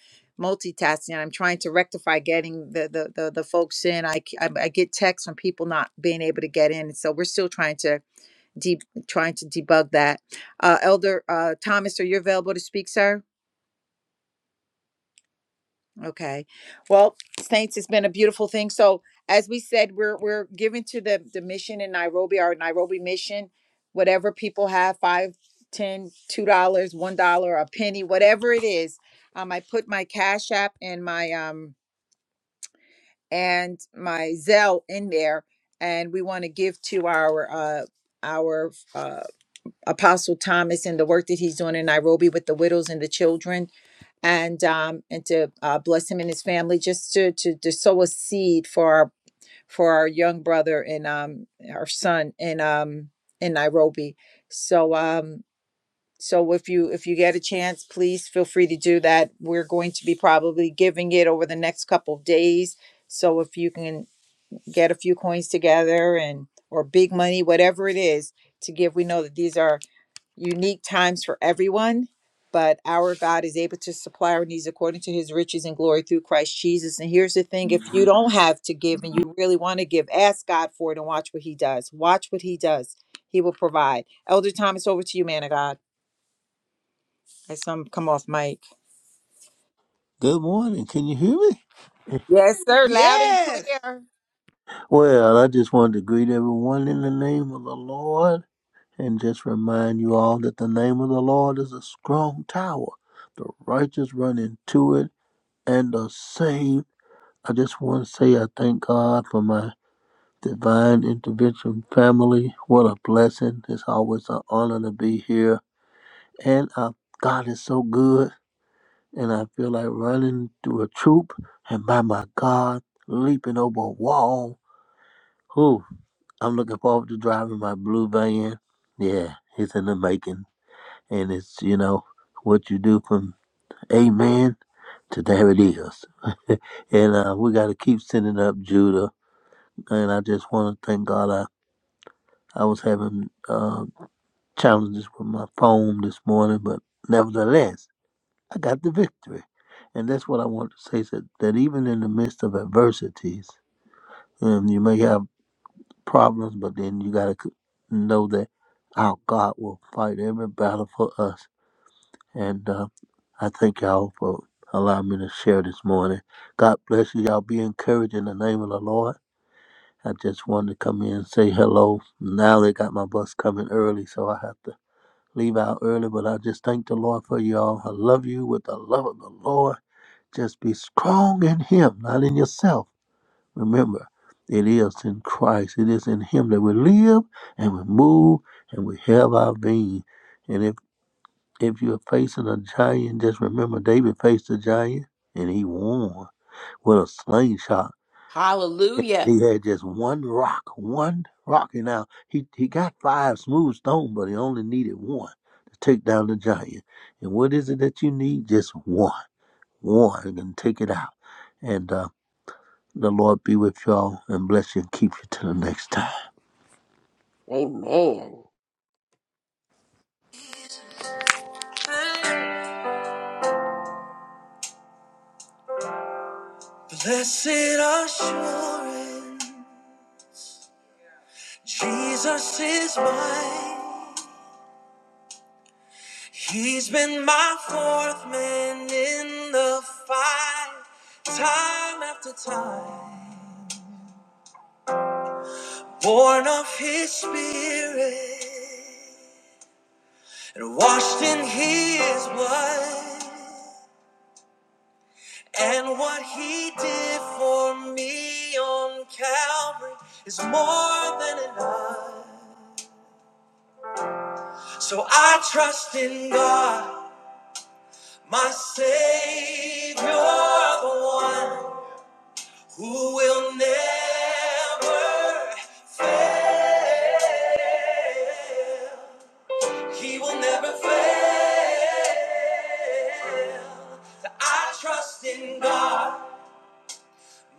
Speaker 1: multitasking. I'm trying to rectify getting the the the, the folks in. I, c- I I get texts from people not being able to get in, so we're still trying to deep trying to debug that. Uh, Elder uh, Thomas, are you available to speak, sir? Okay. Well, Saints, it's been a beautiful thing. So as we said, we're we're giving to the the mission in Nairobi, our Nairobi mission, whatever people have, five, ten, two dollars, one dollar, a penny, whatever it is. Um, I put my Cash App and my um and my Zelle in there, and we want to give to our uh our uh Apostle Thomas and the work that he's doing in Nairobi with the widows and the children and um, and to uh, bless him and his family, just to, to to sow a seed for our for our young brother and um our son in um in Nairobi. So um so if you if you get a chance, please feel free to do that. We're going to be probably giving it over the next couple of days. So if you can get a few coins together and or big money, whatever it is to give, we know that these are unique times for everyone, but our God is able to supply our needs according to his riches and glory through Christ Jesus. And here's the thing if you don't have to give and you really want to give, ask God for it and watch what he does. Watch what he does. He will provide. Elder Thomas, over to you, man of God. I some come off mic.
Speaker 8: Good morning. Can you hear me?
Speaker 1: Yes, sir, loud and
Speaker 4: Yes.
Speaker 1: clear.
Speaker 8: Well, I just wanted to greet everyone in the name of the Lord and just remind you all that the name of the Lord is a strong tower. The righteous run into it and are saved. I just want to say I thank God for my divine intervention family. What a blessing. It's always an honor to be here. And uh, God is so good. And I feel like running through a troop and by my God, leaping over a wall Whew, I'm looking forward to driving my blue van. Yeah, it's in the making. And it's, you know, what you do from amen to there it is. And uh, we got to keep sending up Judah. And I just want to thank God I, I was having uh, challenges with my phone this morning, but nevertheless, I got the victory. And that's what I want to say is that, that even in the midst of adversities, um, you may have problems, but then you got to know that our God will fight every battle for us. And uh, I thank y'all for allowing me to share this morning. God bless you. Y'all be encouraged in the name of the Lord. I just wanted to come in and say hello. Now they got my bus coming early, so I have to leave out early, but I just thank the Lord for y'all. I love you with the love of the Lord. Just be strong in Him, not in yourself. Remember, it is in Christ, it is in Him that we live and we move and we have our being. And if, if you're facing a giant, just remember David faced a giant and he won with a slingshot. And
Speaker 3: Hallelujah.
Speaker 8: He had just one rock, one rock. And now he, he got five smooth stones, but he only needed one to take down the giant. And what is it that you need? Just one, one, and take it out. And uh, the Lord be with y'all and bless you and keep you till the next time.
Speaker 3: Amen.
Speaker 1: Jesus is mine. He's been my fourth man in the fight, time after time. born of his spirit and washed in his blood and what he did for me on calvary is more than enough so i trust in god my savior the one who will never fail He will never fail. I trust in God,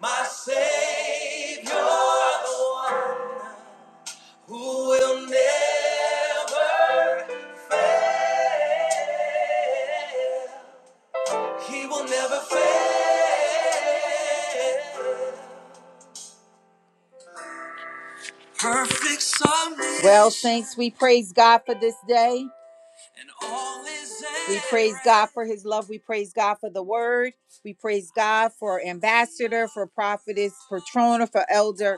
Speaker 1: my Savior, who will never, He will never fail. Perfect submission. Well, saints, we praise God for this day. We praise God for his love. We praise God for the word. We praise God for ambassador, for prophetess Patrona, for elder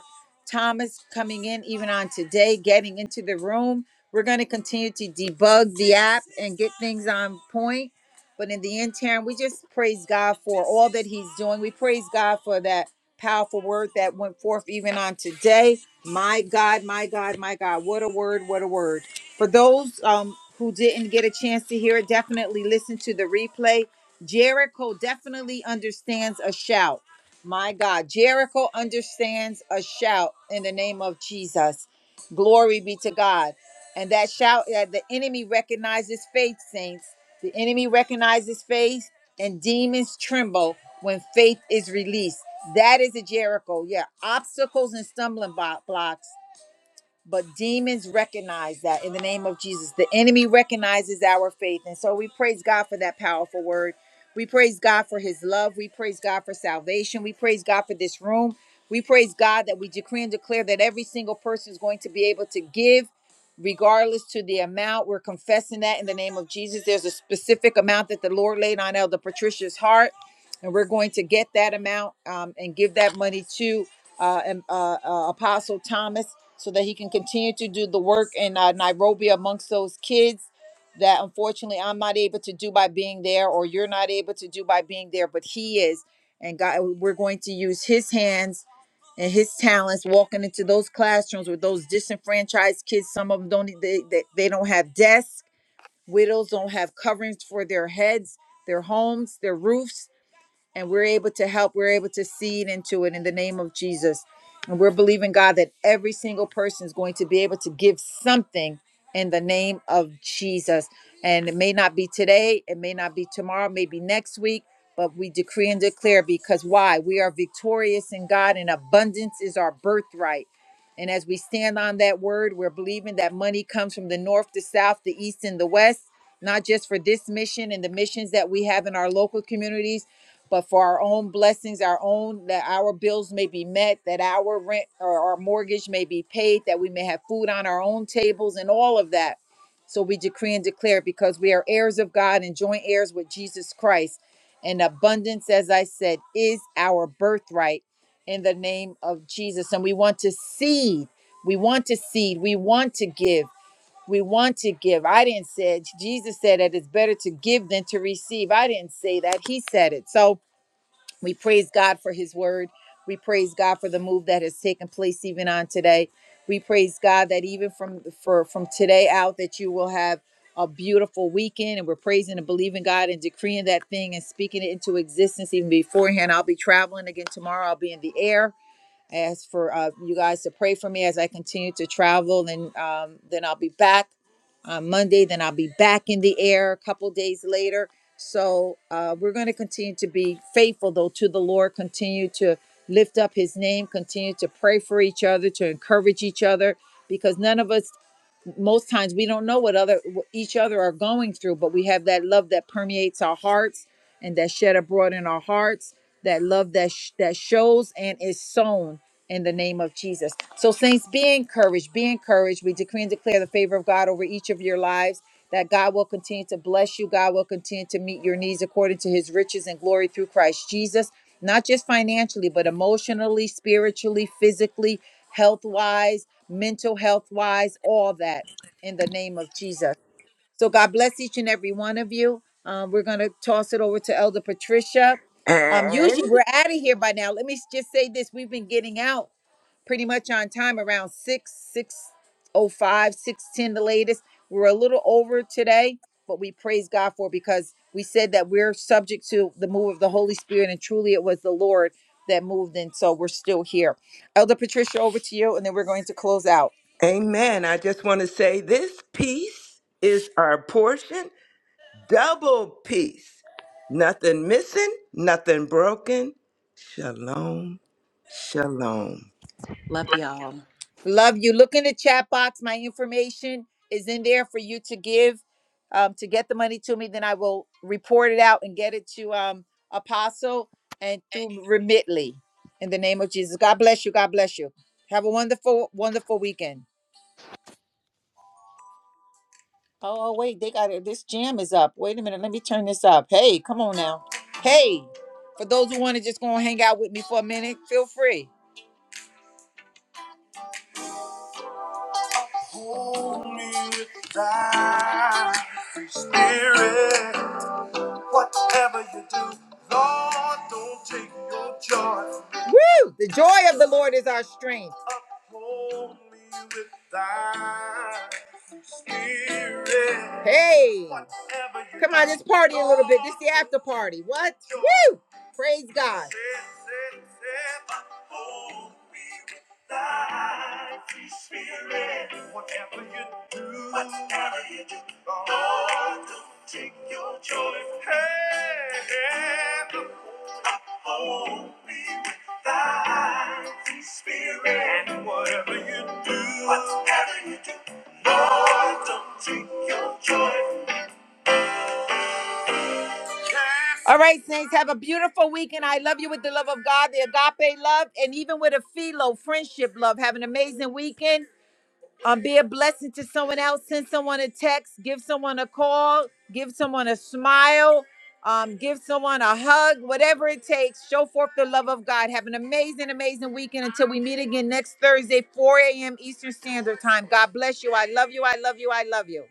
Speaker 1: Thomas coming in even on today, getting into the room. We're going to continue to debug the app and get things on point. But in the interim, we just praise God for all that he's doing. We praise God for that powerful word that went forth even on today. My God, my God, my God. What a word, what a word. For those um, who didn't get a chance to hear it, definitely listen to the replay. Jericho definitely understands a shout. My God, Jericho understands a shout in the name of Jesus. Glory be to God. And that shout, uh, the enemy recognizes faith, saints. The enemy recognizes faith, and demons tremble when faith is released. That is a Jericho. Yeah, obstacles and stumbling blo- blocks but demons recognize that in the name of Jesus. The enemy recognizes our faith. And so we praise God for that powerful word. We praise God for his love. We praise God for salvation. We praise God for this room. We praise God that we decree and declare that every single person is going to be able to give regardless to the amount. We're confessing that in the name of Jesus. There's a specific amount that the Lord laid on Elder Patricia's heart. And we're going to get that amount um, and give that money to uh, and, uh, uh, Apostle Thomas so that he can continue to do the work in uh, Nairobi amongst those kids that unfortunately I'm not able to do by being there or you're not able to do by being there, but he is. And God, uh, we're going to use his hands and his talents walking into those classrooms with those disenfranchised kids. Some of them don't, e, they, they, they don't have desks. Widows don't have coverings for their heads, their homes, their roofs and we're able to help. We're able to seed into it in the name of Jesus. And we're believing, God, that every single person is going to be able to give something in the name of Jesus. And it may not be today, it may not be tomorrow, maybe next week, but we decree and declare because why? We are victorious in God, and abundance is our birthright. And as we stand on that word, we're believing that money comes from the north, the south, the east, and the west, not just for this mission and the missions that we have in our local communities but for our own blessings, our own that our bills may be met, that our rent or our mortgage may be paid, that we may have food on our own tables and all of that. So we decree and declare because we are heirs of God and joint heirs with Jesus Christ. And abundance, as I said, is our birthright in the name of Jesus. And we want to seed. We want to seed. We want to give. We want to give. I didn't say it. Jesus said that it's better to give than to receive. I didn't say that. He said it. So we praise God for his word. We praise God for the move that has taken place even on today. We praise God that even from for from today out that you will have a beautiful weekend and we're praising and believing God and decreeing that thing and speaking it into existence even beforehand. I'll be traveling again tomorrow. I'll be in the air. I ask for uh, you guys to pray for me as I continue to travel, and um, then I'll be back on Monday. Then I'll be back in the air a couple days later. So uh, we're going to continue to be faithful, though, to the Lord. Continue to lift up His name. Continue to pray for each other, to encourage each other, because none of us most times we don't know what other what each other are going through but we have that love that permeates our hearts and that shed abroad in our hearts that love that sh- that shows and is sown in the name of Jesus. So saints be encouraged, be encouraged. We decree and declare the favor of God over each of your lives that God will continue to bless you. God will continue to meet your needs according to his riches and glory through Christ Jesus. Not just financially, but emotionally, spiritually, physically, health wise, mental health wise, all that in the name of Jesus. So God bless each and every one of you. Um, we're going to toss it over to Elder Patricia. Um,
Speaker 4: And
Speaker 1: usually we're out of here by now. Let me s- just say this. We've been getting out pretty much on time around six, six o five, six ten. the latest we're a little over today but we praise god for it because we said that we're subject to the move of the holy spirit and truly it was the lord that moved and so we're still here elder patricia over to you and then we're going to close out
Speaker 4: amen. I just want to say this peace is our portion double peace. Nothing missing, nothing broken. Shalom, shalom.
Speaker 3: Love y'all.
Speaker 1: Love you. Look in the chat box. My information is in there for you to give um, to get the money to me. Then I will report it out and get it to um, Apostle and through Remitly. In the name of Jesus. God bless you. God bless you. Have a wonderful, wonderful weekend. Oh, oh, wait, they got it. This jam is up. Wait a minute. Let me turn this up. Hey, come on now. Hey, for those who want to just go and hang out with me for a minute, feel free. Hold me with thy spirit. Whatever you do, Lord, don't take your joy. Woo! The joy of the Lord is our strength. Uphold me with thine. Hey, come on, let's party a little bit. This is the after party. What? Woo! Praise God. Whatever you do, whatever you do, Lord, don't take your joy. Hey, the Holy Thy Spirit. And whatever you do, whatever you do, don't take your joy. All right, Saints, have a beautiful weekend. I love you with the love of God, the agape love, and even with a philo, friendship love. Have an amazing weekend. Um, be a blessing to someone else. Send someone a text. Give someone a call. Give someone a smile. Um, give someone a hug. Whatever it takes. Show forth the love of God. Have an amazing, amazing weekend until we meet again next Thursday, 4 a.m. Eastern Standard Time. God bless you. I love you. I love you. I love you.